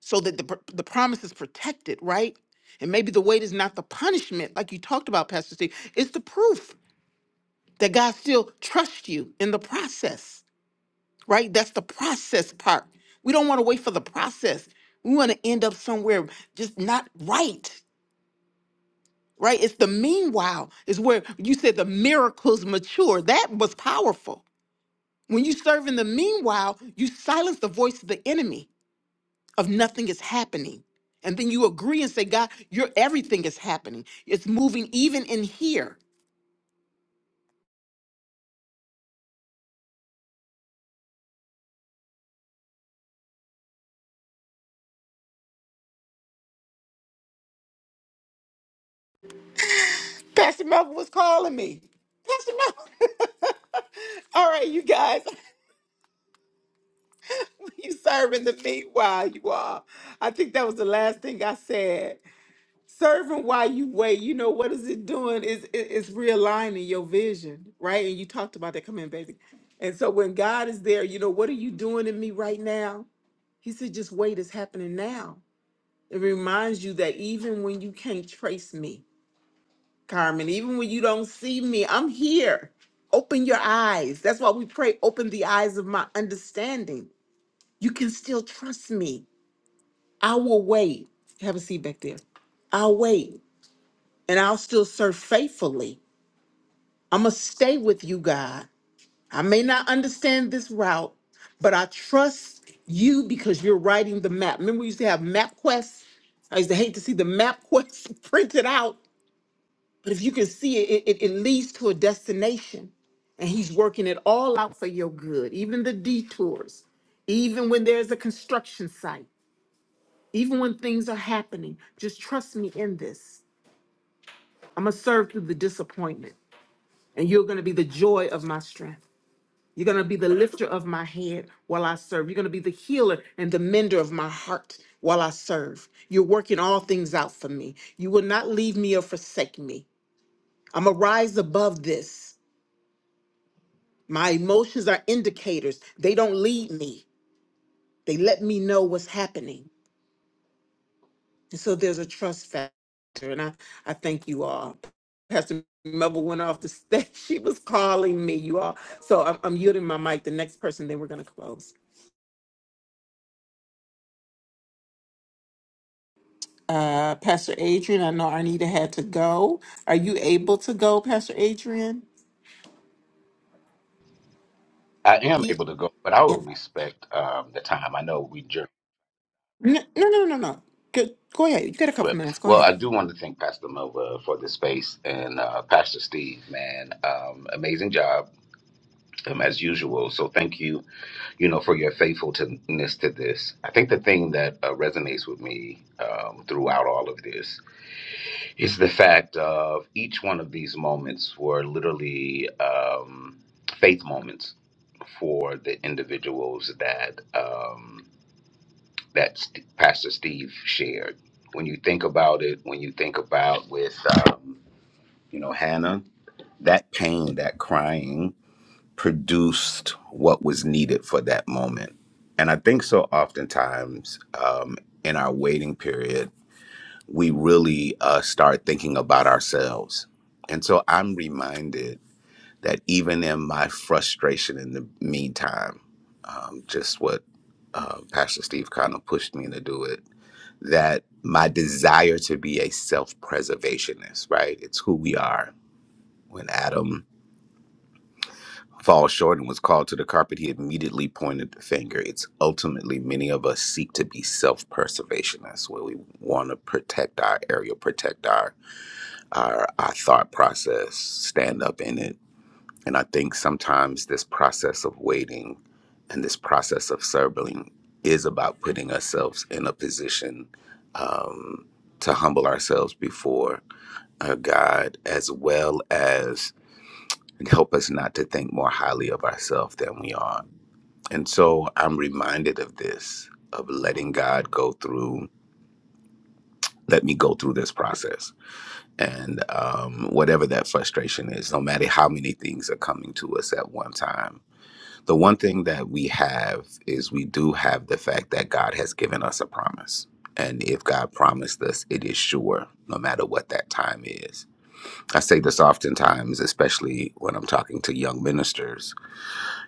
B: so that the, pr- the promise is protected, right? And maybe the weight is not the punishment, like you talked about, Pastor Steve. It's the proof that God still trusts you in the process, right? That's the process part. We don't want to wait for the process. We want to end up somewhere just not right, right? It's the meanwhile, is where you said the miracles mature. That was powerful. When you serve in the meanwhile, you silence the voice of the enemy of nothing is happening. And then you agree and say, God, your everything is happening. It's moving even in here. Pastor Melvin was calling me. Pastor Melvin. all right, you guys, you serving the meat while you are. I think that was the last thing I said. Serving while you wait, you know what is it doing? Is it, it's realigning your vision, right? And you talked about that. Come in, baby. And so when God is there, you know, what are you doing in me right now? He said, just wait, it's happening now. It reminds you that even when you can't trace me, Carmen, even when you don't see me, I'm here. Open your eyes. That's why we pray, open the eyes of my understanding. You can still trust me. I will wait. Have a seat back there. I'll wait and I'll still serve faithfully. I'm going to stay with you, God. I may not understand this route, but I trust you because you're writing the map. Remember, we used to have map quests. I used to hate to see the map quests printed out But if you can see it, it, it it leads to a destination. And he's working it all out for your good, even the detours, even when there's a construction site, even when things are happening. Just trust me in this. I'm going to serve through the disappointment, and you're going to be the joy of my strength. You're going to be the lifter of my head while I serve. You're going to be the healer and the mender of my heart while I serve. You're working all things out for me. You will not leave me or forsake me. I'm going to rise above this. My emotions are indicators. They don't lead me. They let me know what's happening. And so there's a trust factor. And I, I thank you all. Pastor Melba went off the stage. She was calling me, you all. So I'm, I'm yielding my mic. The next person, then we're going to close. Uh, Pastor Adrian, I know Arnita had to go. Are you able to go, Pastor Adrian?
J: I am able
B: Ye-
J: to go, but I
B: Yeah.
J: will respect um, the time. I know we jerk,
B: No, no, no, no. no. Go, go ahead. You got a couple
J: but
B: minutes. Go
J: well,
B: ahead.
J: I do want to thank Pastor Nova for the space and uh, Pastor Steve, man, um, amazing job um, as usual. So thank you, you know, for your faithfulness to this. I think the thing that uh, resonates with me um, throughout all of this is the fact of each one of these moments were literally um, faith moments for the individuals that. Um, that Pastor Steve shared. When you think about it, when you think about with um, you know Hannah, that pain, that crying produced what was needed for that moment. And I think so oftentimes um, in our waiting period, we really uh, start thinking about ourselves. And so I'm reminded that even in my frustration in the meantime, um, just what uh, Pastor Steve kind of pushed me to do it that my desire to be a self-preservationist, right? It's who we are. When Adam falls short and was called to the carpet, he immediately pointed the finger. It's ultimately many of us seek to be self-preservationists, where we want to protect our area, protect our our our thought process, stand up in it, And I think sometimes this process of waiting and this process of serving is about putting ourselves in a position um, to humble ourselves before our God, as well as help us not to think more highly of ourselves than we are. And so I'm reminded of this, of letting God go through, let me go through this process. And um, whatever that frustration is, no matter how many things are coming to us at one time, The one thing that we have is we do have the fact that God has given us a promise. And if God promised us, it is sure, no matter what that time is. I say this oftentimes, especially when I'm talking to young ministers.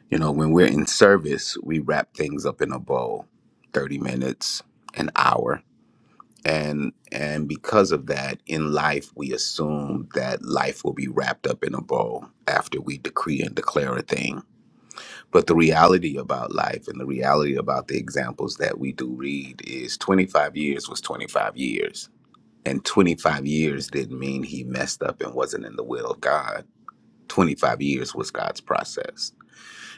J: You know, when we're in service, we wrap things up in a bow 30 minutes, an hour. And, and because of that, in life, we assume that life will be wrapped up in a bow after we decree and declare a thing but the reality about life and the reality about the examples that we do read is 25 years was 25 years. And 25 years didn't mean he messed up and wasn't in the will of God. 25 years was God's process.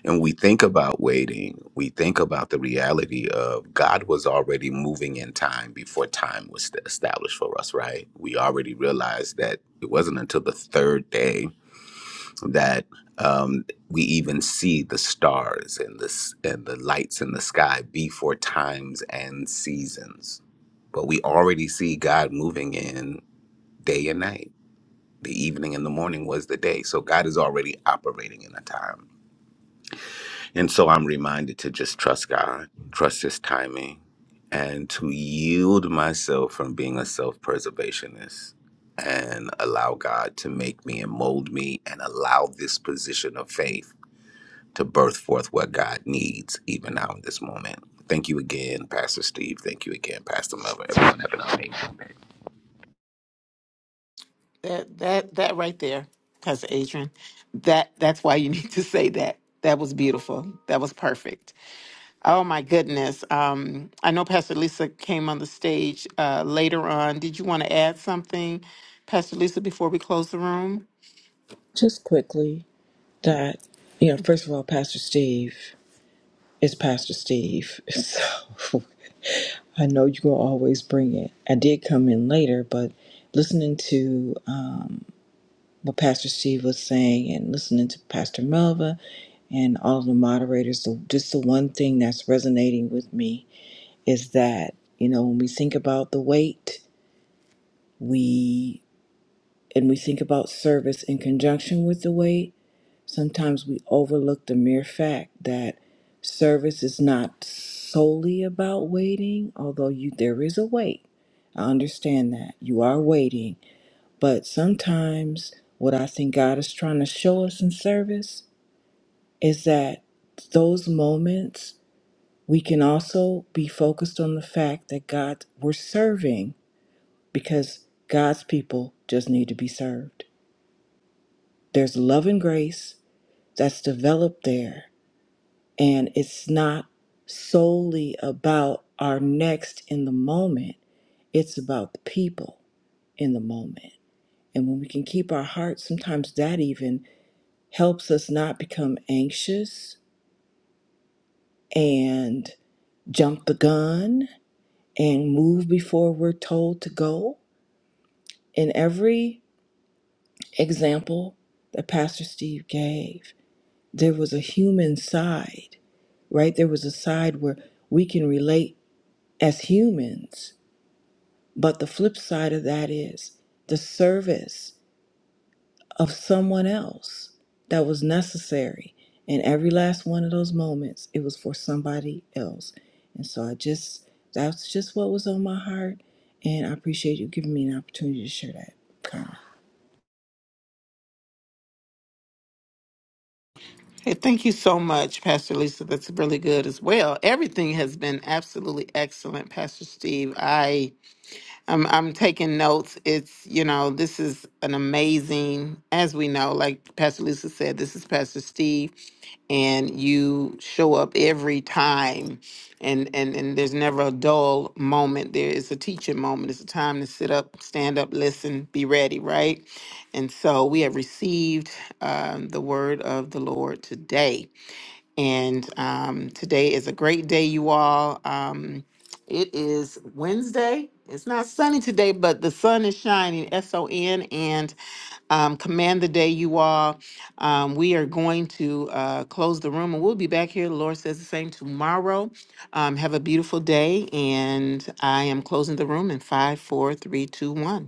J: And we think about waiting, we think about the reality of God was already moving in time before time was established for us, right? We already realized that it wasn't until the third day that um, we even see the stars and the s- and the lights in the sky before times and seasons. But we already see God moving in day and night. The evening and the morning was the day. So God is already operating in a time. And so I'm reminded to just trust God, trust His timing, and to yield myself from being a self preservationist and allow God to make me and mold me and allow this position of faith to birth forth what God needs, even now in this moment. Thank you again, Pastor Steve. Thank you again, Pastor Melvin. Everyone have an amazing
B: That that that right there, Pastor Adrian. That that's why you need to say that. That was beautiful. That was perfect. Oh my goodness. Um, I know Pastor Lisa came on the stage uh, later on. Did you want to add something, Pastor Lisa, before we close the room?
K: Just quickly, that, you know, first of all, Pastor Steve is Pastor Steve. So I know you will always bring it. I did come in later, but listening to um, what Pastor Steve was saying and listening to Pastor Melva and all of the moderators, the, just the one thing that's resonating with me is that, you know, when we think about the weight, we and we think about service in conjunction with the weight Sometimes we overlook the mere fact that service is not solely about waiting, although you there is a wait. I understand that. You are waiting, but sometimes what I think God is trying to show us in service is that those moments we can also be focused on the fact that God we're serving because God's people just need to be served. There's love and grace that's developed there And it's not solely about our next in the moment, it's about the people in the moment. And when we can keep our hearts, sometimes that even helps us not become anxious and jump the gun and move before we're told to go. In every example that Pastor Steve gave, there was a human side right? There was a side where we can relate as humans But the flip side of that is the service of someone else that was necessary. And every last one of those moments, it was for somebody else. And so I just, that's just what was on my heart. And I appreciate you giving me an opportunity to share that. Carmen.
B: Hey, thank you so much, Pastor Lisa. That's really good as well. Everything has been absolutely excellent, Pastor Steve. I I'm I'm taking notes. It's you know this is an amazing, as we know, like Pastor Lisa said, this is Pastor Steve, and you show up every time, and and and there's never a dull moment. There is a teaching moment. It's a time to sit up, stand up, listen, be ready, right? And so we have received um, the word of the Lord today. And um, today is a great day, you all. Um, it is Wednesday. It's not sunny today, but the sun is shining, S O N. And um, command the day, you all. Um, we are going to uh, close the room and we'll be back here. The Lord says the same tomorrow. Um, have a beautiful day. And I am closing the room in five, four, three, two, one.